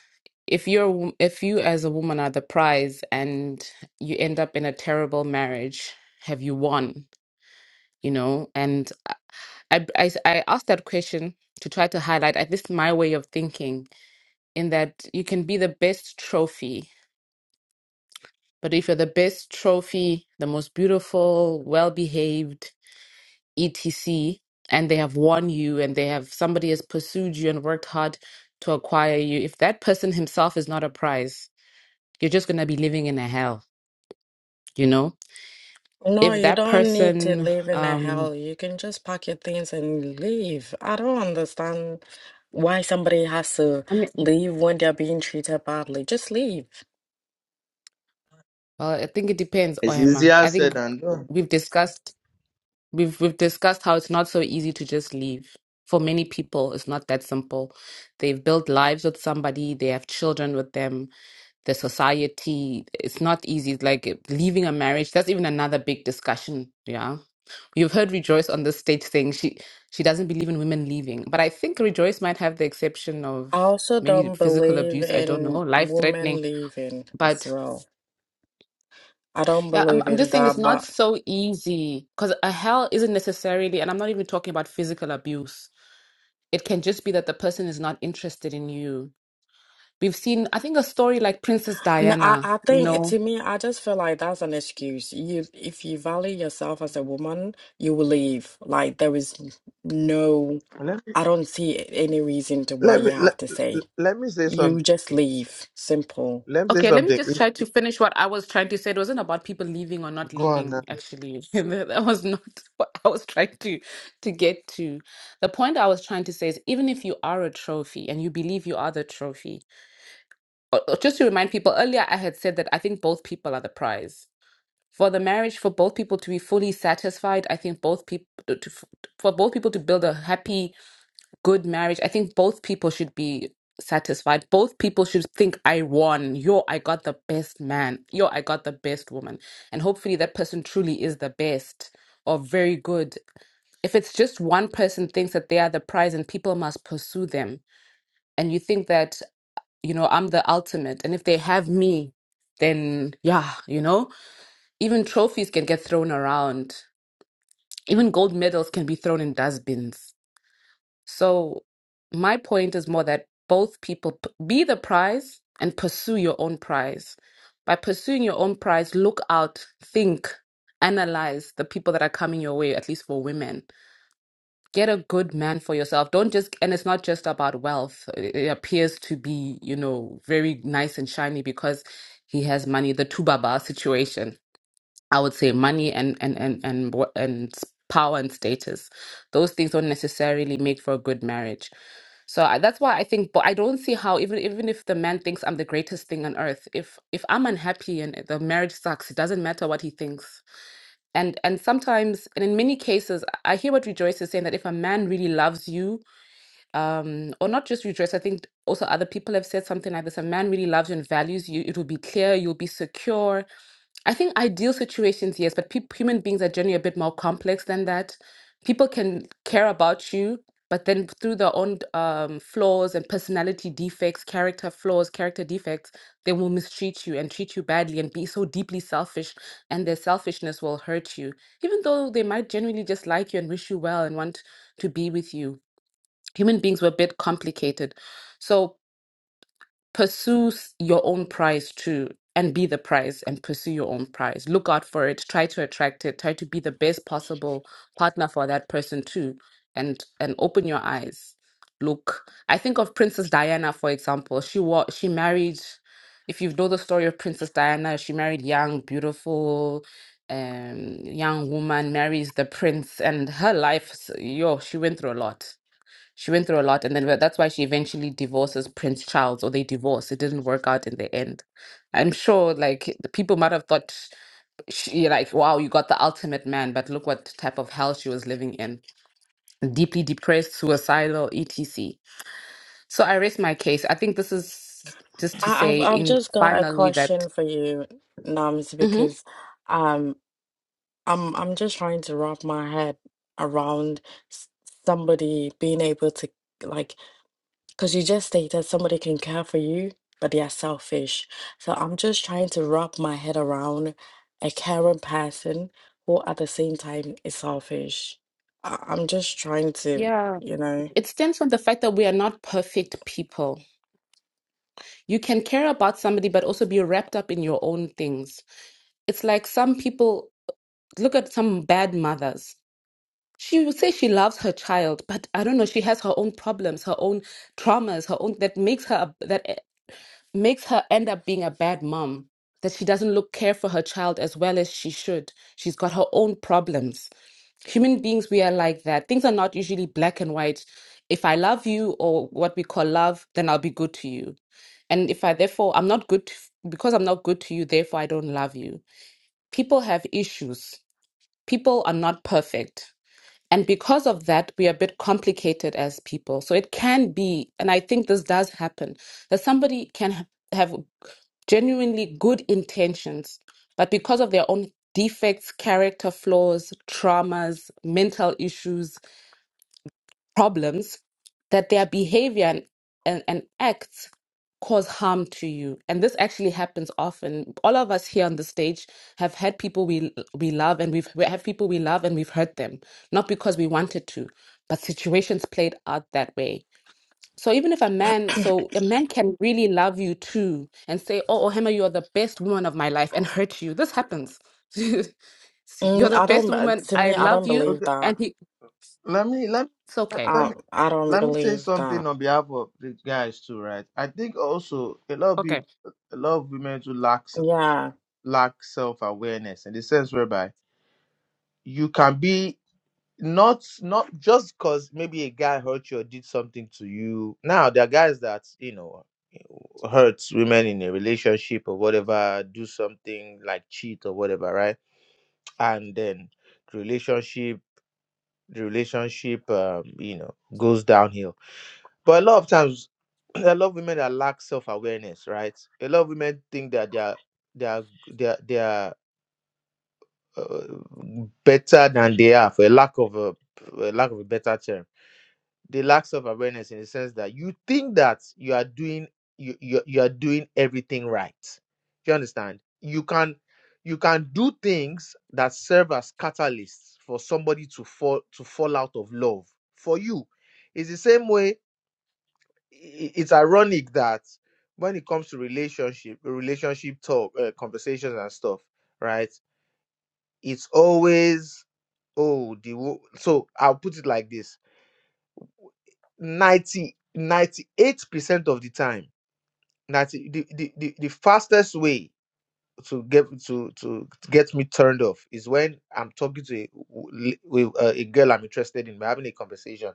if you're a wo- if you as a woman are the prize and you end up in a terrible marriage, have you won? You know, and I, I, I asked that question to try to highlight at least my way of thinking in that you can be the best trophy, but if you're the best trophy, the most beautiful, well behaved, etc., and they have won you and they have somebody has pursued you and worked hard to acquire you, if that person himself is not a prize, you're just going to be living in a hell, you know? No, If you that don't need to person, live in a um, hell. You can just pack your things and leave. I don't understand why somebody has to I mean, leave when they're being treated badly. Just leave. well, I think it depends, It's Oyema. easier I said think than done. we've discussed We've we've discussed how it's not so easy to just leave. For many people, it's not that simple. They've built lives with somebody, they have children with them, the society, it's not easy. It's like eh, leaving a marriage, that's even another big discussion. Yeah. You've heard Rejoice on the stage saying she she doesn't believe in women leaving. But I think Rejoice might have the exception I of also maybe don't physical believe abuse, I don't know, in life threatening. women leaving as But well. I don't yeah, I'm believe I'm in just saying it's that, not but so easy because a hell isn't necessarily, and I'm not even talking about physical abuse It can just be that the person is not interested in you. We've seen, I think, a story like Princess no, I, Diana, I you think know. to me, I just feel like that's an excuse. You, if you value yourself as a woman, you will leave. Like there is no, Let me I don't see any reason to why let me you have let, to say. let me say You something. just leave. Simple. Let me say Okay, let me something. Eh, just try to finish what I was trying to say. It wasn't about people leaving or not Go on now. leaving, actually. That was not what I was trying to to get to. The point I was trying to say is even if you are a trophy and you believe you are the trophy, or, or just to remind people, earlier I had said that I think both people are the prize. For the marriage, for both people to be fully satisfied, I think both people to, for both people to build a happy good marriage. I think both people should be satisfied. Both people should think, I won. Yo, I got the best man. Yo, I got the best woman. And hopefully that person truly is the best or very good. If it's just one person thinks that they are the prize and people must pursue them, and you think that, you know, I'm the ultimate, and if they have me, then yeah, you know, even trophies can get thrown around. Even gold medals can be thrown in dustbins So my point is more that both people p- be the prize and pursue your own prize. By pursuing your own prize, look out, think, analyze the people that are coming your way, at least for women. Get a good man for yourself. Don't just, and it's not just about wealth. It it appears to be, you know, very nice and shiny because he has money. The Tubaba situation, I would say money and, and, and, and, and, and s- power and status. Those things don't necessarily make for a good marriage so I, that's why I think, but I don't see how even even if the man thinks I'm the greatest thing on earth, if if I'm unhappy and the marriage sucks, it doesn't matter what he thinks. And and sometimes, and in many cases, I I hear what Rejoice is saying that if a man really loves you, um, or not just Rejoice, I think also other people have said something like this: a man really loves you and values you, it will be clear, you'll be secure, I think ideal situations, yes, but peop human beings are generally a bit more complex than that. People can care about you, but then through their own um, flaws and personality defects, character flaws, character defects, they will mistreat you and treat you badly and be so deeply selfish, and their selfishness will hurt you, even though they might genuinely just like you and wish you well and want to be with you. Human beings were a bit complicated. So pursue s- your own prize too and be the prize and pursue your own prize look out for it try to attract it try to be the best possible partner for that person too and and open your eyes look i think of princess diana for example she was she married if you know the story of princess diana she married young beautiful um young woman marries the prince and her life s- yo she went through a lot she went through a lot, and then that's why she eventually divorces Prince Charles, or they divorce. It didn't work out in the end. I'm sure, like the people might have thought, she like, wow, you got the ultimate man, but look what type of hell she was living in. Deeply depressed, suicidal, etc. So I rest my case. I think this is just to I, I've say, I've in just got a finally, that. question for you, Nams, Mhm. because. um. I'm I'm just trying to wrap my head around s- somebody being able to like, because you just stated somebody can care for you, but they are selfish. So I'm just trying to wrap my head around a caring person who at the same time is selfish. I, I'm just trying to, Yeah, you know, it stems from the fact that we are not perfect people. You can care about somebody, but also be wrapped up in your own things. It's like some people look at some bad mothers. She would say she loves her child, but I don't know. She has her own problems, her own traumas, her own that makes her a- that eh, makes her end up being a bad mom. That she doesn't look care for her child as well as she should. She's got her own problems. Human beings, we are like that. Things are not usually black and white. If I love you, or what we call love, then I'll be good to you. And if I therefore I'm not good to, because I'm not good to you, therefore I don't love you. People have issues people are not perfect. And because of that, we are a bit complicated as people. So it can be, and I think this does happen, that somebody can ha- have genuinely good intentions, but because of their own defects, character flaws, traumas, mental issues, problems that their behavior and, and, and acts cause harm to you and this actually happens often all of us here on the stage have had people we we love and we've we have people we love and we've hurt them not because we wanted to but situations played out that way so even if a man so a man can really love you too and say oh ohema you're the best woman of my life and hurt you this happens you're mm, the I best don't, uh, woman to i me, I love don't you believe Okay. and that. he Let me let me it's okay let I me I don't Th- let me say believe that. something on behalf of the guys too, right? I think also a lot of okay people, a lot of women too lack self- Yeah. lack self awareness in the sense whereby you can be not not just because maybe a guy hurt you or did something to you now there are guys that you know hurts women in a relationship or whatever do something like cheat or whatever right and then the relationship the relationship um, you know goes downhill but a lot of times a lot of women that lack self-awareness right a lot of women think that they are they are they are, they are uh, better than they are for a lack of a, a lack of a better term the lack of awareness in the sense that you think that you are doing you you, you are doing everything right do you understand you can you can do things that serve as catalysts for somebody to fall to fall out of love for you it's the same way i- it's ironic that when it comes to relationship relationship talk uh, conversations and stuff right it's always oh the wo- so i'll put it like this Ninety ninety eight percent of the time 90 the, the, the, the fastest way to get to, to to get me turned off is when i'm talking to a, with uh, a girl i'm interested in we're having a conversation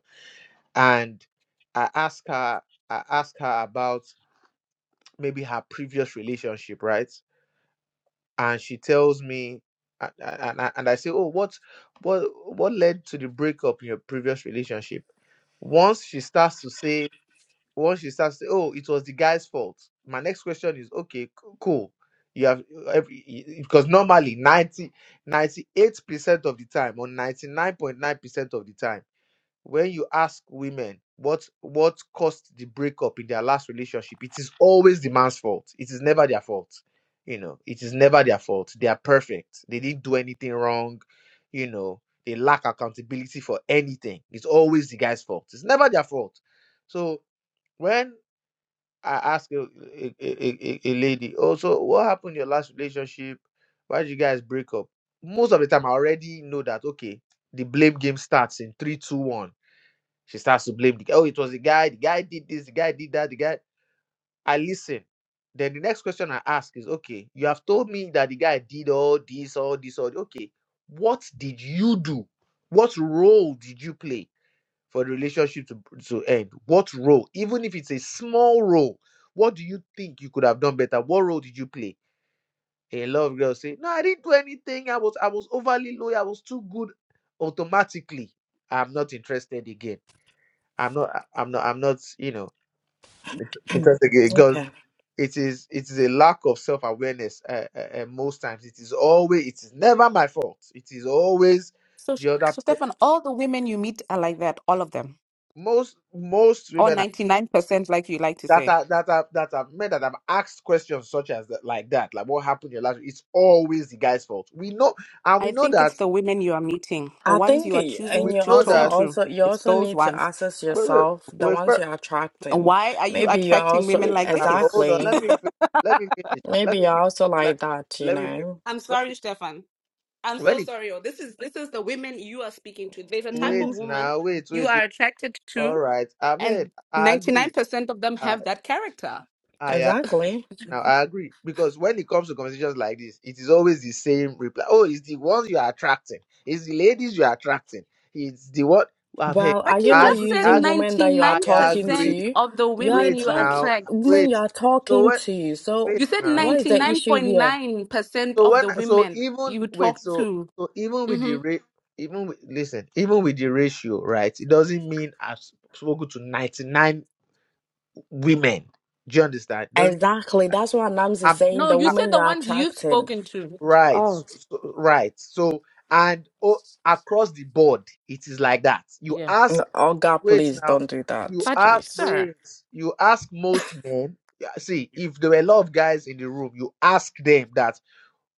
and i ask her i ask her about maybe her previous relationship right and she tells me and, and, I- and i say oh what what what led to the breakup in your previous relationship once she starts to say once she starts to say, oh it was the guy's fault my next question is okay c- cool you have every because normally 90 98 percent of the time or 99.9 percent of the time when you ask women what what caused the breakup in their last relationship it is always the man's fault it is never their fault you know it is never their fault they are perfect they didn't do anything wrong you know they lack accountability for anything it's always the guy's fault it's never their fault so when I asked a, a, a, a a lady, oh, so what happened in your last relationship? Why did you guys break up? Most of the time, I already know that, okay, the blame game starts in three, two, one. She starts to blame the guy. Oh, it was the guy. The guy did this. The guy did that. The guy. I listen. Then the next question I ask is, okay, you have told me that the guy did all this, all this, all. Okay, what did you do? What role did you play? for the relationship to, to end? What role, even if it's a small role, what do you think you could have done better? What role did you play? A lot of girls say, No, I didn't do anything. I was I was overly loyal. I was too good. Automatically, I'm not interested again. I'm not I- am not I'm not, you know, interested again Okay. because it is it is a lack of self-awareness uh, uh, uh, most times. It is always it is never my fault. It is always So, Sh- the other so pe- Stefan, all the women you meet are like that, all of them, most most or women 99%, like you like to that say. are that are that are men that have asked questions such as that, like that, like what happened in your last. It's always the guy's fault. We know, and we I know think that it's the women you are meeting, the I ones think, you are y- choosing and we you to know also talk that. to. also you It's also those need to ones. assess Wait, wait, yourself, the wait, ones fir- you're attracting. Why are you Maybe you're attracting also women wait like now. Hold this? on. exactly. Let me fin- let me finish. Let Maybe me you're finish. also Let, like that, you let me finish. know. I'm When sorry, it, Stefan. I'm so when it, sorry. Oh, this is this is the women you are speaking to. There's a type wait of Mm, woman now. Wait, you wait, are wait. attracted All to, right. I've heard. and I agree. 99% of them I have that character. I exactly. Now I agree because when it comes to conversations like this, it is always the same reply. Oh, it's the ones you are attracting. It's the ladies you are attracting. It's the one I've Well, heard. are But you you I not just agree. said I using agree. women that you are I talking agree. 99% to? of the You are women Wait you talk now. attract. women you Wait. are So talking what? to. So wait You said now. what is the issue here? 99.9% So of the when so women even you wait talked so to. so even with the hmm rate even with, listen even with the ratio right, it doesn't mean I've spoken to ninety nine women. Do you understand? doesn't. Exactly. That's what Nams is saying. No, The you said woman you the are ones you've attracting. spoken to. Right, Oh, s- s- right. So, and oh, across the board, it is like that. You Yeah. ask, oh God, wait please now, don't do that, you But, ask, please. sir, wait, you ask most men. yeah, See, if there were a lot of guys in the room, you ask them that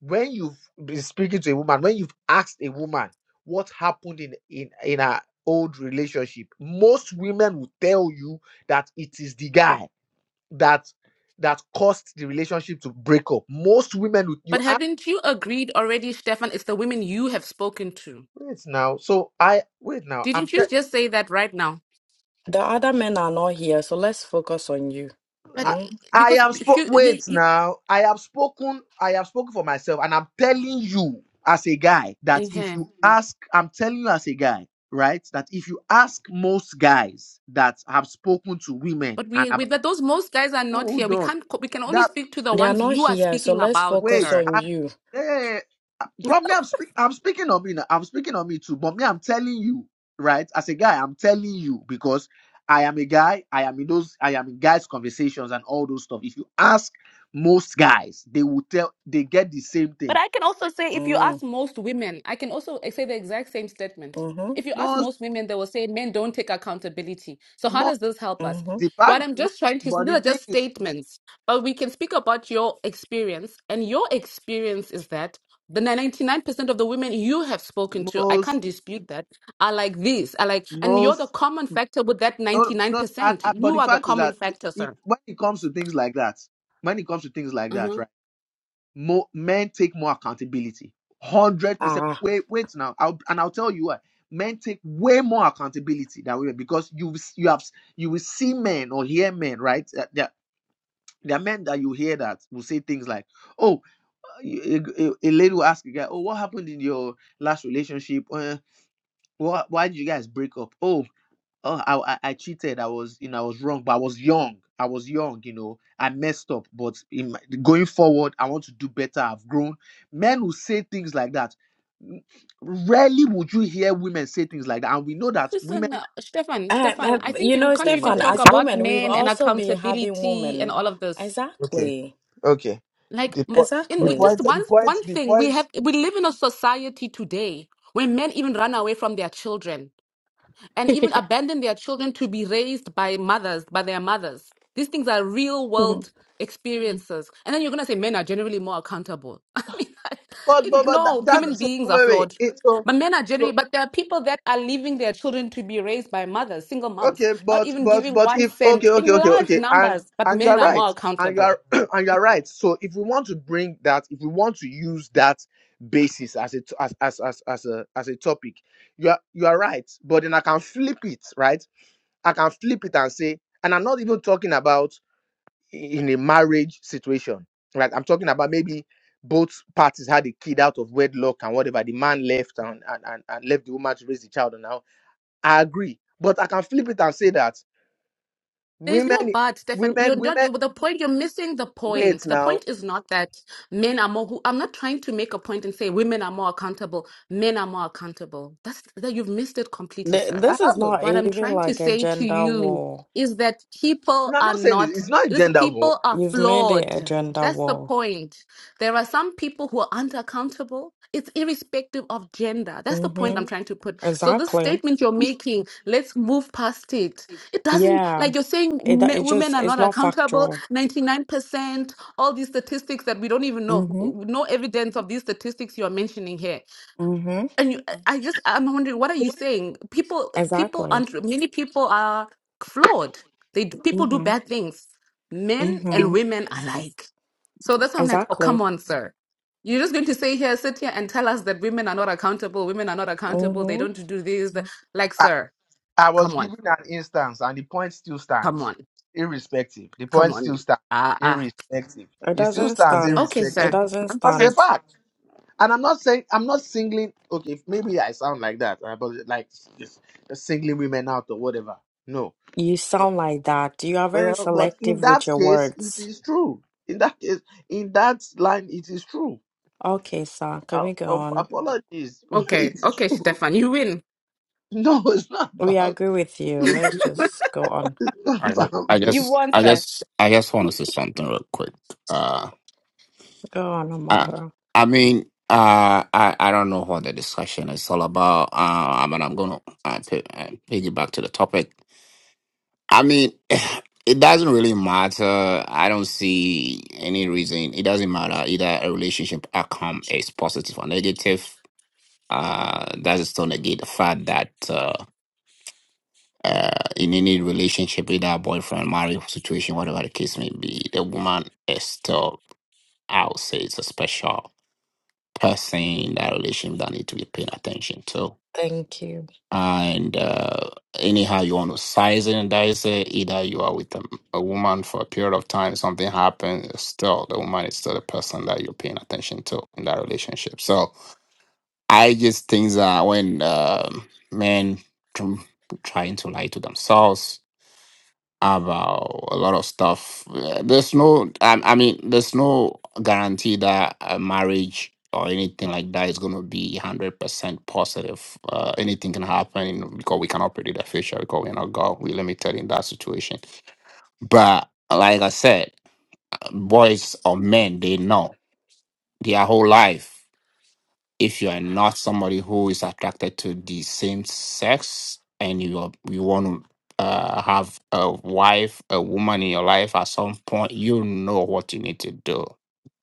when you've been speaking to a woman, when you've asked a woman what happened in in in her old relationship, most women will tell you that it is the guy that that caused the relationship to break up. Most women, would but you haven't you agreed already, Stefan? It's the women you have spoken to. Wait now. So I wait now. I'm Didn't you te- just say that right now? The other men are not here, so let's focus on you. But eh, I, Mm. I because have spoke. you, you, Wait you now. I have spoken. I have spoken for myself, and I'm telling you as a guy that if uh you ask, I'm telling you as a guy, right? That if you ask most guys that have spoken to women but and we, we, have but those most guys are not here. hold We on, can't, co- we can only that speak to the They are ones not you are here, so speaking let's about, focus wait. sir. on you. I, But me, I'm, speak, I'm speaking on me. now. I'm speaking on me too. But me, I'm telling you, right? As a guy, I'm telling you because I am a guy. I am in those. I am in guys' conversations and all those stuff. If you ask most guys, they will tell. They get the same But thing. I can also say, if you ask Mm. most women, I can also say the exact same statement. Mm-hmm. If you ask Most, most women, they will say men don't take accountability. So how most does this help us? Mm-hmm. the What fact. I'm No, just trying to these but the are thing just is, statements, but we can speak about your experience, and your experience is that the 99% of the women you have spoken to, I most, can't dispute that, are like this, are like, and you're the most. common factor with that No, no. And, 99%. and- but You the are the fact is common that factor, if, sir. when it comes to things like that, when it comes to things like Mm-hmm. that, More, men take more accountability. Hundred percent. Ah. Wait, wait now. I'll, and I'll tell you why. Men take way more accountability than women because you you have you will see men or hear men right. Uh, There, there are men that you hear that will say things like, "Oh, a, a- a lady will ask a guy, oh, what happened in your last relationship? Uh, why, why did you guys break up? Oh, oh I, I i cheated i was you know i was wrong but i was young i was young you know i messed up but in my, going forward i want to do better i've grown men will say things like that Mm, rarely would you hear women say things like that and we know that women Listen, uh, Stefan, Eh, Stefan, eh, I think you you know, can't Oh my even Stefan, talk day. as about women, we've men and also been having accountability and women. all of this. Okay, Exactly. okay. Like, The m- po- in the with Exactly. just point, one the point, one the thing, we point. have we live in a society today where men even run away from their children and even abandon their children to be raised by mothers, by their mothers. These things are real Mhm. world experiences. And then you're going to say men are generally more accountable. I mean, I, But but but that, no, human that so beings are wait wait. flawed. It, so But men are so generally, but there are people that are leaving their children to be raised by mothers, single moms, Okay, not but even but giving but one if okay, cent okay, in okay, large okay, and numbers, but and you men are are more right, and you accountable. are and you are right. So if we want to bring that, if we want to use that basis as a t- as as as as a as a topic, you are you are right. But then I can flip it, right? I can flip it and say, and I'm not even talking about i- in a marriage situation, right? I'm talking about maybe both parties had a kid out of wedlock and whatever. The man left and and and, and left the woman to raise the child, and now I agree. But I can flip it and say that There's no women, but, Stefan. You're women, not women. the point. You're missing the Wait point. The now, point is not that men are more. Who, I'm not trying to make a point and say women are more accountable. Men are more accountable. That's that. You've missed it completely, Th- sir. I This is haven't. not What I'm even trying to like a say to gender you war. is that people And I'm are not saying this. not. It's not These gender war. people are You've made it flawed. a gender That's the war. point. There are some people who are unaccountable. It's irrespective of gender. That's the point I'm Mm-hmm. trying to put. So this Exactly. statement you're making, let's move past it it doesn't, Yeah. like you're saying, It, me- it just, women are it's not not accountable, factual. 99%, all these statistics that we don't even know, Mm-hmm. no evidence of these statistics you're mentioning here. Mm-hmm. And you, I just, I'm wondering, what are you saying? People, people, Exactly. aren't- many people are flawed. They, d- people do Mm-hmm. bad things, men and Mm-hmm. women alike. So that's why I'm like, oh, come Exactly. on, sir. You're just going to say here, sit here and tell us that women are not accountable, women are not accountable, they Mm-hmm. don't do this. the- Like, I, sir, I was come on, giving an instance, and the point still come stands, on. irrespective. The Come point on. still stands, Ah, ah. irrespective. It It still doesn't stands, stand. Okay, It irrespective. sir. doesn't That's Okay, a stand. fact. And I'm not saying I'm not singling. Okay, maybe I sound like that, uh, but like just just singling women out or whatever. No. You But- sound like that. You are very Well, but in selective with that your case, it words. is true. In that case, in that line, it is true. Okay, sir, can Uh, we go oh, on? apologies. okay, It's okay, true. Stefan, you win. No, it's not We about. agree with you. Let's just go on. It's not I ju- I about me. You just won, I sir. just I just want to say something real quick. Uh, Go on, I Omaka. I mean uh I I don't know what the discussion is all about. Uh, I mean I'm gonna uh, p- uh, piggyback to the topic I mean, it doesn't really matter. I don't see any reason. It doesn't matter either a relationship outcome is positive or negative. Uh, that is still negate the fact that uh, uh, in any relationship, either boyfriend, marriage situation, whatever the case may be, the woman is still, I would say, it's a special person in that relationship that need to be paying attention to. Thank you. and uh, anyhow you want to size it and dice it either you are with a, a woman for a period of time something happens still the woman is still the person that you're paying attention to in that relationship so i just think that when um men tr- trying to lie to themselves about a lot of stuff. Uh, There's no, I, I mean, there's no guarantee that a marriage or anything like that is going to be 100% positive. Uh, anything can happen because we cannot predict the future because we're not God. We're limited in that situation. But like I said, boys or men, they know their whole life if you are not somebody who is attracted to the same sex and you are, you want to uh, have a wife, a woman in your life, at some point you know what you need to do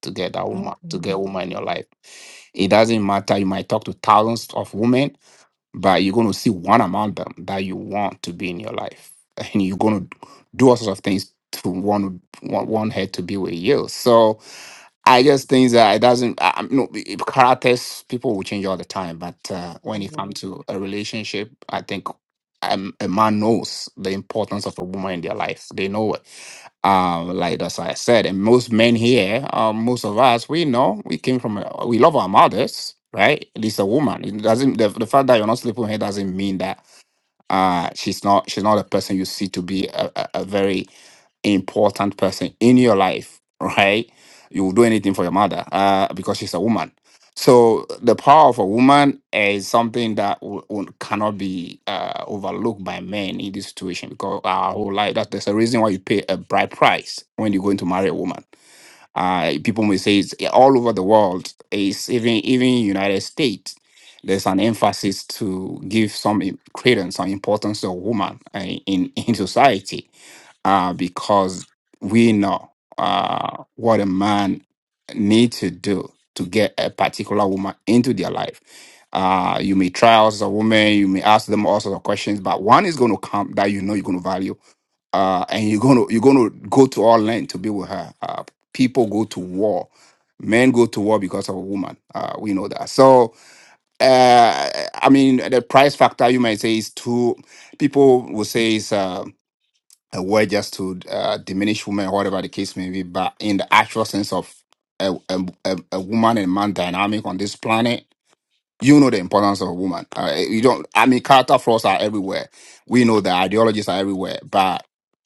to get that woman, to Mm-hmm. get a woman in your life. It doesn't matter. You might talk to thousands of women, but you're going to see one among them that you want to be in your life, and you're going to do all sorts of things to want want, want her to be with you. So I just think that it doesn't. I, I'm- no, it- characters people will change all the time, but uh, when it comes Mm-hmm. to a relationship, I think um, a man knows the importance of a woman in their life. They know it. Um, like as I said, and most men here, um, most of us, we know we came from. A, we love our mothers, right? At least a woman. It doesn't. The, the fact that you're not sleeping with her doesn't mean that uh she's not she's not a person you see to be a, a, a very important person in your life, right? You will do anything for your mother uh, because she's a woman. So the power of a woman is something that w- w- cannot be uh, overlooked by men in this situation because our whole life. That, there's a reason why you pay a bride price when you're going to marry a woman uh, people may say it's eh, all over the world. It's even even United States. There's an emphasis to give some im- credence and importance to woman uh, in in society uh, because we know uh, what a man need to do to get a particular woman into their life. Uh, you may try out as a woman, you may ask them all sorts of questions, but one is going to come that you know you're going to value uh, and you're gonna you're gonna go to all length to be with her. Uh, people go to war, men go to war because of a woman. Uh, we know that. So uh, I mean, the price factor you might say is too. People will say it's uh, a word just to uh, diminish women, whatever the case may be. But in the actual sense of a, a, a a woman and man dynamic on this planet you know the importance of a woman. Uh, you don't. I mean, character flaws are everywhere. We know that ideologies are everywhere, but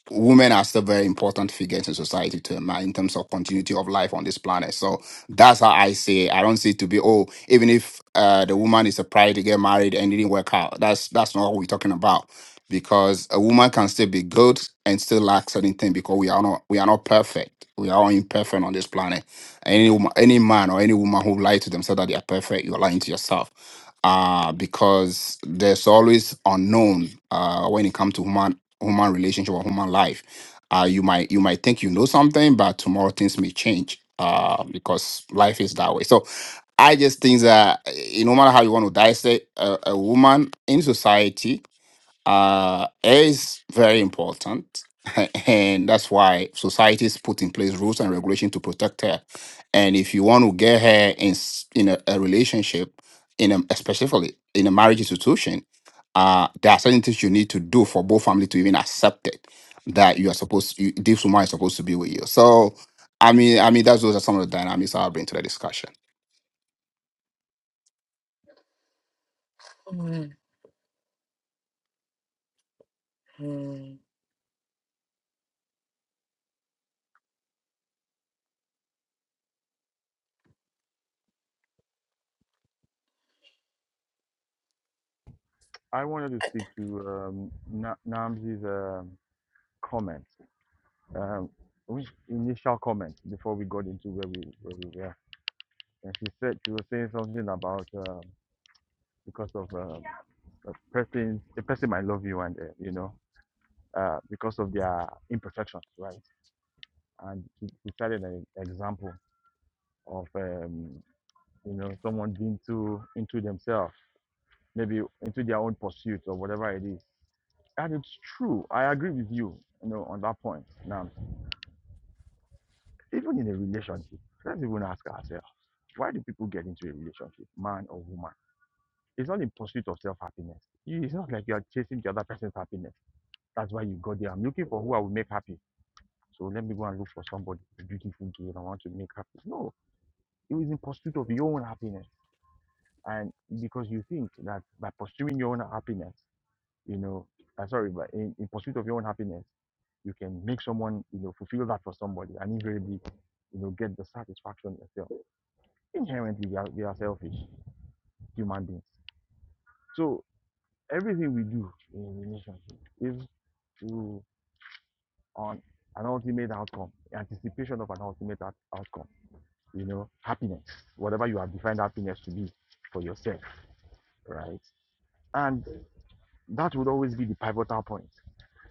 women are still very important figures in society to a man in terms of continuity of life on this planet. So that's how I say. it. I don't see it to be oh, even if uh, the woman is a pride to get married and it didn't work out. That's that's not what we're talking about. Because a woman can still be good and still lack certain things because we are not we are not perfect. We are all imperfect on this planet. Any woman, any man or any woman who lies to themselves that they are perfect, you're lying to yourself. Uh, because there's always unknown uh, when it comes to human human relationship or human life. Uh, you might you might think you know something, but tomorrow things may change uh, because life is that way. So I just think that eh, no matter how you want to dissect a, a woman in society, uh, air is very important, and that's why societies put in place rules and regulation to protect her. And if you want to get her in s- in a, a relationship, in a, especially in a marriage institution, uh, there are certain things you need to do for both family to even accept it that you are supposed you, this woman is supposed to be with you. So, I mean, I mean, that's those are some of the dynamics I'll bring to the discussion. hmm i wanted to speak to um Na- namzi's um comment um which initial comment before we got into where we where we were and she said she was saying something about um, because of um, a person, the person might love you, and uh, you know, uh, because of their imperfections, right? And she, she cited an example of um, you know someone being too into themselves, maybe into their own pursuit or whatever it is. And it's true. I agree with you, you know, on that point. Now, even in a relationship, let's even ask ourselves, why do people get into a relationship, man or woman? It's not in pursuit of self happiness. It's not like you are chasing the other person's happiness. That's why you got there. I'm looking for who I will make happy. So let me go and look for somebody beautiful girl I want to make happy. No, it was in pursuit of your own happiness. And because you think that by pursuing your own happiness, you know, uh, sorry, but in, in pursuit of your own happiness, you can make someone, you know, fulfill that for somebody and invariably, you know, get the satisfaction yourself. Inherently, we are, we are selfish human beings. So everything we do in relationship is to on an ultimate outcome, anticipation of an ultimate out- outcome, you know, happiness, whatever you have defined happiness to be for yourself, right? And that would always be the pivotal point.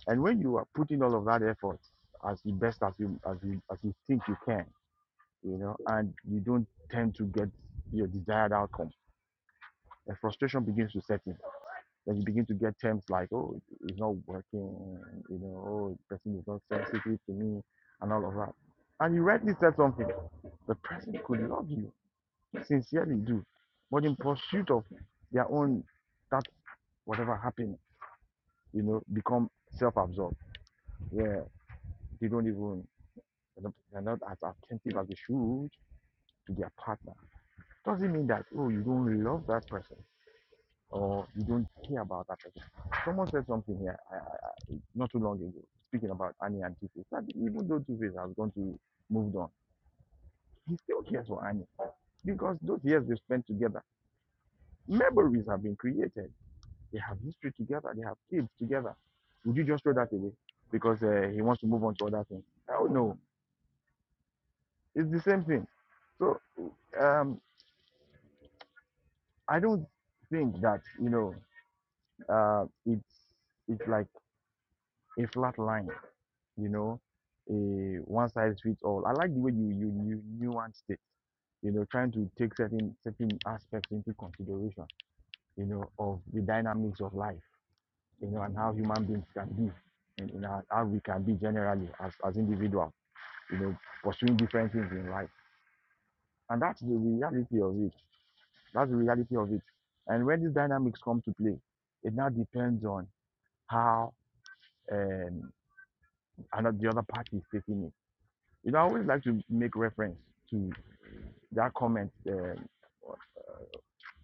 And when you are putting all of that effort as the best as you as you as you think you can, you know, and you don't tend to get your desired outcome, the frustration begins to set in Then you begin to get terms like, oh, it's not working, you know, oh, the person is not sensitive to me, and all of that. And you rightly said something. The person could love you, sincerely do, but in pursuit of their own, that whatever happened, you know, become self-absorbed, where they don't even, they're not they're not as attentive as they should to their partner. Doesn't mean that, oh, you don't love that person or you don't care about that person. Someone said something here I, I, not too long ago, speaking about Annie and Two Face. That even though Two Face has gone to moved on, he still cares for Annie because those years they spent together, memories have been created. They have history together. They have kids together. Would you just throw that away because uh, he wants to move on to other things? Hell no, it's the same thing. So um, I don't think that you know uh, it's it's like a flat line you know, a one size fits all. I like the way you you you nuanced it. You know, trying to take certain certain aspects into consideration. You know, of the dynamics of life. You know, and how human beings can be, and, and how how we can be generally as as individuals. You know, pursuing different things in life, and that's the reality of it. That's the reality of it. And when these dynamics come to play, it now depends on how um, another the other party is taking it. You know, I always like to make reference to. that comment, uh,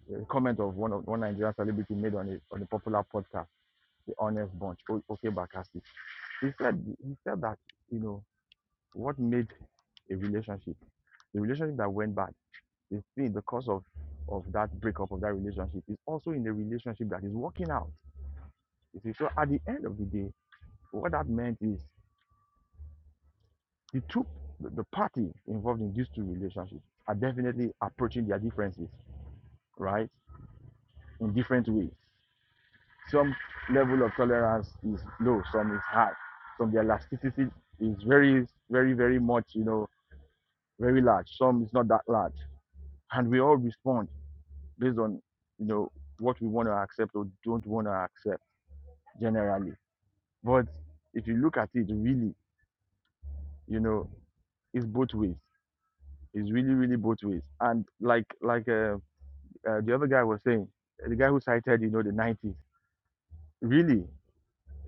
the comment of one of one Nigerian celebrity made on a on a popular podcast, the Honest Bunch, O- Oke Bakassi. He said he said that you know what made a relationship, the relationship that went bad, is still the cause of of that breakup of that relationship is also in the relationship that is working out. You see, so at the end of the day, what that meant is the two the the party involved in these two relationships are definitely approaching their differences, right, in different ways Some level of tolerance is low, some is high, some the elasticity is very, very, very much, you know, very large. Some is not that large, and we all respond based on, you know, what we want to accept or don't want to accept generally. But if you look at it, really, you know, it's both ways. It's really, really both ways. And like, like uh, uh, the other guy was saying, the guy who cited, you know, the 90s, really,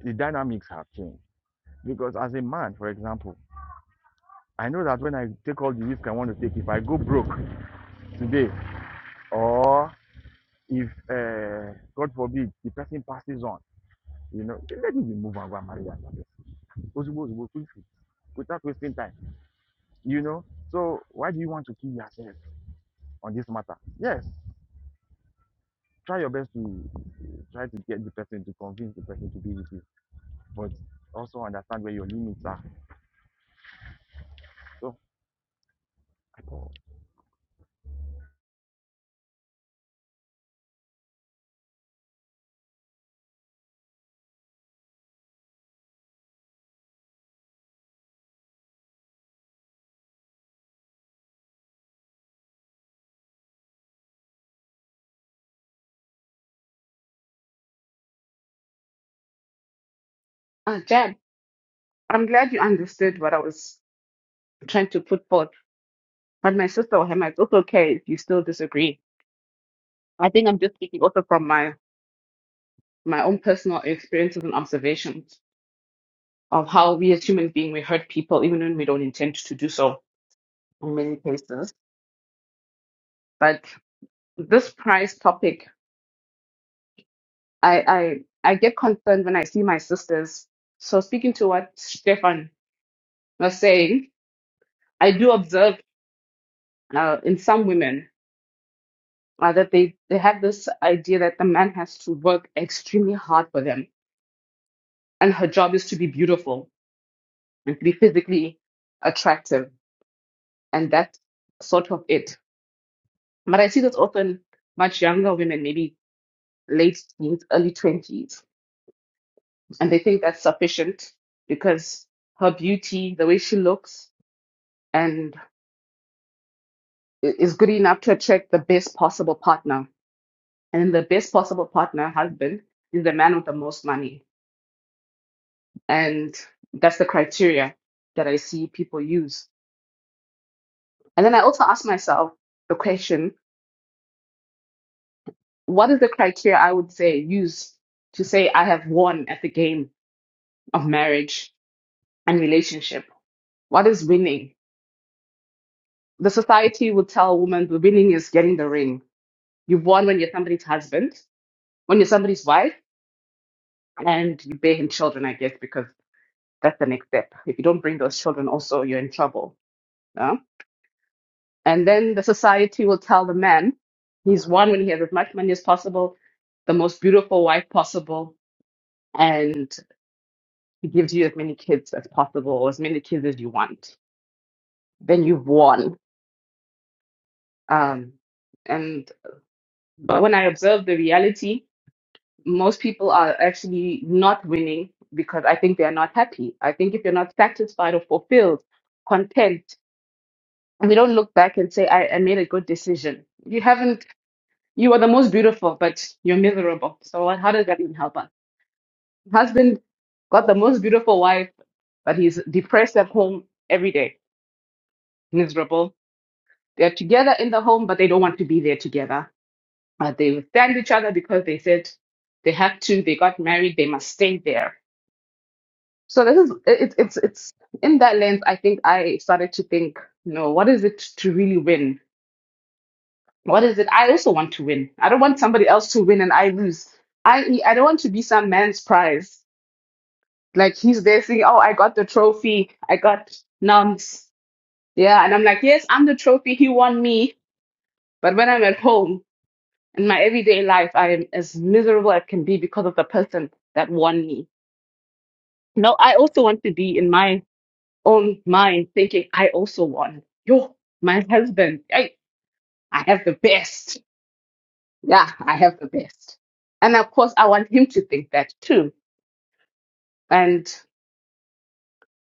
the dynamics have changed because as a man, for example I know that when I take all the risk I want to take, if I go broke today, or if uh, God forbid the person passes on, you know, let me move and go and marry another person. Ozugbo, ozugbo, quickly, without wasting time. You know, so why do you want to kill yourself on this matter? Yes, try your best to try to get the person to convince the person to be with you, but also understand where your limits are. So, Uh, Jab, I'm glad you understood what I was trying to put forth. But my sister or him, it's also okay if you still disagree. I think I'm just speaking also from my my own personal experiences and observations of how we as human beings we hurt people even when we don't intend to do so in many cases. But this price topic, I I I get concerned when I see my sisters. So speaking to what Stefan was saying, I do observe uh, in some women uh, that they, they have the has to work extremely hard for them. And her job is to be beautiful and to be physically attractive. And that's sort of it. But I see this often much younger women, maybe late 20s, and they think that's sufficient because her beauty, the way she looks, and i- is good enough to attract the best possible partner. And the best possible partner, husband, is the man with the most money And that's the criteria that I see people use. And then I also ask myself the question, what is the criteria I would say use to say I have won at the game of marriage and relationship? What is winning? The society would tell a woman the winning is getting the ring. You've won when you're somebody's husband, when you're somebody's wife, and you bear him children, I guess, because that's the next step. If you don't bring those children, also you're in trouble. yeah? And then the society will tell the man he's won when he has as much money as possible, the most beautiful wife possible, and he gives you as many kids as possible or as many kids as you want. Then you've won. Um, and but when I observe the reality, most people are actually not winning because I think they are not happy. I think if you're not satisfied or fulfilled, content, and we don't look back and say, I, I made a good decision. You haven't You are the most beautiful, but you're miserable. So what, how does that even help us? Husband got the most beautiful wife, but he's depressed at home every day, miserable. They're together in the home, but they don't want to be there together. Uh, they withstand each other because they said they have to. They got married. They must stay there. So this is it, it's it's in that lens. I think I started to think, you know, what is it to really win? What is it? I also want to win. I don't want somebody else to win and I lose. I E, I don't want to be some man's prize. Like he's there saying, "Oh, I got the trophy. I got nums." Yeah, and I'm like, "Yes, I'm the trophy. He won me." But when I'm at home in my everyday life, I am as miserable as can be because of the person that won me. No, I also want to be in my own mind thinking, "I also won." Yo, my husband. I I have the best. Yeah, I have the best. And of course, I want him to think that too. And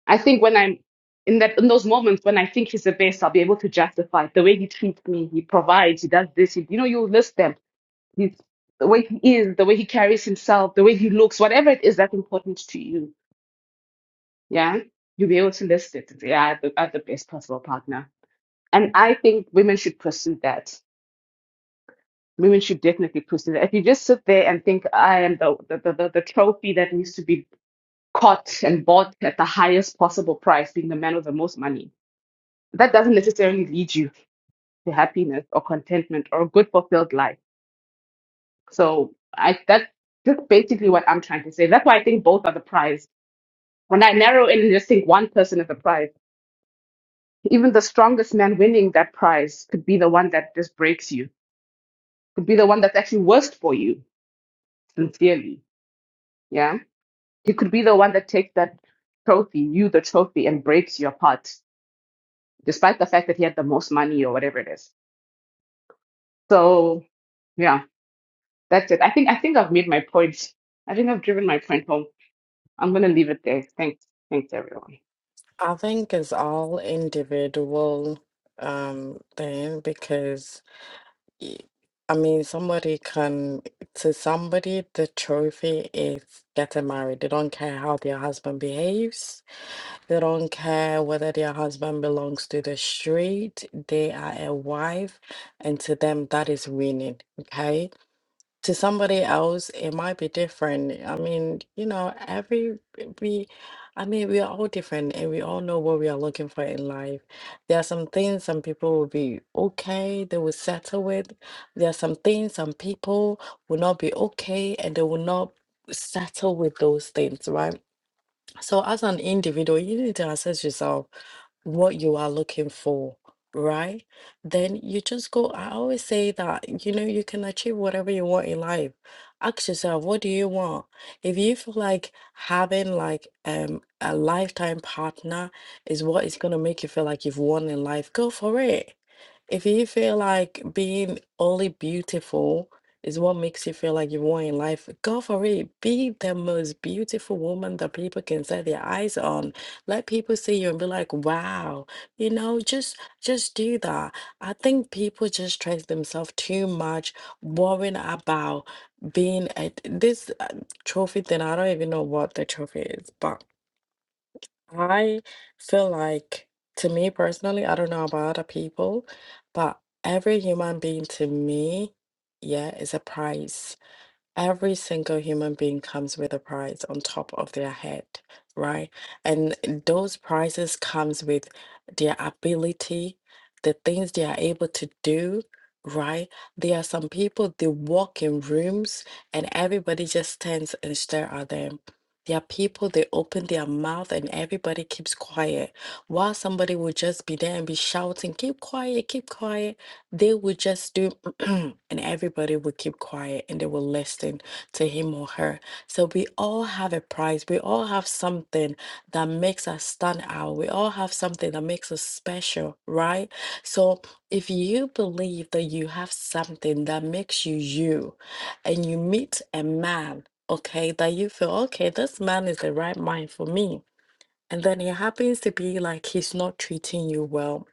I think when I'm in that in those moments when I think he's the best, I'll be able to justify the way he treats me, he provides, he does this, he, you know, you list them. He's, the way he is, the way he carries himself, the way he looks, whatever it is that's important to you, yeah, you'll be able to list it. and say, Yeah, I have the, I have the best possible partner. And I think women should pursue that. Women should definitely pursue that. If you just sit there and think I am the the, the, the the trophy that needs to be caught and bought at the highest possible price, being the man with the most money, that doesn't necessarily lead you to happiness or contentment or a good fulfilled life. So I that's just basically what I'm trying to say. That's why I think both are the prize. When I narrow in and just think one person is the prize, even the strongest man winning that prize could be the one that just breaks you, could be the one that's actually worst for you, sincerely. Yeah. You could be the one that takes that trophy, you the trophy, and breaks you apart, despite the fact that he had the most money or whatever it is. So yeah, that's it. I think I think I've made my point. I think I've driven my point home. I'm gonna leave it there. Thanks. Thanks everyone. I think it's all individual um thing because y- I mean, somebody can, to somebody, the trophy is getting married. They don't care how their husband behaves. They don't care whether their husband belongs to the street. They are a wife, and to them, that is winning. Okay to somebody else it might be different i mean you know every we i mean we are all different and we all know what we are looking for in life there are some things some people will be okay they will settle with there are some things some people will not be okay and they will not settle with those things right so as an individual you need to assess yourself what you are looking for, right? Then you just go. I always say that, you know, you can achieve whatever you want in life. Ask yourself, what do you want? If you feel like having like um a lifetime partner is what is gonna make you feel like you've won in life, go for it. If you feel like being only beautiful is what makes you feel like you want in life, go for it. Be the most beautiful woman that people can set their eyes on. Let people see you and be like, wow. You know, just just do that. I think people just stress themselves too much, worrying about being at this uh, trophy thing. I don't even know what the trophy is, but I feel like, to me personally, I don't know about other people, but every human being to me, yeah, is a prize. Every single human being comes with a prize on top of their head, right? And those prizes comes with their ability, the things they are able to do, right? There are some people they walk in rooms and everybody just stands and stare at them. There are people they open their mouth and everybody keeps quiet, while somebody will just be there and be shouting, "Keep quiet, keep quiet." They would just do, and everybody would keep quiet and they will listen to him or her. So we all have a prize. We all have something that makes us stand out. We all have something that makes us special, right? So if you believe that you have something that makes you you, and you meet a man, okay, that you feel, okay, this man is the right man for me. And then it happens to be like he's not treating you well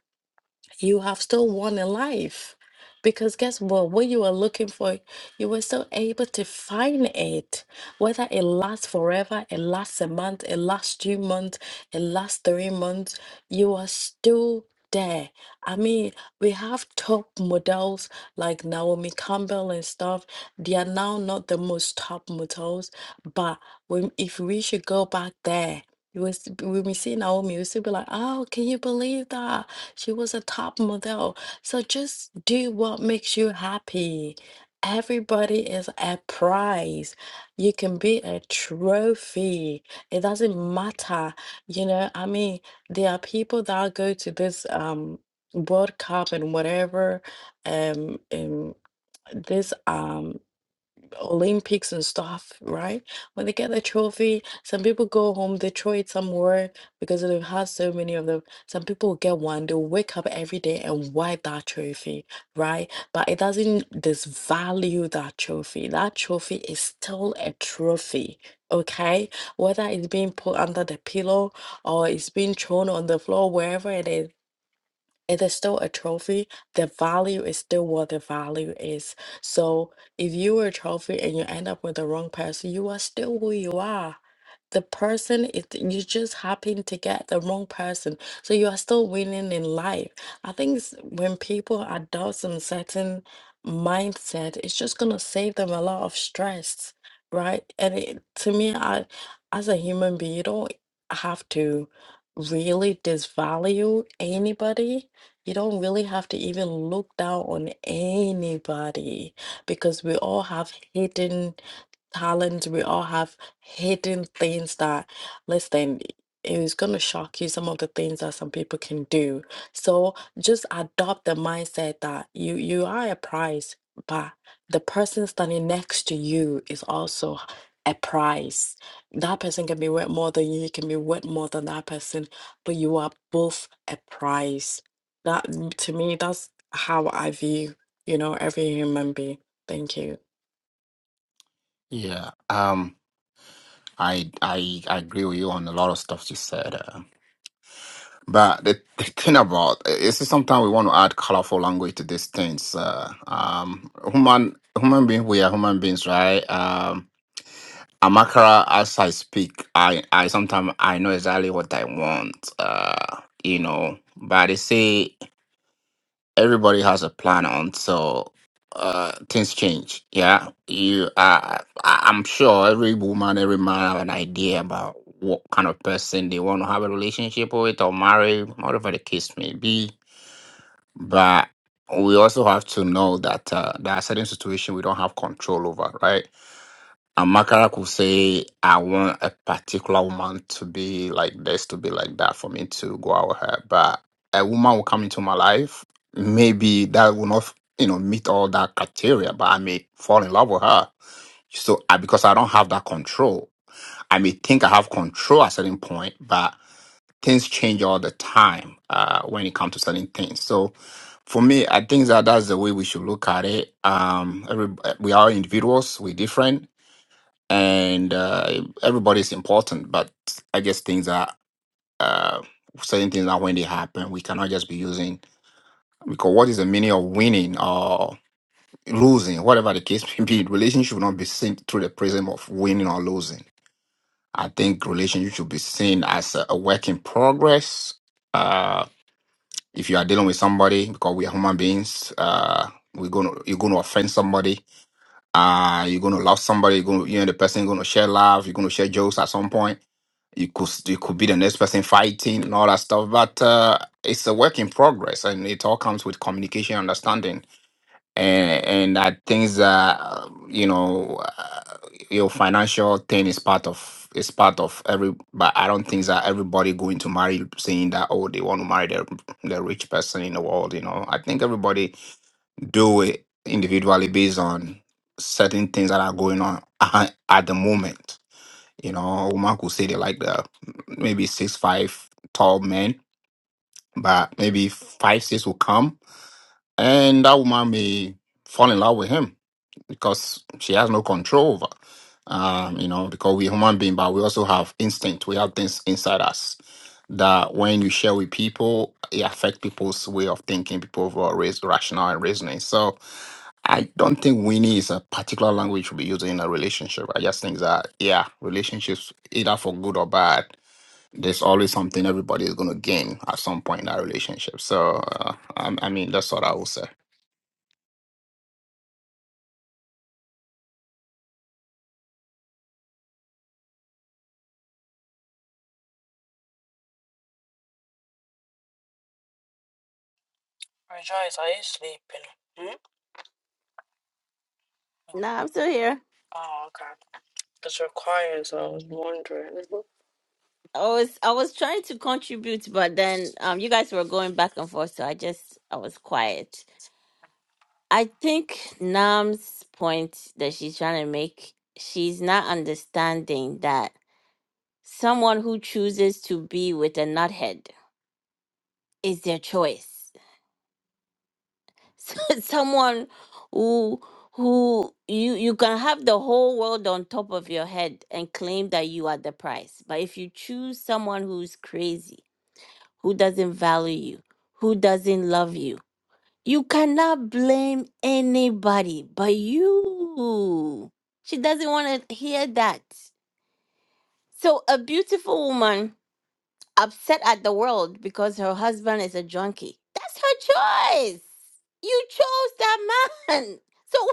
you have still won in life. Because guess what? What you were looking for, you were still able to find it. Whether it lasts forever, it lasts a month, it lasts two months, it lasts three months, you are still there. I mean, we have top models like Naomi Campbell and stuff. They are now not the most top models, but when, if we should go back there, you will s- when we see Naomi, we still be like, oh, can you believe that? She was a top model. So just do what makes you happy. Everybody is a prize. You can be a trophy. It doesn't matter. You know, I mean, there are people that go to this um World Cup and whatever um, um this um. Olympics and stuff, right? When they get the trophy, some people go home, they throw it somewhere because they've had so many of them. Some people will get one, they'll wake up every day and wipe that trophy, right? But it doesn't disvalue that trophy. That trophy is still a trophy, okay? Whether it's being put under the pillow or it's being thrown on the floor, wherever it is, it is still a trophy. The value is still what the value is. So if you were a trophy and you end up with the wrong person, you are still who you are the person is you just happen to get the wrong person so you are still winning in life i think s- when people adopt some certain mindset it's just going to save them a lot of stress right and it, to me i as a human being you don't have to really disvalue anybody you don't really have to even look down on anybody because we all have hidden talents we all have hidden things that, listen, it is going to shock you some of the things that some people can do. So just adopt the mindset that you you are a prize, but the person standing next to you is also a prize. That person can be worth more than you, you can be worth more than that person, but you are both a prize. That to me, that's how I view, you know, every human being. Thank you. Yeah, um, I I, I agree with you on a lot of stuff you said. But the, the thing about is sometimes we want to add colorful language to these things. Uh, um, human human being, we are human beings, right? Um, Amakara, as I speak, I I sometimes I know exactly what I want. Uh, you know, but they say everybody has a plan until uh things change yeah you uh, I- i'm sure every woman every man have an idea about what kind of person they want to have a relationship with or marry whatever the case may be but we also have to know that uh, there are certain situations we don't have control over right Amakara could say, I want a particular woman to be like this, to be like that, for me to go out with her. But a woman will come into my life, maybe that will not, you know, meet all that criteria, but I may fall in love with her. So I, because I don't have that control, I may think I have control at a certain point, but things change all the time uh, when it comes to certain things. So for me, I think that that's the way we should look at it. Um, every, we are individuals, we're different and uh, everybody's important. But I guess things are uh, certain things are when they happen. We cannot just be using because what is the meaning of winning or losing, whatever the case may be. Relationship should not be seen through the prism of winning or losing. I think relationship should be seen as a, a work in progress. Uh, if you are dealing with somebody, because we are human beings, uh, we're gonna you're gonna offend somebody. Uh, you're gonna love somebody. You're gonna you and the person gonna share love. You're gonna share jokes at some point you could s- you could be the next person fighting and all that stuff but uh it's a work in progress and it all comes with communication understanding and and i think that uh, you know uh, your financial thing is part of is part of every but i don't think that everybody going to marry saying that oh they want to marry the, the rich person in the world you know i think everybody do it individually based on certain things that are going on at the moment you know, a woman could say they like the maybe six five tall men, but maybe five six will come, and that woman may fall in love with him because she has no control over. Um, you know, because we're human being, but we also have instinct. We have things inside us that when you share with people, it affect people's way of thinking. People who are raised rational and reasoning. So I don't think Winnie is a particular language we use in a relationship. I just think that yeah, relationships either for good or bad there's always something everybody is going to gain at some point in that relationship. So, uh, I, I mean, that's what I will say. Rejoice, are you sleeping? Hmm? Nah, I'm still here. Oh, okay. It's required, so I was wondering. Mhm. I was I was trying to contribute, but then um you guys were going back and forth, so I just I was quiet. I think Nam's point that she's trying to make, she's not understanding that someone who chooses to be with a nuthead is their choice. So Someone who who you you can have the whole world on top of your head and claim that you are the prize. But if you choose someone who's crazy, who doesn't value you, who doesn't love you, you cannot blame anybody but you. She doesn't want to hear that. So a beautiful woman upset at the world because her husband is a junkie. That's her choice. You chose that man.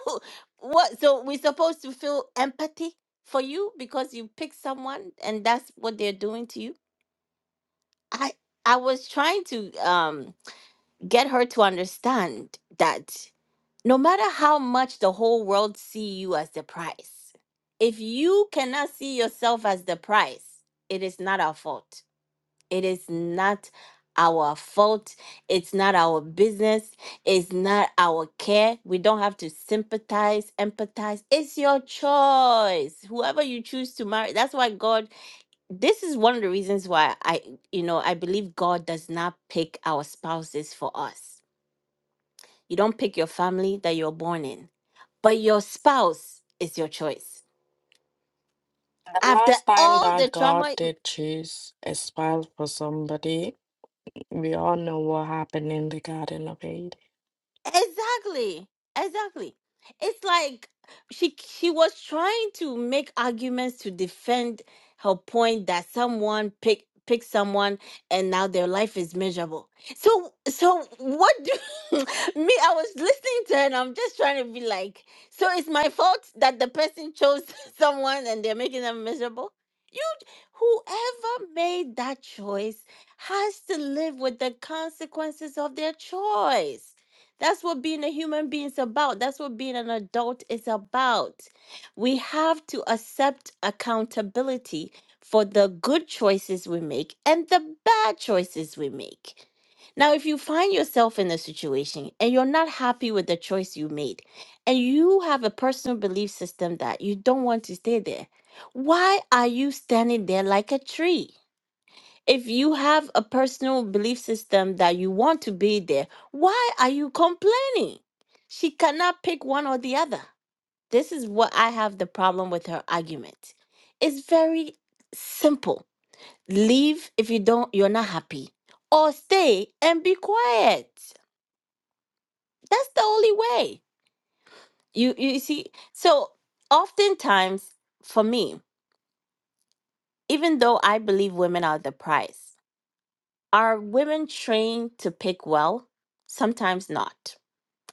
So what so we're supposed to feel empathy for you because you picked someone and that's what they're doing to you? I I was trying to um get her to understand that no matter how much the whole world see you as the prize, if you cannot see yourself as the prize, it is not our fault it is not our fault. It's not our business. It's not our care. We don't have to sympathize, empathize. It's your choice. Whoever you choose to marry. That's why God, this is one of the reasons why I, you know, I believe God does not pick our spouses for us. You don't pick your family that you're born in, but your spouse is your choice. The After last time all the that God trauma did choose a spouse for somebody, we all know what happened in the Garden of Eden. Exactly. Exactly. It's like she she was trying to make arguments to defend her point that someone pick pick someone and now their life is miserable. So so what do me I was listening to her and I'm just trying to be like so it's my fault that the person chose someone and they're making them miserable? You whoever made that choice has to live with the consequences of their choice. That's what being a human being is about. That's what being an adult is about. We have to accept accountability for the good choices we make and the bad choices we make. Now, if you find yourself in a situation and you're not happy with the choice you made, and you have a personal belief system that you don't want to stay there, why are you standing there like a tree? if you have a personal belief system that you want to be there, why are you complaining? She cannot pick one or the other. This is what I have the problem with her argument. It's very simple. Leave if you don't you're not happy or stay and be quiet. That's the only way. You you see so oftentimes for me even though I believe women are the prize Are women trained to pick well? Sometimes not.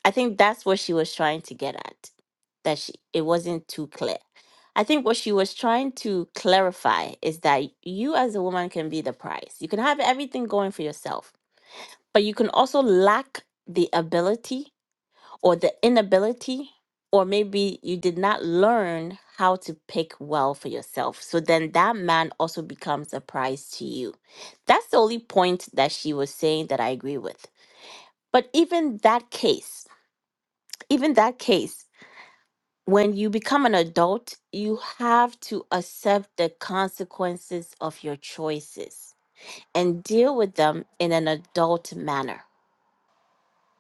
I think that's what she was trying to get at. That she it wasn't too clear. I think what she was trying to clarify is that you as a woman can be the prize. You can have everything going for yourself, but you can also lack the ability or the inability, or maybe you did not learn how to pick well for yourself. So then that man also becomes a prize to you. That's the only point that she was saying that I agree with. But even that case, even that case, when you become an adult, you have to accept the consequences of your choices and deal with them in an adult manner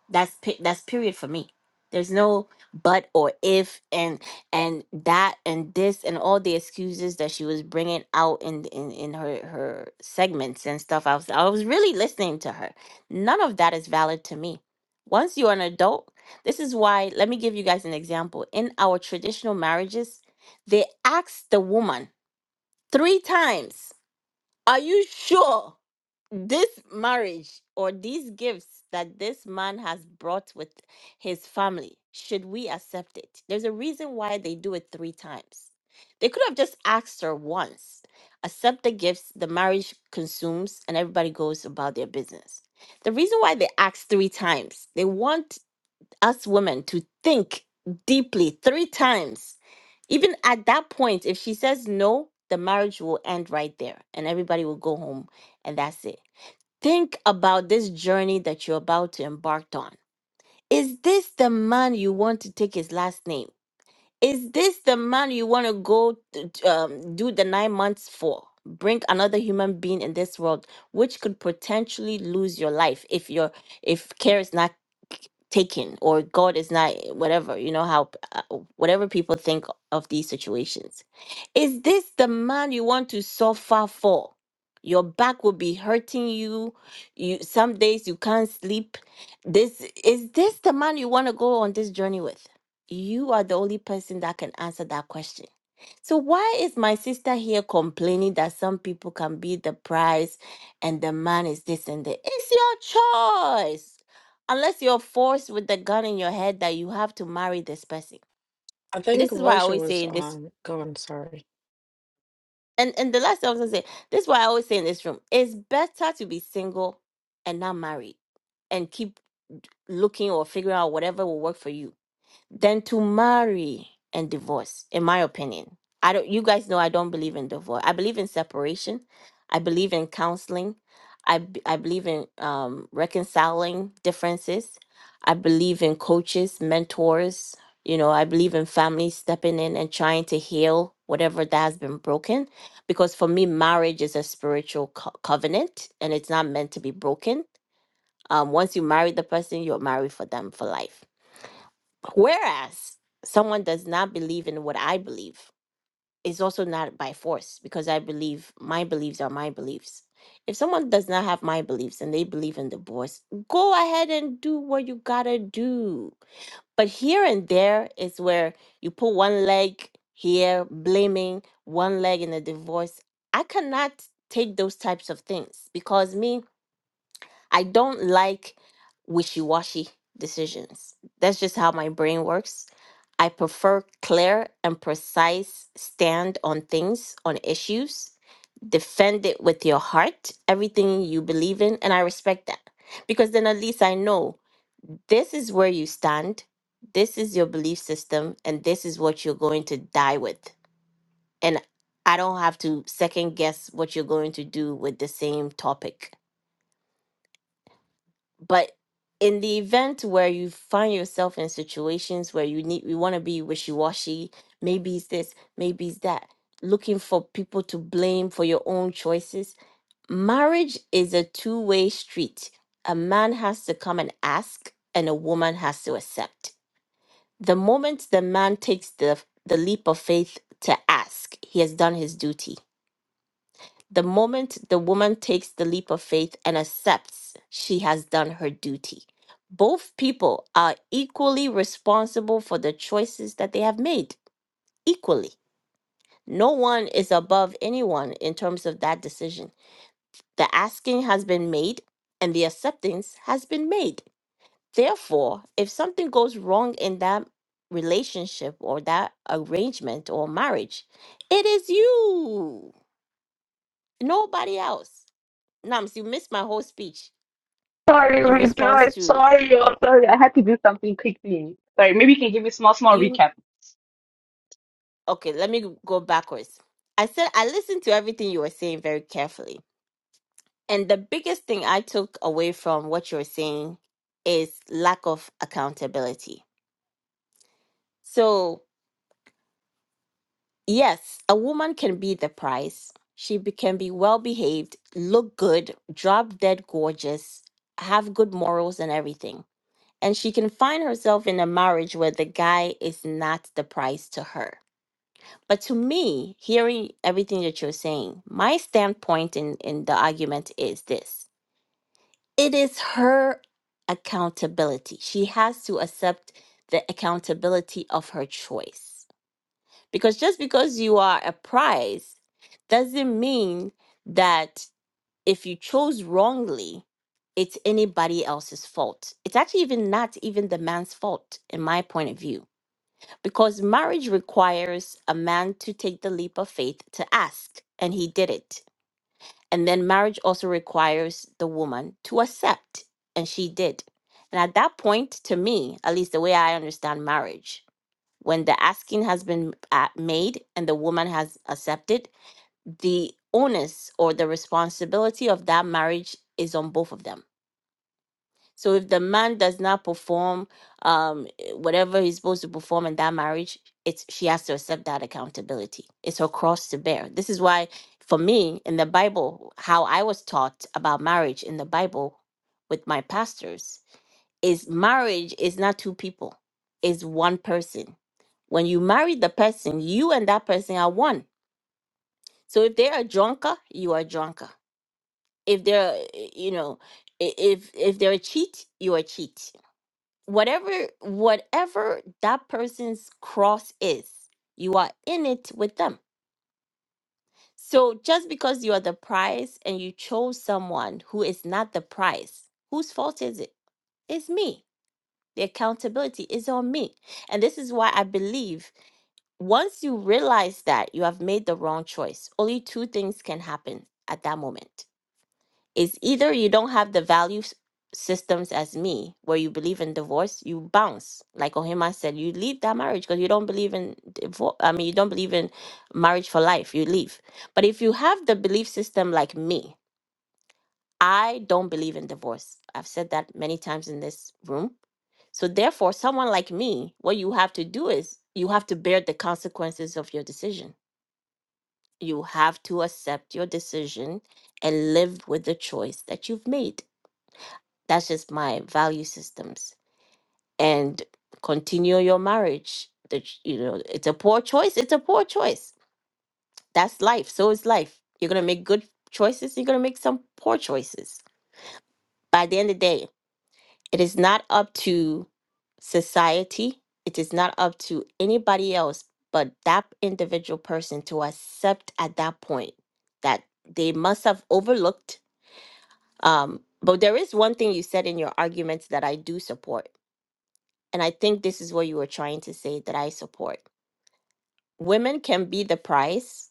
That's pe- that's period for me. There's no but or if and and that and this and all the excuses that she was bringing out in in, in her her segments and stuff. I was I was really listening to her. None of that is valid to me. Once you're an adult, this is why. Let me give you guys an example. In our traditional marriages, they ask the woman three times are you sure this marriage or these gifts that this man has brought with his family, should we accept it? There's a reason why they do it three times. They could have just asked her once, accept the gifts, the marriage consumes, and everybody goes about their business. The reason why they asked three times, they want us women to think deeply three times. Even at that point, if she says no, the marriage will end right there and everybody will go home and that's it. Think about this journey that you're about to embark on. Is this the man you want to take his last name? Is this the man you want to go t- um, do the nine months for? Bring another human being in this world, which could potentially lose your life if your if care is not taken or God is not whatever you know how uh, whatever people think of these situations. Is this the man you want to suffer for? Your back will be hurting you. You some days you can't sleep. This is this the man you want to go on this journey with? You are the only person that can answer that question. So, why is my sister here complaining that some people can be the prize and the man is this and that? It's your choice. Unless you're forced with the gun in your head that you have to marry this person. I think This is why I Russia always say was in this, um gone, sorry. and, and the last thing I was going to say, this is why I always say in this room it's better to be single and not married and keep looking or figuring out whatever will work for you than to marry and divorce in my opinion i don't you guys know i don't believe in divorce i believe in separation i believe in counseling i, b- I believe in um, reconciling differences i believe in coaches mentors you know i believe in families stepping in and trying to heal whatever that has been broken because for me marriage is a spiritual co- covenant and it's not meant to be broken um, once you marry the person you're married for them for life Whereas someone does not believe in what I believe, it's also not by force because I believe my beliefs are my beliefs. If someone does not have my beliefs and they believe in divorce, go ahead and do what you gotta do. But here and there is where you put one leg here, blaming one leg in a divorce. I cannot take those types of things because me, I don't like wishy washy decisions. That's just how my brain works. I prefer clear and precise stand on things, on issues. Defend it with your heart, everything you believe in. And I respect that because then at least I know this is where you stand, this is your belief system, and this is what you're going to die with. And I don't have to second guess what you're going to do with the same topic. but in the event where you find yourself in situations where you need you want to be wishy-washy maybe it's this maybe it's that looking for people to blame for your own choices marriage is a two-way street a man has to come and ask and a woman has to accept the moment the man takes the the leap of faith to ask he has done his duty the moment the woman takes the leap of faith and accepts she has done her duty, both people are equally responsible for the choices that they have made. Equally. No one is above anyone in terms of that decision. The asking has been made and the acceptance has been made. Therefore, if something goes wrong in that relationship or that arrangement or marriage, it is you, nobody else. Nams, you missed my whole speech Sorry, in Rita. response I'm to sorry. I'm Sorry, I had to do something quickly. Sorry, maybe you can give me a small, small you recap. okay let me go backwards i said i listened to everything you were saying very carefully and the biggest thing i took away from what you're saying is lack of accountability so yes a woman can be the prize she be, can be well behaved look good drop dead gorgeous have good morals and everything and she can find herself in a marriage where the guy is not the prize to her But to me, hearing everything that you're saying, my standpoint in, in the argument is this it is her accountability. She has to accept the accountability of her choice. Because just because you are a prize doesn't mean that if you chose wrongly, it's anybody else's fault. It's actually even not even the man's fault, in my point of view because marriage requires a man to take the leap of faith to ask, and he did it. And then marriage also requires the woman to accept, and she did. And at that point, to me, at least the way I understand marriage, when the asking has been uh, made and the woman has accepted, the onus or the responsibility of that marriage is on both of them so if the man does not perform um eh, whatever he's supposed to perform in that marriage, it's she has to accept that accountability. It's her cross to bear. This is why for me in the Bible, how I was taught about marriage in the Bible with my pastors is marriage is not two people, it's one person. When you marry the person, you and that person are one. So if they are a drunker, you are a drunker. If they're, eh, you know, i- if if they're a cheat, you are a cheat whatever whatever that person's cross is you are in it with them so just because you are the prize and you chose someone who is not the prize whose fault is it it's me the accountability is on me and this is why i believe once you realize that you have made the wrong choice only two things can happen at that moment is either you don't have the value s- systems as me, where you believe in divorce, you bounce. Like Ohima said, you leave that marriage because you don't believe in divorce. I mean, you don't believe in marriage for life. You leave. But if you have the belief system like me, I don't believe in divorce. I've said that many times in this room. So therefore, someone like me, what you have to do is you have to bear the consequences of your decision. You have to accept your decision and live with the choice that you've made that's just my value systems. And continue your marriage. The, ch- you know, it's a poor choice. It's a poor choice. That's life. So is life. You're gonna make good choices. You're gonna make some poor choices. By the end of the day, it is not up to society. It is not up to anybody else but that individual person to accept at that point that they must have overlooked. Um, but there is one thing you said in your arguments that I do support and I think this is what you were trying to say that I support. Women can be the prize.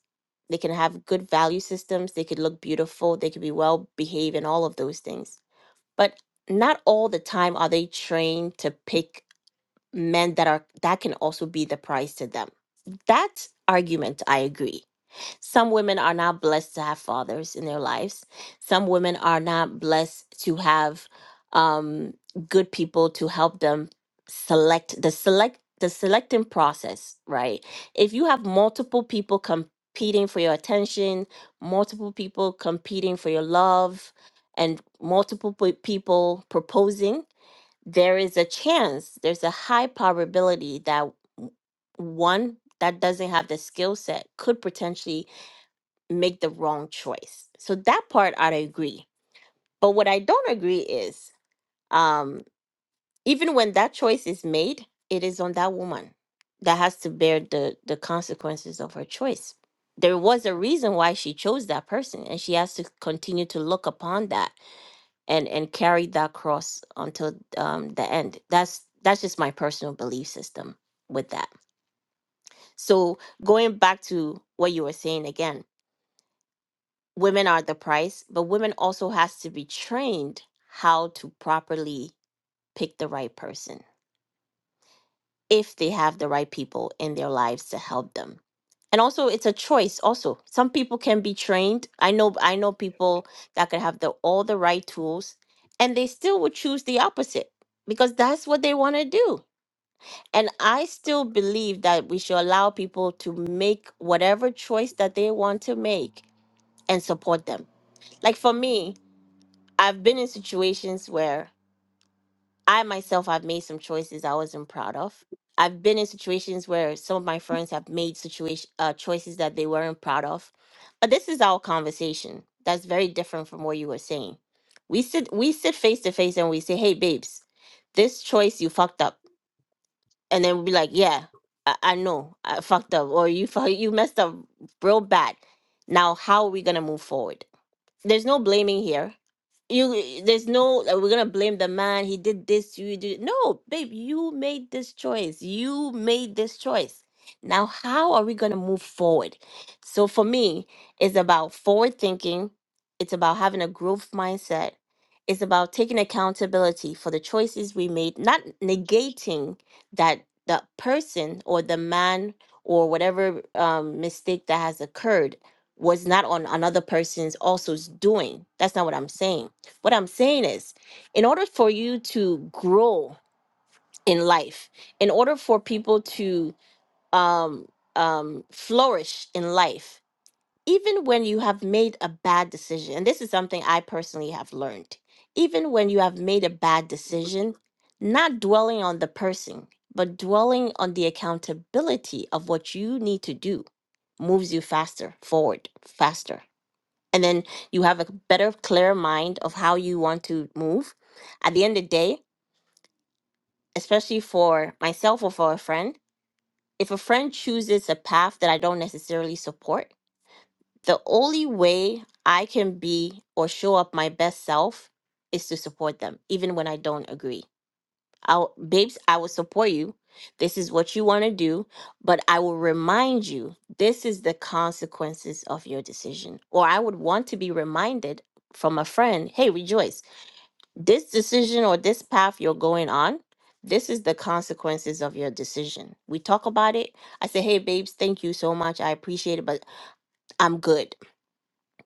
They can have good value systems. They could look beautiful. They could be well behaved and all of those things. But not all the time are they trained to pick men that are that can also be the prize to them. That argument I agree. Some women are not blessed to have fathers in their lives. Some women are not blessed to have um, good people to help them select the select the selecting process, right? If you have multiple people competing for your attention, multiple people competing for your love, and multiple pe- people proposing, there is a chance, there's a high probability that one that doesn't have the skill set could potentially make the wrong choice. So that part I agree. But what I don't agree is um, even when that choice is made, it is on that woman that has to bear the the consequences of her choice. There was a reason why she chose that person, and she has to continue to look upon that and and carry that cross until um, the end. That's that's just my personal belief system with that. So going back to what you were saying again, women are the price, but women also has to be trained how to properly pick the right person if they have the right people in their lives to help them. And also it's a choice also. Some people can be trained. I know I know people that could have the all the right tools and they still would choose the opposite because that's what they want to do. And I still believe that we should allow people to make whatever choice that they want to make and support them. Like for me, I've been in situations where I myself have made some choices I wasn't proud of. I've been in situations where some of my friends have made situation uh, choices that they weren't proud of. But this is our conversation. That's very different from what you were saying. We sit we sit face to face and we say, "Hey, babes, this choice you fucked up," and then we'll be like, "Yeah, I, I know I fucked up, or you fu- you messed up real bad. Now, how are we gonna move forward?" There's no blaming here you there's no uh, we're gonna blame the man he did this you did no babe you made this choice you made this choice now how are we gonna move forward so for me it's about forward thinking it's about having a growth mindset it's about taking accountability for the choices we made not negating that the person or the man or whatever um, mistake that has occurred was not on another person's also's doing that's not what i'm saying what I'm saying is, in order for you to grow in life, in order for people to um, um, flourish in life, even when you have made a bad decision, and this is something I personally have learned, even when you have made a bad decision, not dwelling on the person, but dwelling on the accountability of what you need to do moves you faster forward, faster and then you have a better clear mind of how you want to move at the end of the day especially for myself or for a friend if a friend chooses a path that i don't necessarily support the only way i can be or show up my best self is to support them even when i don't agree I'll, babes, I will support you. This is what you want to do, but I will remind you this is the consequences of your decision. Or I would want to be reminded from a friend, hey, rejoice, this decision or this path you're going on, this is the consequences of your decision. We talk about it. I say, hey, babes, thank you so much. I appreciate it, but I'm good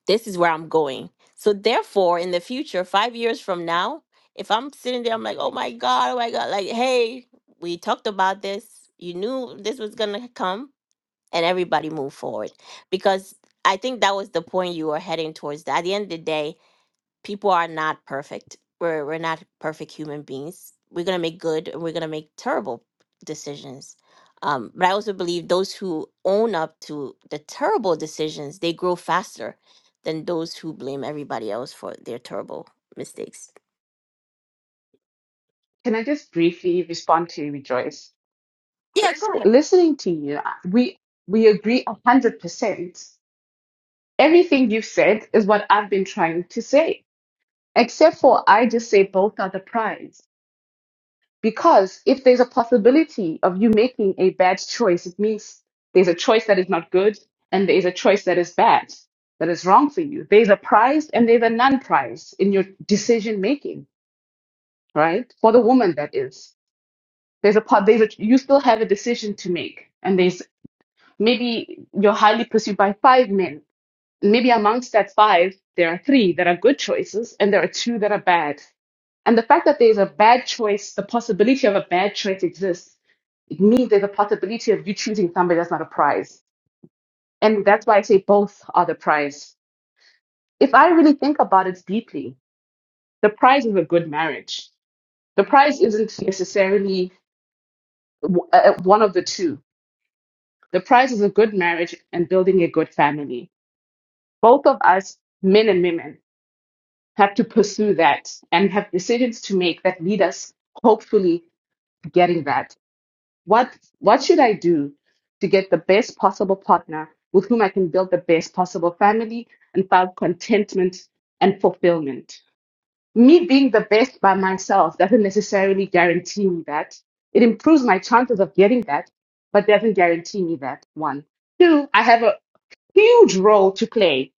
this is where I'm going. So therefore, in the future, five years from now, if I'm sitting there, I'm like, oh my God, oh my God, like, hey, we talked about this. You knew this was gonna come, and everybody moved forward. Because I think that was the point you were heading towards. At the end of the day, people are not perfect. We're we're not perfect human beings. We're gonna make good and we're gonna make terrible decisions. Um, but I also believe those who own up to the terrible decisions, they grow faster than those who blame everybody else for their terrible mistakes. Yeah, go It ahead. we we agree a hundred percent. Everything you've said is what I've been trying to say, except for I just say both are the prize because there's a possibility making there's a choice that is not good and there's a choice that is bad that is wrong for you, They- right? For the woman, there's a part there's a you still have a decision to make, and there's maybe you're highly pursued by five men amongst that five that are bad. and the fact that there's a bad choice, the possibility of a bad somebody that's not a prize. and. if I really think about it deeply, the prize of a good marriage, the prize isn't necessarily w- uh, uh, one of the two. The prize is a good marriage and building a good family. Both of us, men and women, have to pursue that and have decisions to make that lead us, hopefully, to getting that. What what should I do to get the best possible partner with whom I can build the best possible family and find contentment and fulfillment? me being the best by myself doesn't necessarily guarantee me that. It improves my chances of getting that, but doesn't guarantee me that. One. Two, I have a huge role to play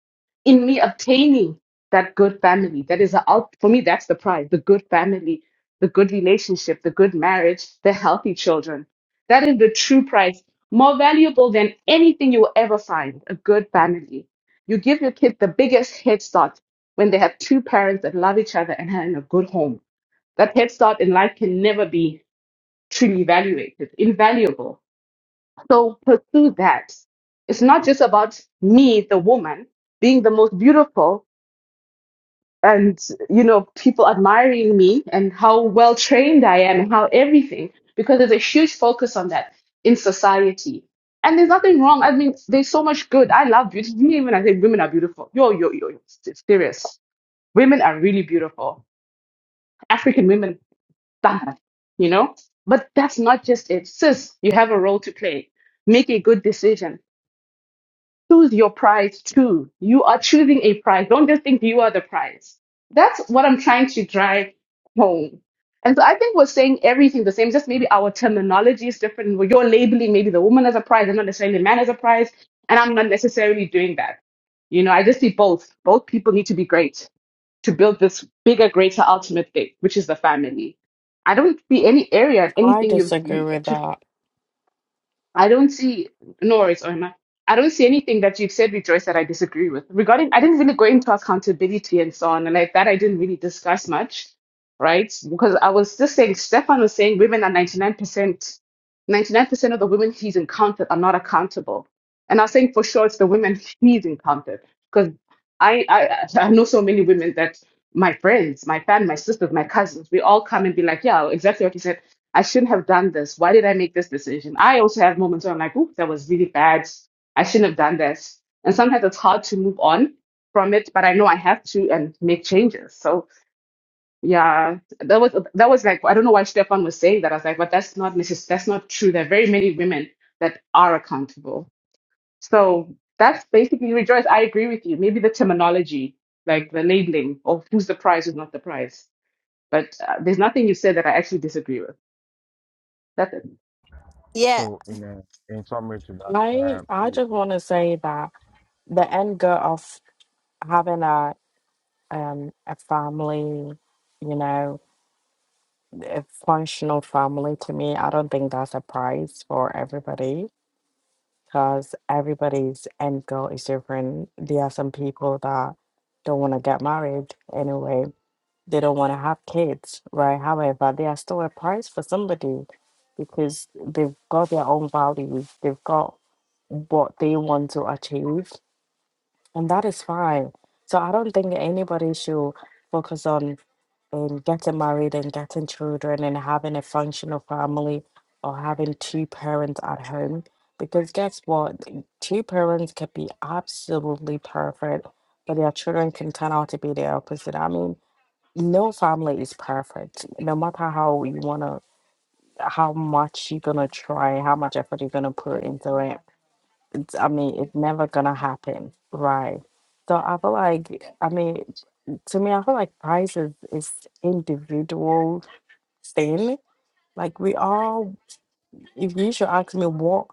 in me obtaining that good family. That is a, out- for me, that's the prize the good family, the good relationship, the good marriage, the healthy children. That is the true prize, more valuable than anything you will ever find a good family. You give your kid the biggest head start when they have two parents that love each other and are in a good home. That head start in life can never be truly evaluated, invaluable. So pursue that. It's not just about me, the woman, being the most beautiful and, you know, people admiring me and how well trained I am and how everything, because there's a huge focus on that in society. And there's nothing wrong. I mean, there's so much good. I love beauty. You know, Even I say women are beautiful. Yo, yo, yo, yo. it's serious. Women are really beautiful African women bad, you know? But that's not just it. Sis, you have a role to play. Make a good decision. Choose your prize too. You are choosing a prize. Don't just think you are the prize. That's what I'm trying to drive home. And so I think we're saying everything the same, just maybe our terminology is different. Well, You're labeling maybe the woman as a prize and not necessarily the man as a prize. And I'm not necessarily doing that. You know, I just see both. Both people need to be great to build this bigger, greater, ultimate thing, which is the family. I don't see any area, I anything you've disagree you, with to that. I don't see, no worries, Irma. I don't see anything that you've said, Rejoice, that I disagree with. Regarding, I didn't really go into accountability and so on, and like that, I didn't really discuss much, right? Because I was just saying, Stefan was saying women are 99%, 99% of the women he's encountered are not accountable. And I was saying for sure it's the women he's encountered because I, I, I know so many women that my friends, my family, my sisters, my cousins, we all come and be like, yeah, exactly what you said I shouldn't have done this. Why did I make this decision? I also have moments where I'm like, oop, that was really bad. I shouldn't have done that. And sometimes it's hard to move on from it, but I know I have to and make changes. So yeah, that was that was like I don't know why Stefan was saying that. I was like, but that's not necess- that's not true. There are very many women that are accountable. So that's basically rejoice. I agree with you. Maybe the terminology, like the labeling of who's the prize, who's not the prize. But uh, there's nothing you said that I actually disagree with. That's it. Yeah, so in uh, in summary to I that. Uh, I just wanna say that the end goal of having a um a family, you know, a functional family to me, I don't think that's a prize for everybody because everybody's end goal is different. There are some people that don't want to get married anyway, they don't want to have kids, right? However, they are still a prize for somebody because they've got their own values, they've got what they want to achieve, and that is fine. So I don't think anybody should focus on and getting married and getting children and having a functional family or having two parents at home. Because guess what? Two parents can be absolutely perfect, but their children can turn out to be the opposite. I mean, no family is perfect. No matter how you wanna, how much you're gonna try, how much effort you're gonna put into it, it's, I mean, it's never gonna happen, right? So I feel like, I mean, to me, I feel like price is, is individual thing. Like we all, if you should ask me what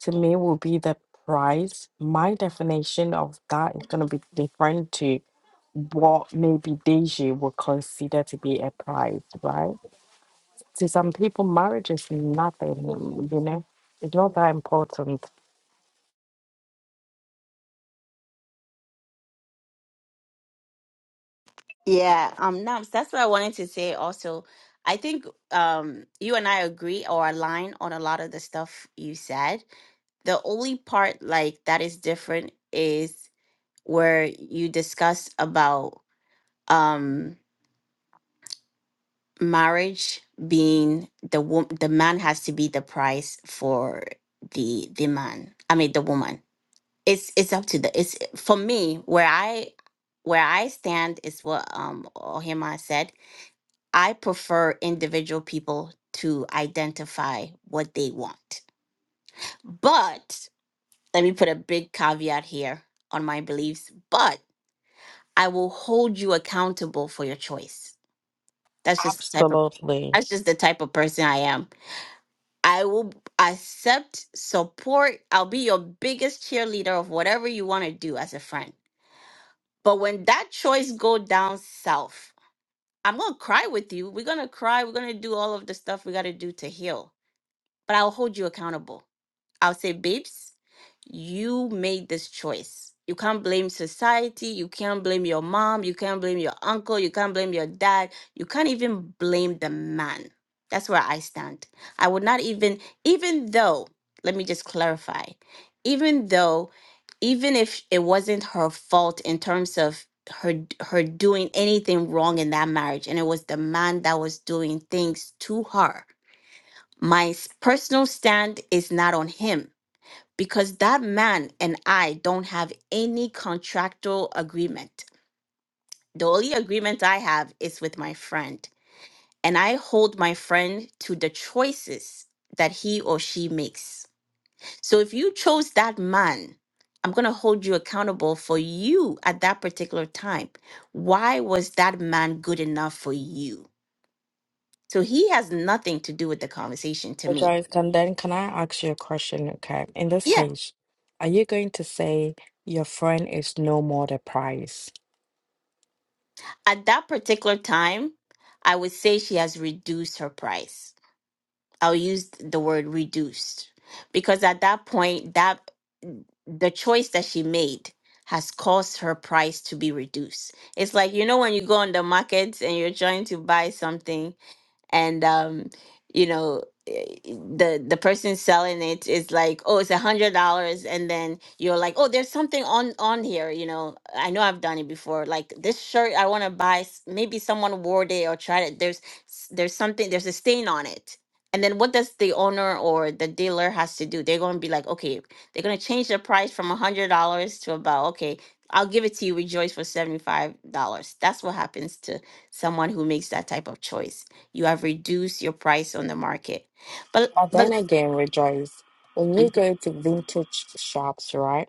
to me will be the price, my definition of that is gonna be different to what maybe Deji would consider to be a price, right? To some people, marriage is nothing, you know, it's not that important. yeah. Um, Nams, that's what I wanted to say. Also, I think um, you and I agree or align on a lot of the stuff you said. The only part like that is different is where you discuss about um marriage being the wo- the man has to be the price for the the man i mean the woman it's it's up to the it's for me where i where i stand is what um ohima said i prefer individual people to identify what they want but let me put a big caveat here on my beliefs but i will hold you accountable for your choice That's just the type of Absolutely. that's just the type of person I am. I will accept support. I'll be your biggest cheerleader of whatever you want to do as a friend. But when that choice go down south, I'm gonna cry with you. We're gonna cry. We're gonna do all of the stuff we gotta do to heal. But I'll hold you accountable. I'll say, babes, you made this choice. You can't blame society. You can't blame your mom. You can't blame your uncle. You can't blame your dad. You can't even blame the man. That's where I stand. I would not even, even though, let me just clarify, even though, even if it wasn't her fault in terms of her her doing anything wrong in that marriage and it was the man that was doing things to her my s- personal stand is not on him because that man and I don't have any contractual agreement. The only agreement I have is with my friend, and I hold my friend to the choices that he or she makes. So if you chose that man, I'm going to hold you accountable for you at that particular time. Why was that man good enough for you? So he has nothing to do with the conversation to me. Joyce, can then can I ask you a question? Okay. In this Yeah. case, are you going to say your friend is no more the price? At that particular time, I would say she has reduced her price I'll use the word reduced because at that point that the choice that she made has caused her price to be reduced. It's like you know when you go on the market and you're trying to buy something and um you know eh, eh, the the person selling it is like oh it's a hundred dollars and then you're like oh there's something on on here you know i know i've done it before like this shirt i want to buy s- maybe someone wore it or tried it there's s- there's something there's a stain on it and then what does the owner or the dealer has to do they're going to be like okay they're going to change the price from a hundred dollars to about okay i'll give it to you rejoice for seventy five dollars that's what happens to someone who makes that type of choice you have reduced your price on the market. But Adon but again rejoice. When you go to vintage shops, right?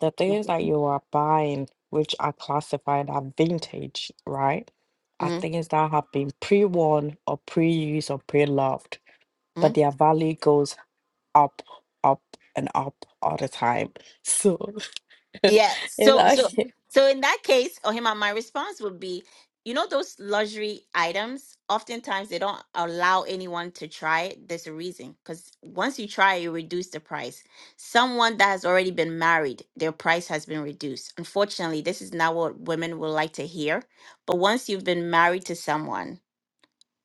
The things that you are buying, which are classified as vintage, right? Are Mm-hmm. things that have been pre-worn or pre-used or pre-loved, Mm-hmm. but their value goes up, up, and up all the time. So Yeah. So so it's like so in that case, Ohima, my response would be, you know, those luxury items, oftentimes they don't allow anyone to try it. There's a reason. Because once you try it, you reduce the price. Someone that has already been married, their price has been reduced. Unfortunately, this is not what women would like to hear. But once you've been married to someone,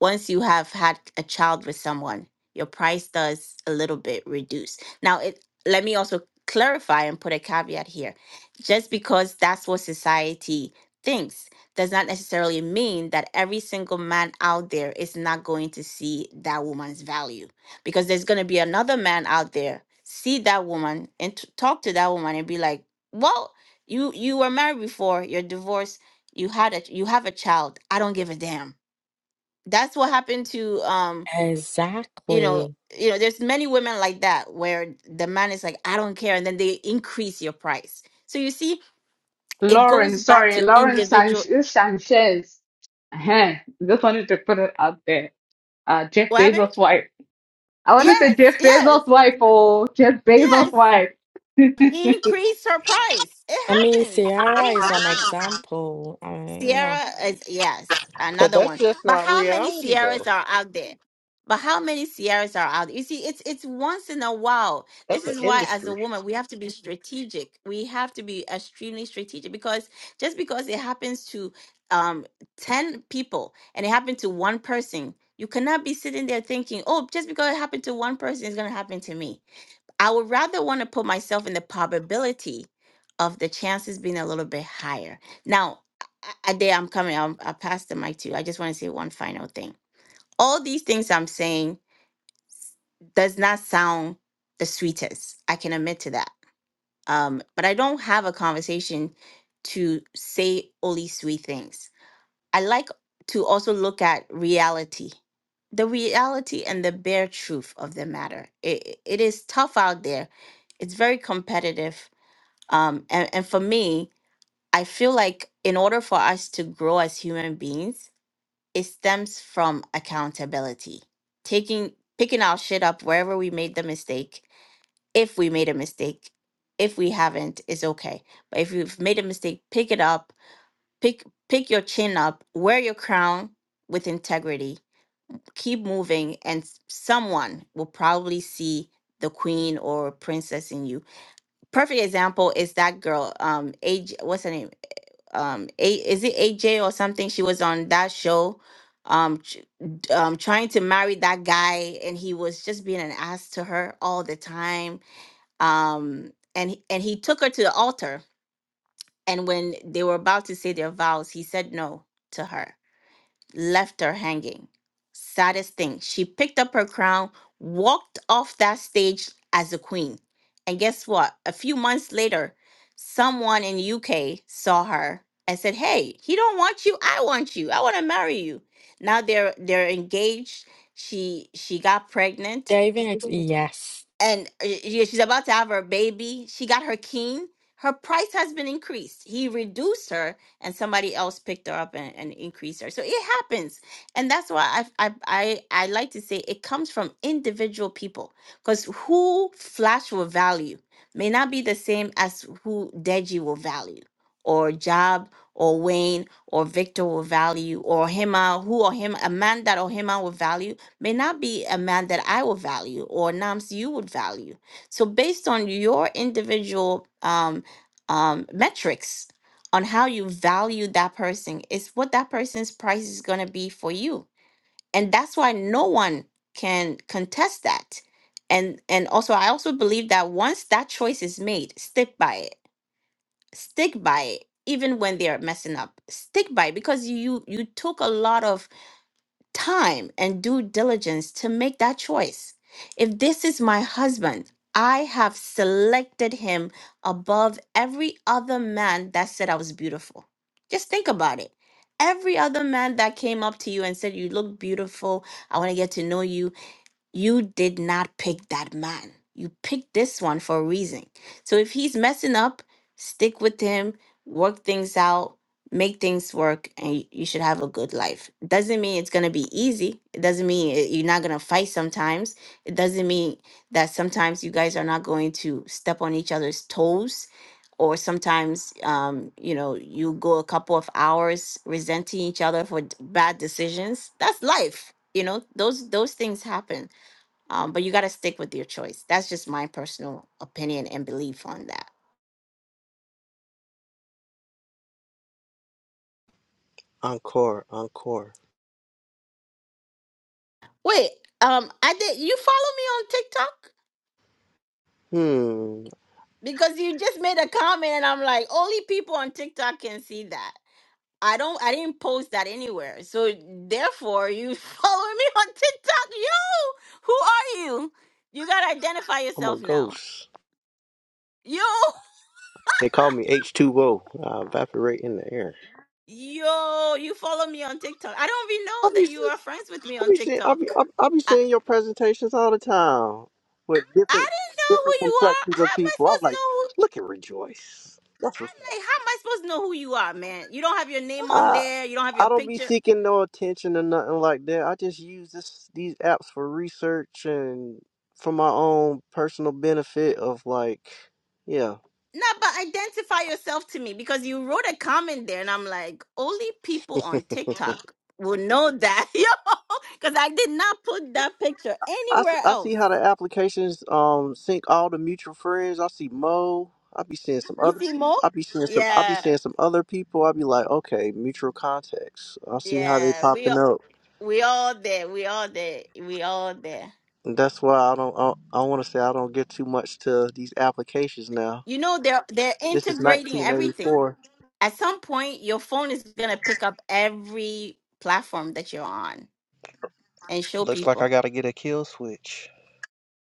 once you have had a child with someone, your price does a little bit reduce. Now, it let me also clarify and put a caveat here. Just because that's what society thinks does not necessarily mean that every single man out there is not going to see that woman's value because there's going to be another man out there see that woman and t- talk to that woman and be like, "Well, you you were married before, you're divorced, you had a you have a child. I don't give a damn." that's what happened to um you know exactly. you know there's many women like that where the man is like i don't care and then they increase your price so you see it Lauren, goes back sorry, to Lauren San- individual Sanchez. uh Just wanted to put it out there. Uh, Jeff what happened? Bezos' wife. I want to say yes Jeff yes Bezos' wife or Jeff Bezos' yes wife. he increased her price it I mean, happens Sierra it is an happens example. I mean, you know, Sierra is yes, But another that's one. just But not how many reality, though. Sierras are out there? But how many Sierras are out? there? You see, it's it's once in a while. That's This an is why, as industry. a woman, we have to be strategic. We have to be extremely strategic because just because it happens to um ten people and it happened to one person, you cannot be sitting there thinking, "Oh, just because it happened to one person, it's gonna happen to me." I would rather want to put myself in the probability of the chances being a little bit higher. Now, a day I'm coming, I'm, I passed the mic to you. I just want to say one final thing. All these things I'm saying does not sound the sweetest. I can admit to that. Um, but I don't have a conversation to say only sweet things. I like to also look at reality, the reality and the bare truth of the matter. It, it is tough out there it's very competitive um, and, and for me, I feel like in order for us to grow as human beings, it stems from accountability. Taking picking our shit up wherever we made the mistake, if we made a mistake, if we haven't, it's okay. But if you've made a mistake, pick it up, pick pick your chin up, wear your crown with integrity, keep moving, and s- someone will probably see the queen or princess in you perfect example is that girl um age what's her name um a is it AJ or something? She was on that show, um, ch- d- um, trying to marry that guy, and he was just being an ass to her all the time. Um, and he- and he took her to the altar, and when they were about to say their vows, he said no to her left her hanging. Saddest thing, she picked up her crown, walked off that stage as a queen. And guess what? A few months later, someone in UK saw her and said, "Hey, he don't want you. I want you. I want to marry you." Now they're they're engaged. She she got pregnant they're even ex- yes. and uh, yeah, she's about to have her baby. She got her king. Her price has been increased. He reduced her, and somebody else picked her up and, and increased her. So it happens, and that's why I I I, I like to say it comes from individual people because who Flash will value may not be the same as who Deji will value, or Job, or Wayne, or Victor will value, or Hema, who or him Amanda or Hema will value may not be a man that I would value or Nams you would value. So based on your individual um, um, metrics on how you value that person is what that person's price is going to be for you. And that's why no one can contest that. And and also I also believe that once that choice is made, stick by it. Stick by it even when they're messing up. Stick by it because you you took a lot of time and due diligence to make that choice. If this is my husband, I have selected him above every other man that said I was beautiful. Just think about it. Every other man that came up to you and said, You look beautiful. I want to get to know you you did not pick that man. You picked this one for a reason. So if he's messing up, stick with him, work things out, make things work, and y- you should have a good life. Doesn't mean it's going to be easy. It doesn't mean it- you're not going to fight sometimes. It doesn't mean that sometimes you guys are not going to step on each other's toes. Or sometimes, um, you know, you go a couple of hours resenting each other for d- bad decisions. That's life. You know, those those things happen um, but you got to stick with your choice. That's just my personal opinion and belief on that. Encore, encore. Wait, um, I did you follow me on TikTok? Hmm, Because you just made a comment and I'm like, only people on TikTok can see that. I don't I didn't post that anywhere. So therefore you follow me on TikTok. You? who are you? You gotta identify I'm a yourself now. ghost. You, They call me H2O. I evaporate in the air. yo, you follow me on TikTok. I don't even I know that be, you are friends with me I on be seeing, I will be, TikTok. I, I be seeing your presentations all the time with I different, didn't know different who you are. complexions of How am I people. I'm supposed to like, know look at Rejoice. who? That's what I'm like, how am I supposed to know who you are, man? You don't have your name on I, there. You don't have your I don't be picture. seeking no attention or nothing like that. I just use this, these apps for research and for my own personal benefit of like, yeah. No, but identify yourself to me because you wrote a comment there, and I'm like, only people on TikTok will know that, yo, because I did not put that picture I, s- anywhere I see else. how the applications um sync all the mutual friends. I see Mo. I be seeing some You other. see, Mo? I be seeing some. I be Yeah, seeing some other people. I be like, okay, mutual contacts. I see how they yeah. We popping all, up. we all there. We all there. We all there. And that's why I don't. I, I want to say I don't get too much to these applications now. You know, they're they're This is integrating everything. 1984. at some point your phone is going to pick up every platform that you're on and show Looks like I people gotta get a kill switch.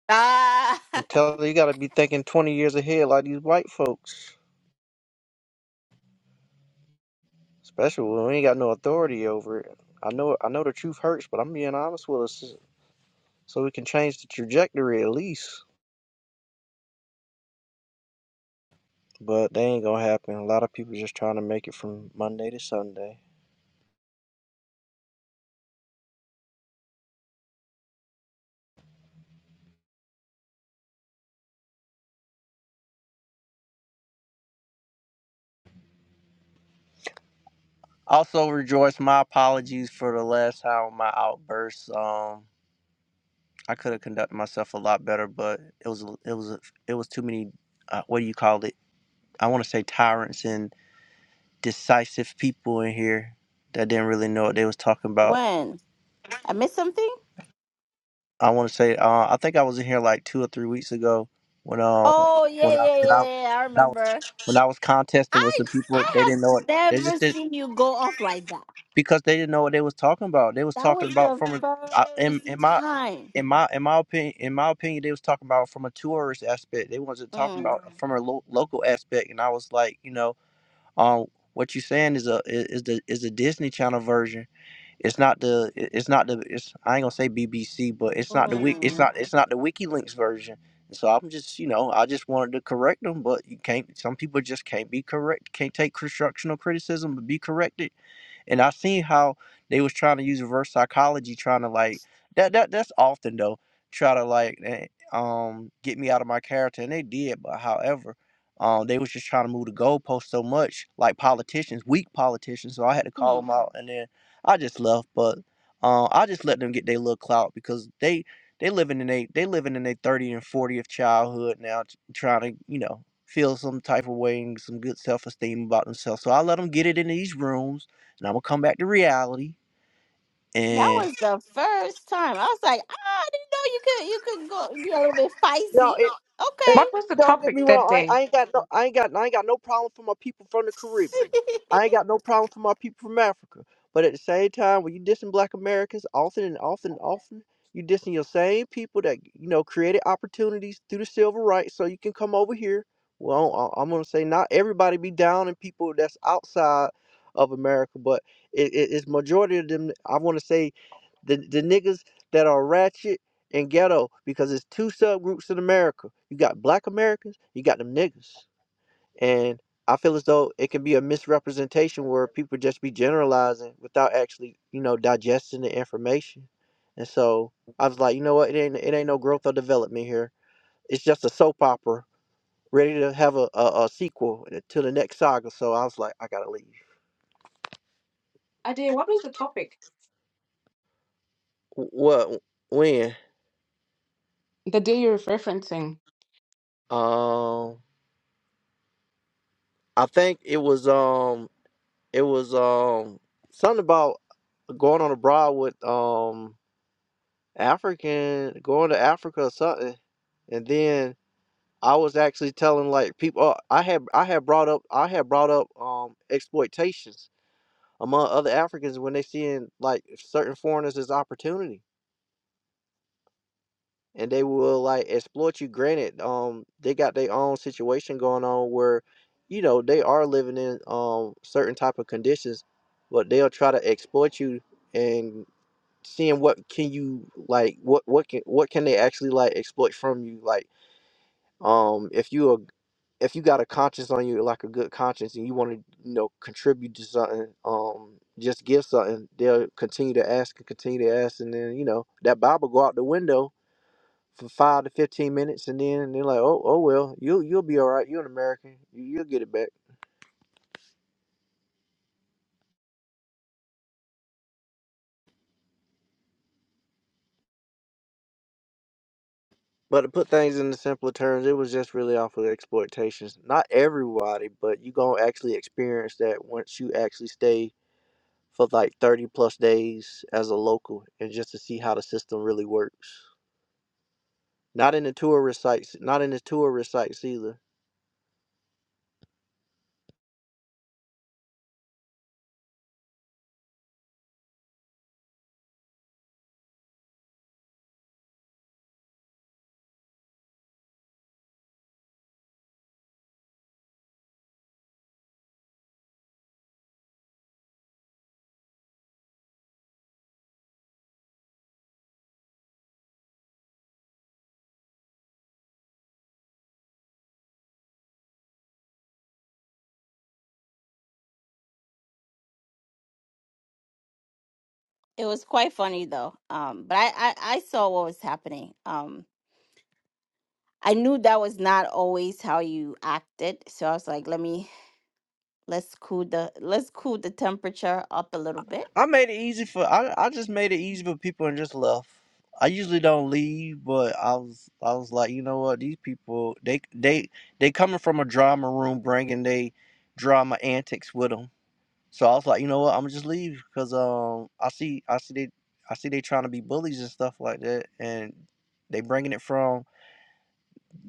ah I'm telling you, you gotta be thinking 20 years ahead like these white folks. Especially when we ain't got no authority over it. I know. I know the truth hurts, but I'm being honest with us. so we can change the trajectory at least. But they ain't gonna happen. A lot of people just trying to make it from Monday to Sunday. Also, rejoice. My apologies for the last time my outbursts. Um, I could have conducted myself a lot better, but it was it was it was too many. Uh, what do you call it? I want to say tyrants and decisive people in here that didn't really know what they was talking about. when i missed something I want to say, uh, I think I was in here like two or three weeks ago when uh oh yeah when I yeah when I yeah yeah i when I was remember when I was contesting with i some people, they i have didn't know it. They never just did seen you go off like that because they didn't know what they was talking about. They was that was talking about the from a I- in first in my time in my in my opinion in my opinion they was talking about from a tourist aspect. They wasn't talking mm, about from a lo- local aspect. And I was like, you know, um, what you saying is a is the is the Disney Channel version. It's not the. It's not the. It's I ain't gonna say BBC, but it's not the wik. It's mm, not. It's not the WikiLeaks version. And so I'm just, you know, I just wanted to correct them, but you can't. Some people just can't be correct. Can't take constructional criticism, but be corrected and I seen how they was trying to use reverse psychology, trying to like that that that's often though, try to like eh, um get me out of my character, and they did. But however, um they was just trying to move the goalpost so much, like politicians, weak politicians. So I had to call hmm. them out, and then I just left. But um I just let them get their little clout because they they living in a they living in their 30 and 40th childhood now, t- trying to you know feel some type of way and some good self esteem about themselves. So I let them get it in these rooms and I'm gonna come back to reality. that And was the first time i was like ah, i didn't know you could you could go be a little bit No, feisty it, it What was the don't get me topic that wrong. I, day? I ain't got no I ain't got I ain't got no problem for my people from the Caribbean. okay I ain't got no problem for my people from Africa. But at the same time, when you dissing black Americans often and often and often, you dissing your same people that you know created opportunities through the civil rights so you can come over here. Well, I- I'm gonna say not everybody be down and people that's outside of America, but it, it, it's majority of them. I want to say the the niggas that are ratchet and ghetto because it's two subgroups in America. You got black Americans, you got them niggas. And I feel as though it can be a misrepresentation where people just be generalizing without actually, you know, digesting the information. And so I was like, you know what, it ain't it ain't no growth or development here. It's just a soap opera ready to have a, a, a sequel to the next saga. So I was like, I gotta leave. I What was the topic? What when? The day you're referencing. Um I think it was um It was um something about going on abroad with um African going to Africa or something, and then I was actually telling like people uh, I had I had brought up I had brought up um exploitations among other Africans when they seeing like certain foreigners as opportunity and they will like exploit you. Granted, um they got their own situation going on where you know they are living in um certain type of conditions, but they'll try to exploit you and. seeing what can you like what what can what can they actually like exploit from you like um if you are if you got a conscience on you like a good conscience and you want to you know contribute to something um just give something they'll continue to ask and continue to ask and then you know that bible go out the window for five to 15 minutes and then they're like oh oh well you'll you'll be all right you're an american you, you'll get it back But to put things in the simpler terms, it was just really off of exploitations. Not everybody, but you gonna actually experience that once you actually stay for like thirty plus days as a local, and just to see how the system really works. Not in the tourist sites, not in the tourist sites either. It was quite funny though. Um, but I, I, I saw what was happening. Um, I knew that was not always how you acted, so I was like, let me let's cool the let's cool the temperature up a little bit. I made it easy for I, I just made it easy for people and just left. I usually don't leave, but I was I was like, you know what, these people they they they coming from a drama room bringing they drama antics with 'em. So I was like, you know what, I'm gonna just leave because um I see I see they I see they trying to be bullies and stuff like that, and they bringing it from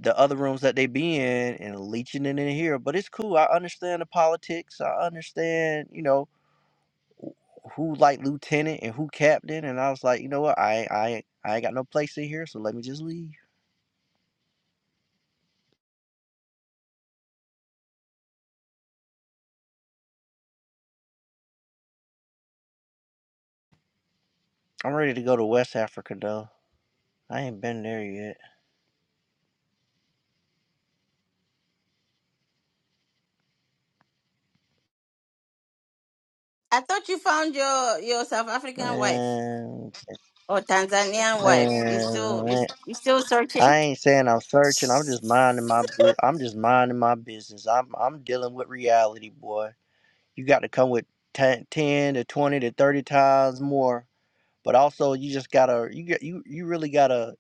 the other rooms that they be in and leeching it in here. But it's cool. I understand the politics. I understand you know wh- who like lieutenant and who captain. And I was like, you know what, I ain't- I ain't- I ain't got no place in here, so let me just leave. I'm ready to go to West Africa though. I ain't been there yet. I thought you found your your South African wife. Man, or Tanzanian wife. You still you, man, you still searching? I ain't saying I'm searching. I'm just minding my bu- I'm just minding my business. I'm I'm dealing with reality, boy. You got to come with 10, ten to 20 to 30 times more, but also you just got to you got you you really got to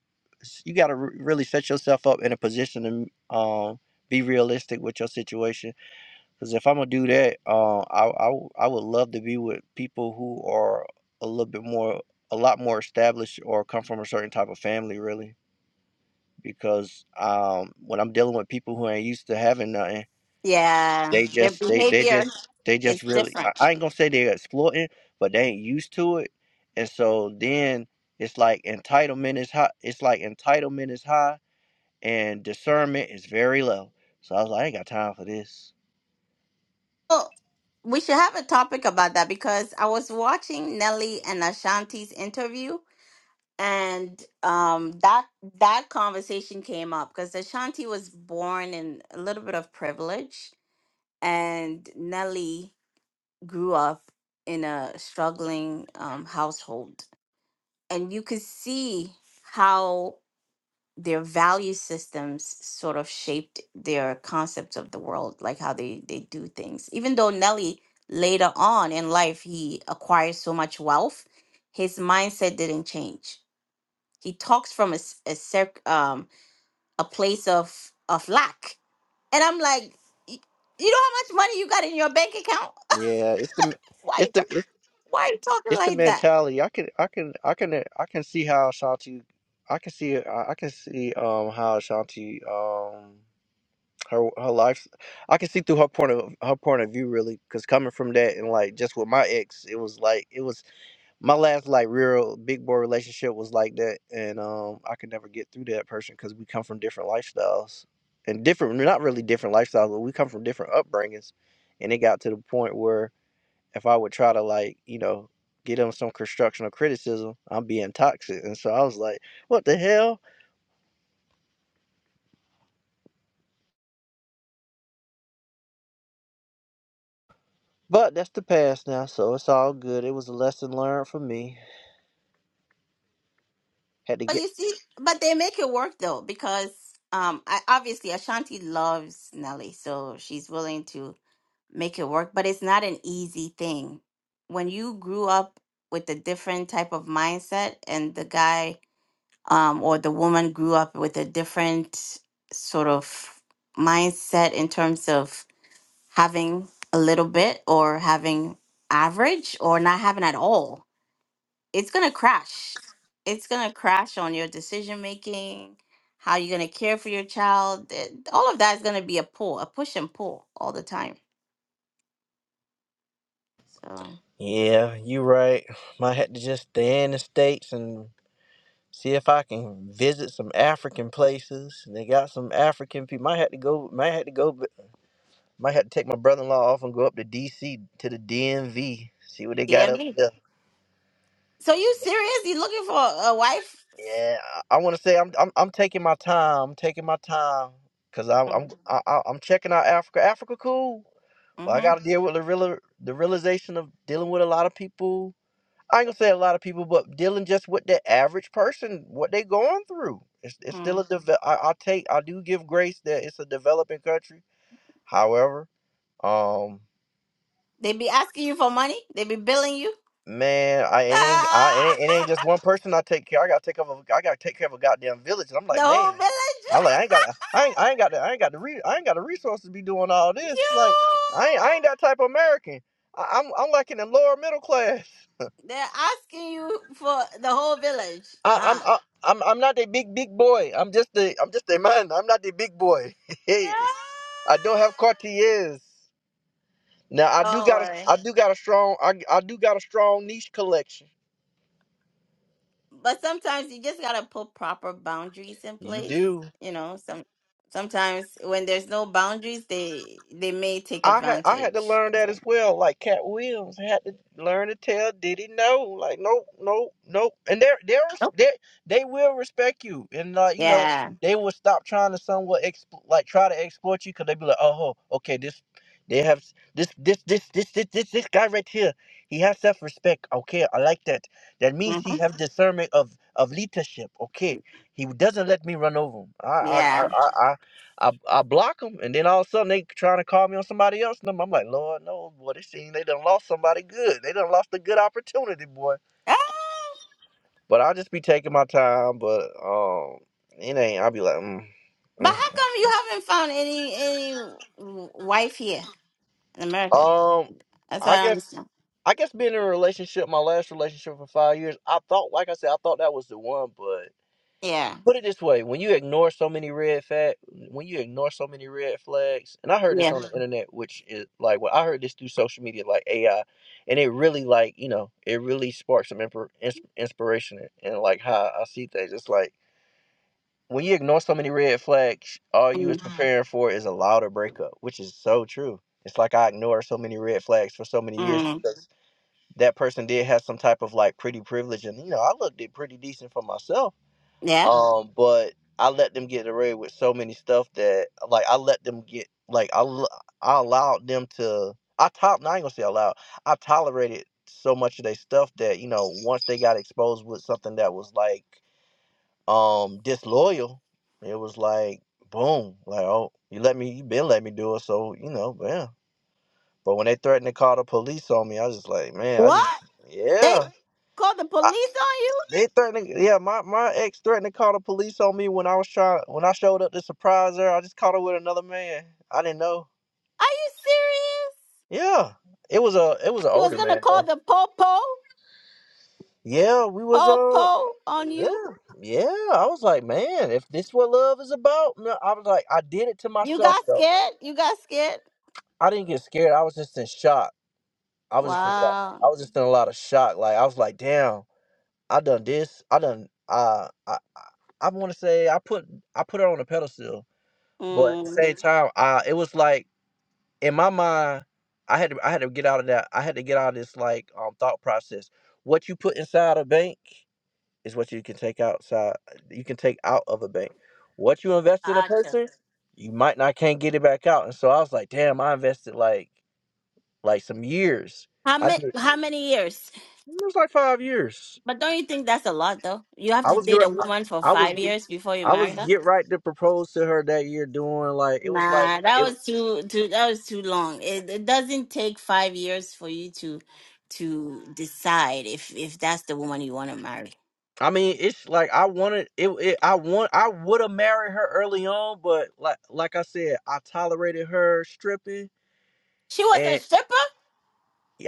you got to really set yourself up in a position to um be realistic with your situation cuz if I'm going to do that, uh, I I w- I would love to be with people who are a little bit more a lot more established or come from a certain type of family, really because um, when I'm dealing with people who ain't used to having nothing, Yeah, they their just they they behavior just they just is really different. I, I ain't gonna say they're exploiting, but they ain't used to it, and so then it's like entitlement is high. It's like entitlement is high, and discernment is very low. So I was like, I ain't got time for this. Oh, we should have a topic about that because I was watching Nelly and Ashanti's interview, and um, that that conversation came up because Ashanti was born in a little bit of privilege, and Nelly grew up in a struggling um, household, and you could see how their value systems sort of shaped their concepts of the world, like how they they do things. Even though Nelly later on in life he acquires so much wealth, his mindset didn't change. He talks from a s- a circ- um a place of of lack, and I'm like, "Y- you know how much money you got in your bank account? Yeah, it's the Why it's you ta- the it's, why you talking it's the like that? mentality. I can I can I can I can see how Ashanti. I can see I I can see um how Ashanti um her her life i can see through her point of her point of view really because coming from that and like just with my ex it was like it was my last like real big boy relationship was like that and um i could never get through that person because we come from different lifestyles and different not really different lifestyles but we come from different upbringings and it got to the point where if i would try to like you know get them some constructional criticism i'm being toxic and so i was like what the hell but that's the past now so it's all good it was a lesson learned for me Had to But get. you see, but they make it work though, because um, I, obviously Ashanti loves Nelly, so she's willing to make it work. But it's not an easy thing. When you grew up with a different type of mindset, and the guy um, or the woman grew up with a different sort of mindset in terms of having a little bit or having average or not having at all it's going to crash. It's going to crash on your decision making, how you're going to care for your child. th- All of that is going to be a pull, a push and pull all the time. So, Yeah, you right. Might have to just stay in the states and see if I can visit some African places. They got some African people. Might have to go. Might have to go. b- Might have to take my brother-in-law off and go up to D.C. to the DMV. See what they got up DMV. there. So, So, you serious? You looking for a wife? yeah, I, want to say I'm, I'm I'm taking my time. I'm taking my time because I'm I'm Mm, I, I- I'm checking out Africa. Africa cool, but I got Mm-hmm. to deal with the real the realization of dealing with a lot of people I ain't gonna say a lot of people, but dealing just with the average person, what they going through. It's, it's still Mm. a develop. I, I take, I do give grace that it's a developing country. However, um, They be asking you for money, they be billing you. man, I it ain't, I it Ah, ain't, it ain't just one person I take care. I gotta take care of, a, I gotta take care of a goddamn village. And I'm the like, man, whole village. I'm like, I ain't got, I ain't, I ain't got, the, I ain't got the, re- I ain't got the resources to be doing all this. Like, I ain't, I you. ain't that type of American. I, I'm, I'm like in the lower middle class. They're asking you for the whole village. I, I'm Huh? I, I'm I'm not a big big boy. I'm just a I'm just a man. I'm not a big boy. Yeah. hey, I don't have Cartiers. Now I do Don't got a worry. I do got a strong I, I do got a strong niche collection. but sometimes you just gotta put proper boundaries in You place. do. You know, some sometimes when there's no boundaries, they they may take I had I had to advantage. learn that as well. Like Cat Williams had to learn to tell Diddy no. Like nope, nope, nope. And they they Nope. they they will respect you, and uh, you know Yeah. they will stop trying to somewhat expl- like try to exploit you because they be like, oh, okay, this they have s- this this this this this this this guy right here. He has self respect. Okay, I like that. That means hmm he have discernment of of leadership. Okay, he doesn't let me run over him. I I I Yeah. I, I, I block them, and then all of a sudden they trying to call me on somebody else's number. I'm like, Lord knows, boy, this team they done lost somebody good. They done lost a good opportunity, boy. Ah, But I just be taking my time. But um, it ain't. I be like, mm, but how come you haven't found any any w- wife here in America? mm. um, That's what I I don't guess, understand. I guess being in a relationship, my last relationship for five years, I thought, like I said, I thought that was the one, but. Yeah. put it this way when you ignore so many red flag when you ignore so many red flags and i heard this Yeah. on the Mhm. internet which is like well i heard this through social media like ai and it really like you know it really sparked some impor- ins- inspiration and, and like how i see things it's like when you ignore so many red flags all you is Mhm. mm preparing for is a louder breakup which is so true it's like i ignored so many red flags for so many years Mhm. mm. because that person did have some type of like pretty privilege and you know i looked it pretty decent for myself Yeah. um, but I let them get away with so many stuff that like I let them get like I l- I allowed them to I top I ain't gonna say allowed I tolerated so much of their stuff that you know once they got exposed with something that was like um disloyal, it was like boom like oh you let me you been let me do it so you know yeah. But when they threatened to call the police on me, I was just like man I just What? They yeah. called the police on you? They threatened. Yeah, my, my ex threatened to call the police on me when I was trying when I showed up to surprise her. I just caught her with another man. I didn't know. Are you serious? Yeah, it was a it was an She was older gonna man call though. the po po Yeah, we was po uh po on you. yeah yeah. I was like, man, if this what love is about, no, I was like, I did it to You myself got though. scared? You got scared? I didn't get scared. I was just in shock. I was just in a lot. Wow. I was just in a lot of shock. Like I was like, damn, I done this. I done. Uh, I I, I want to say I put I put her on a pedestal But at the Mm. same Mhm. time, uh, it was like in my mind, I had to I had to get out of that. I had to get out of this like um thought process. What you put inside a bank is what you can take outside. You can take out of a bank. What you invest in a Gotcha. person, you might not can't get it back out. And so I was like, damn, I invested like like some years. How I many did. It how many years? was like five years. But don't you think that's a lot though? You have I to was get, date a woman for I, I was five get, years before you I marry was her? get right to propose to her that year. Doing like it was like Nah, that it. was too too that was too long. It it doesn't take five years for you to to decide if if that's the woman you want to marry. I mean, it's like I wanted it. it I want. I would have married her early on, but like, like I said, I tolerated her stripping, She was a and stripper?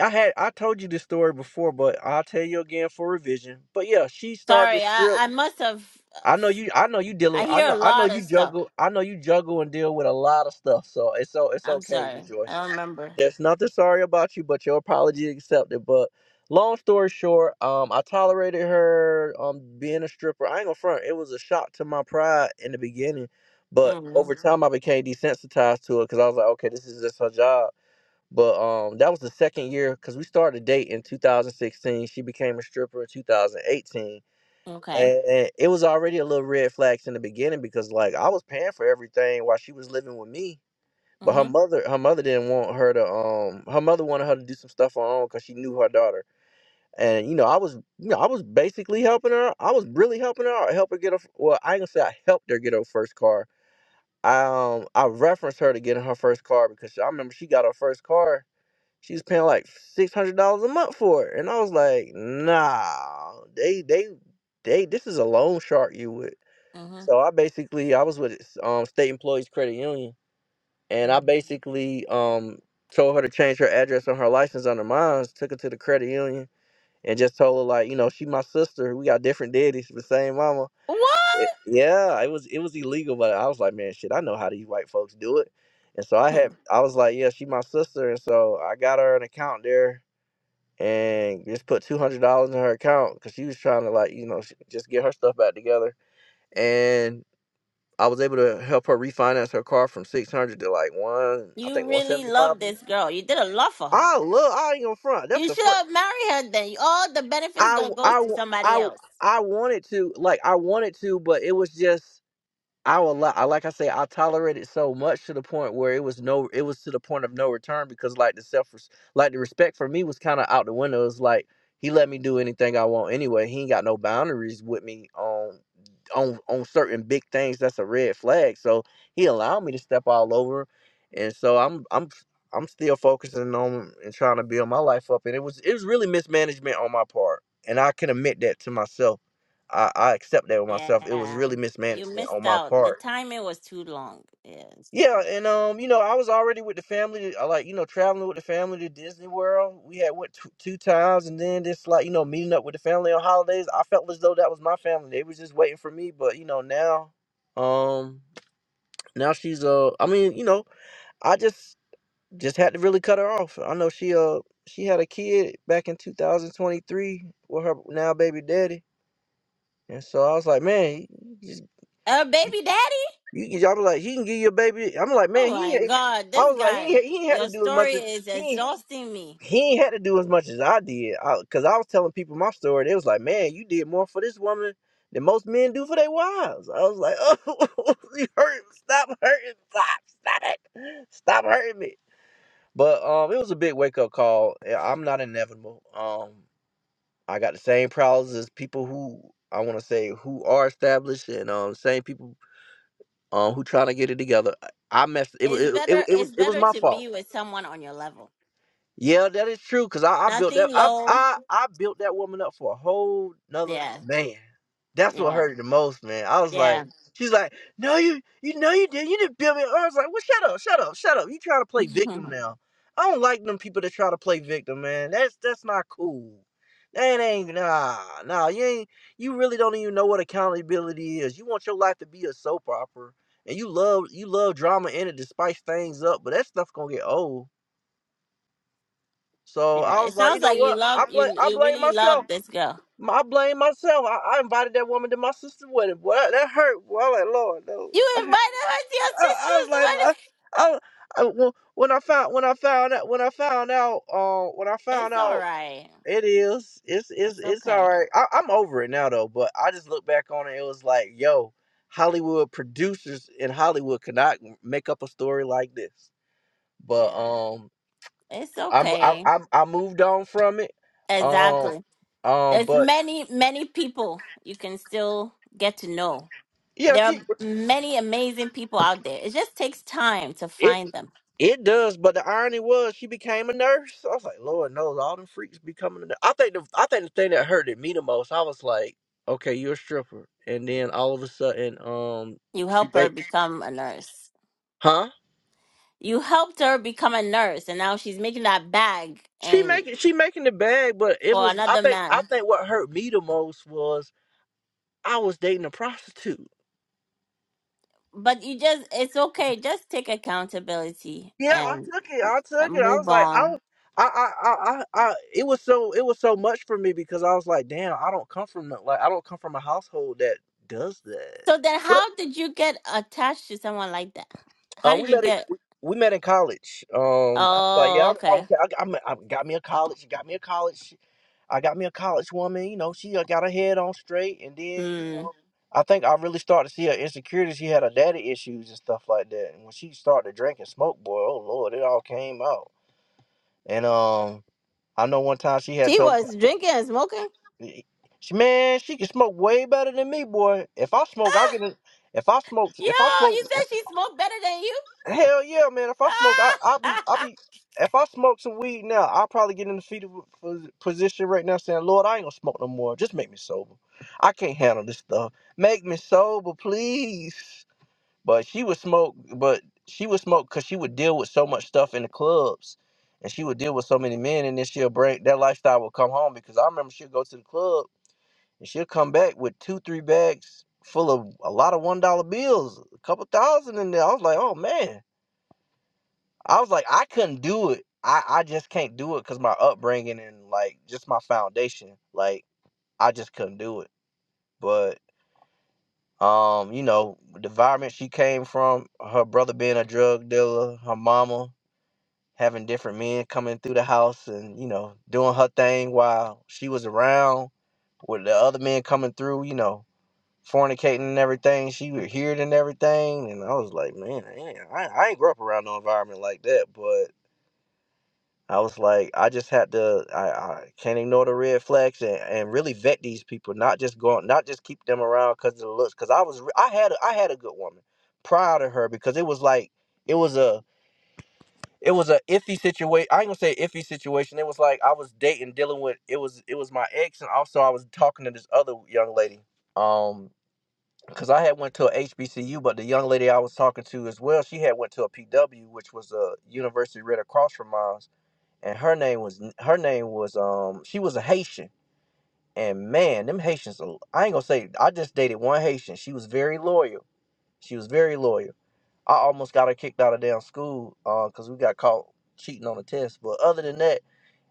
I had. I told you this story before, but I'll tell you again for revision. But yeah, she started Sorry, to I strip. I must have I uh, know you. I know you dealing. I I hear know. a I know lot of you stuff. juggle. I know you juggle and deal with a lot of stuff. So it's so it's I'm okay, sorry. I rejoice. don't remember. There's nothing sorry about you, but your apology accepted. But long story short, um, I tolerated her um being a stripper. I ain't gonna front. It was a shock to my pride in the beginning, but Mm, over time I became desensitized to it because I was like, okay, this is just her job. But um, that was the second year because we started dating in 2016. She became a stripper in 2018 okay. and it was already a little red flags in the beginning because like I was paying for everything while she was living with me. But her Mhm. mother, her mother didn't want her to. Um, her mother wanted her to do some stuff on her own because she knew her daughter. And you know, I was, you know, I was basically helping her. I was really helping her. I helped her get her. Well, I ain't gonna say I helped her get her first car. I um, I referenced her to getting her first car because I remember she got her first car. She was paying like six hundred dollars a month for it, and I was like, nah, they, they, they. This is a loan shark you with so I basically I was with um State Employees Credit Union and I Mhm. basically um told her to change her address on her license under mine, took her to the credit union and just told her like, you know, she my sister. We got different daddies, but same mama. What? It- yeah, it was it was illegal, but I was like, man, shit, I know how these white folks do it. And so I Hmm. had I was like, yeah, she my sister and so I got her an account there and just put $200 in her account cuz she was trying to like, you know, sh- just get her stuff back together. And I was able to help her refinance her car from six hundred to like one, I You think one really seventy five. love this girl. You did a lot for her. I love. I ain't gonna front. That's You the should first. have married her then. All the benefits I gonna go I to somebody I else. I wanted to like I wanted to, but it was just. I will, li- I like I say, I tolerated so much to the point where it was no, it was to the point of no return because like the self, like the respect for me was kind of out the window. It's like he let me do anything I want anyway. He ain't got no boundaries with me on, on, on certain big things. That's a red flag. So he allowed me to step all over, and so I'm, I'm, I'm still focusing on and trying to build my life up. And it was, it was really mismanagement on my part, and I can admit that to myself. I, I accept that with myself. It was Yeah. really You mismanagement on missed my out. The part timing was too long. Yes. yeah, and um, you know, I was already with the family. I like, you know, traveling with the family to Disney World. We had went two, two times, and then just like, you know, meeting up with the family on holidays. I felt as though that was my family. They was just waiting for me. But you know, now, um, now she's uh, I mean, you know, I just just had to really cut her off. I know she uh, she had a kid back in 2023 with her now baby daddy, and so I was like, man, Uh baby daddy? You, I was like, he can give you a baby. I'm like, man, Oh he. my ain't- god, I this was like, he guy. ain't- he ain't had to Your do as much story as is he ain't- exhausting me. he ain't had to do as much as I did. I, Cause I was telling people my story. They was like, man, you did more for this woman than most men do for their wives. I was like, oh, you hurt. Stop hurting. Stop. Stop it. Stop hurting me. But um, it was a big wake up call. Yeah, I'm not inevitable. Um, I got the same problems as people who I want to say who are established, and um, same people um, who trying to get it together. I messed. It, wa- It's it, it, better it was it's it was better my to fault. be with someone on your level. Yeah, that is true. Cause I, I built that Nothing I, low. I I built that woman up for a whole nother Yeah. man. That's what Yeah. hurt the most, man. I was Yeah. like, she's like, no, you you know you did. You didn't build me. up." I was like, well, shut up, shut up, shut up. You trying to play yeah. victim now? I don't like them people that try to play victim, man. That's that's not cool. That ain't nah nah. You ain't you really don't even know what accountability is. You want your life to be a soap opera, and you love you love drama in it to spice things up, but that stuff gonna get old so I It was like, you sounds know like you what? I love blame you I you blame really myself. love this girl. I blame myself. I, I invited that woman to my sister's wedding. Boy, that that hurt. Well, i was like Lord, no. You invited her to your I, I was sister's like, wedding. I, I, I- when when I found when I found out when I found out uh, when I found It's all out right. it is it's it's It's it's all okay. right. I, I'm over it now though. But I just look back on it. It was like, yo, Hollywood producers in Hollywood cannot make up a story like this. But Yeah, um, it's I'm I, okay. am i i I moved on from it. Um, Exactly. um, There's but many, many people you can still get to know. yeah, There are she many amazing people out there. It just takes time to it find them. it does. But the irony was, she became a nurse. I was like, Lord knows, all them freaks becoming. A nurse. I think the I think the thing that hurted me the most, I was like, okay, you're a stripper, and then all of a sudden, um, You she help her make, become a nurse. huh? You helped her become a nurse, and now she's making that bag She and making she making the bag, but it for was I another think I man. think what hurt me the most was I was dating a prostitute. But you just, it's okay. Just take accountability Yeah, I and, took it. I and took it. I move was like, I, on. w- I, I, I, I, I- it was so, it was so much for me because I was like, damn, I don't come from the- like, I don't come from a household that does that. So then, But, how did you get attached to someone like that? How uh, did we you met it. get? We we met in college. Um, I was like, yeah, I, Oh, I, okay. okay, I, got- I met- I got me a college. Got me a college. I got me a college woman. You know, she uh, got her head on straight, and then you know, Mm. I think I really started to see her insecurities. She had her daddy issues and stuff like that. And when she started drinking smoke, boy, oh lord, it all came out. And um. I know one time she had She told was drinking and smoking. me, she, man, she can smoke way better than me, boy. If I smoke, I Ah, can. If I smoke, yo, if I smoke, you said she smoked better than you. hell yeah, man. If I smoke, I I be Ah. I be. If I smoke some weed now, I'll probably get in the fetal pos- position right now, saying, "Lord, I ain't gonna smoke no more. Just make me sober. I can't handle this stuff. Make me sober, please." But she would smoke, but she would smoke because she would deal with so much stuff in the clubs, and she would deal with so many men, and then she'll break that lifestyle. Would come home because I remember she'd go to the club and she'll come back with two, three bags full of a lot of one dollar bills, a couple thousand in there. I was like, oh man, I was like, I couldn't do it. I I just can't do it because my upbringing and like just my foundation, like I just couldn't do it. But. Um, you know, the environment she came from, her brother being a drug dealer, her mama having different men coming through the house and, you know, doing her thing while she was around with the other men coming through, you know, fornicating and everything. She would hear it and everything. And I was like, man, I ain't, I I ain't grew up around no environment like that, but I was like, I just had to. I, I can't ignore the red flags and, and really vet these people, not just go, not just keep them around because of the looks. Because I was, re- I had, a, I had a good woman, proud of her because it was like, it was a, it was a iffy situation. I ain't gonna say iffy situation. It was like I was dating, dealing with. It was, it was my ex, and also I was talking to this other young lady. Um, because I had went to a HBCU, but the young lady I was talking to as well, she had went to a PW, which was a university right across from mine and her name was her name was um she was a Haitian and man them Haitians are- I ain't gonna say I just dated one Haitian she was very loyal she was very loyal I almost got her kicked out of damn school uh because we got caught cheating on a test but other than that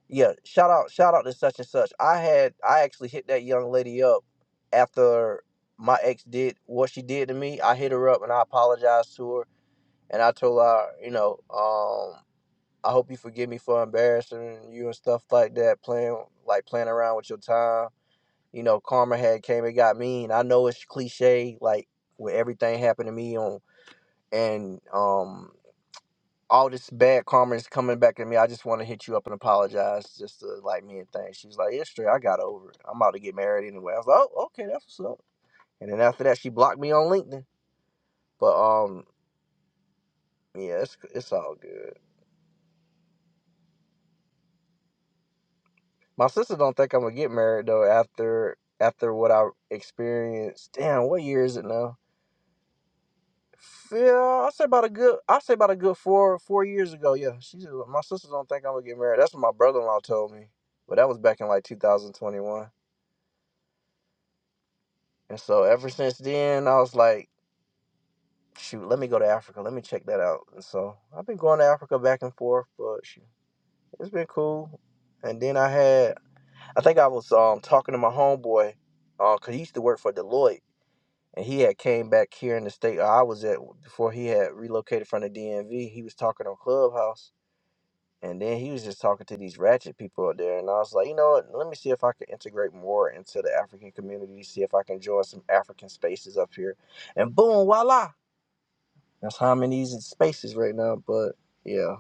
yeah shout out shout out to such and such I had I actually hit that young lady up after my ex did what she did to me I hit her up and I apologized to her and I told her you know um. I hope you forgive me for embarrassing you and stuff like that, playing like playing around with your time. You know, karma had came, it got mean. I know it's cliche, like with everything happened to me on and um all this bad karma is coming back at me. I just want to hit you up and apologize just to like me and things. She was like, Yeah, straight, I got over it. I'm about to get married anyway. I was like, Oh, okay, that's what's up. And then after that she blocked me on LinkedIn. But um yeah, it's it's all good. My sister don't think I'm gonna get married though after after what I experienced. Damn, what year is it now? Yeah, I say about a good I say about a good four four years ago. Yeah, she said, my sister don't think I'm gonna get married. That's what my brother in law told me, but that was back in like 2021. And so ever since then, I was like, shoot, let me go to Africa. Let me check that out. And so I've been going to Africa back and forth, but shoot, it's been cool. And then I had I think I was um talking to my homeboy, uh, cause he used to work for Deloitte and he had came back here in the state I was at before he had relocated from the DMV. He was talking on Clubhouse, and then he was just talking to these ratchet people out there. And I was like, you know what? Let me see if I can integrate more into the African community. See if I can join some African spaces up here. And boom, voila! That's how I'm in these spaces right now. But yeah.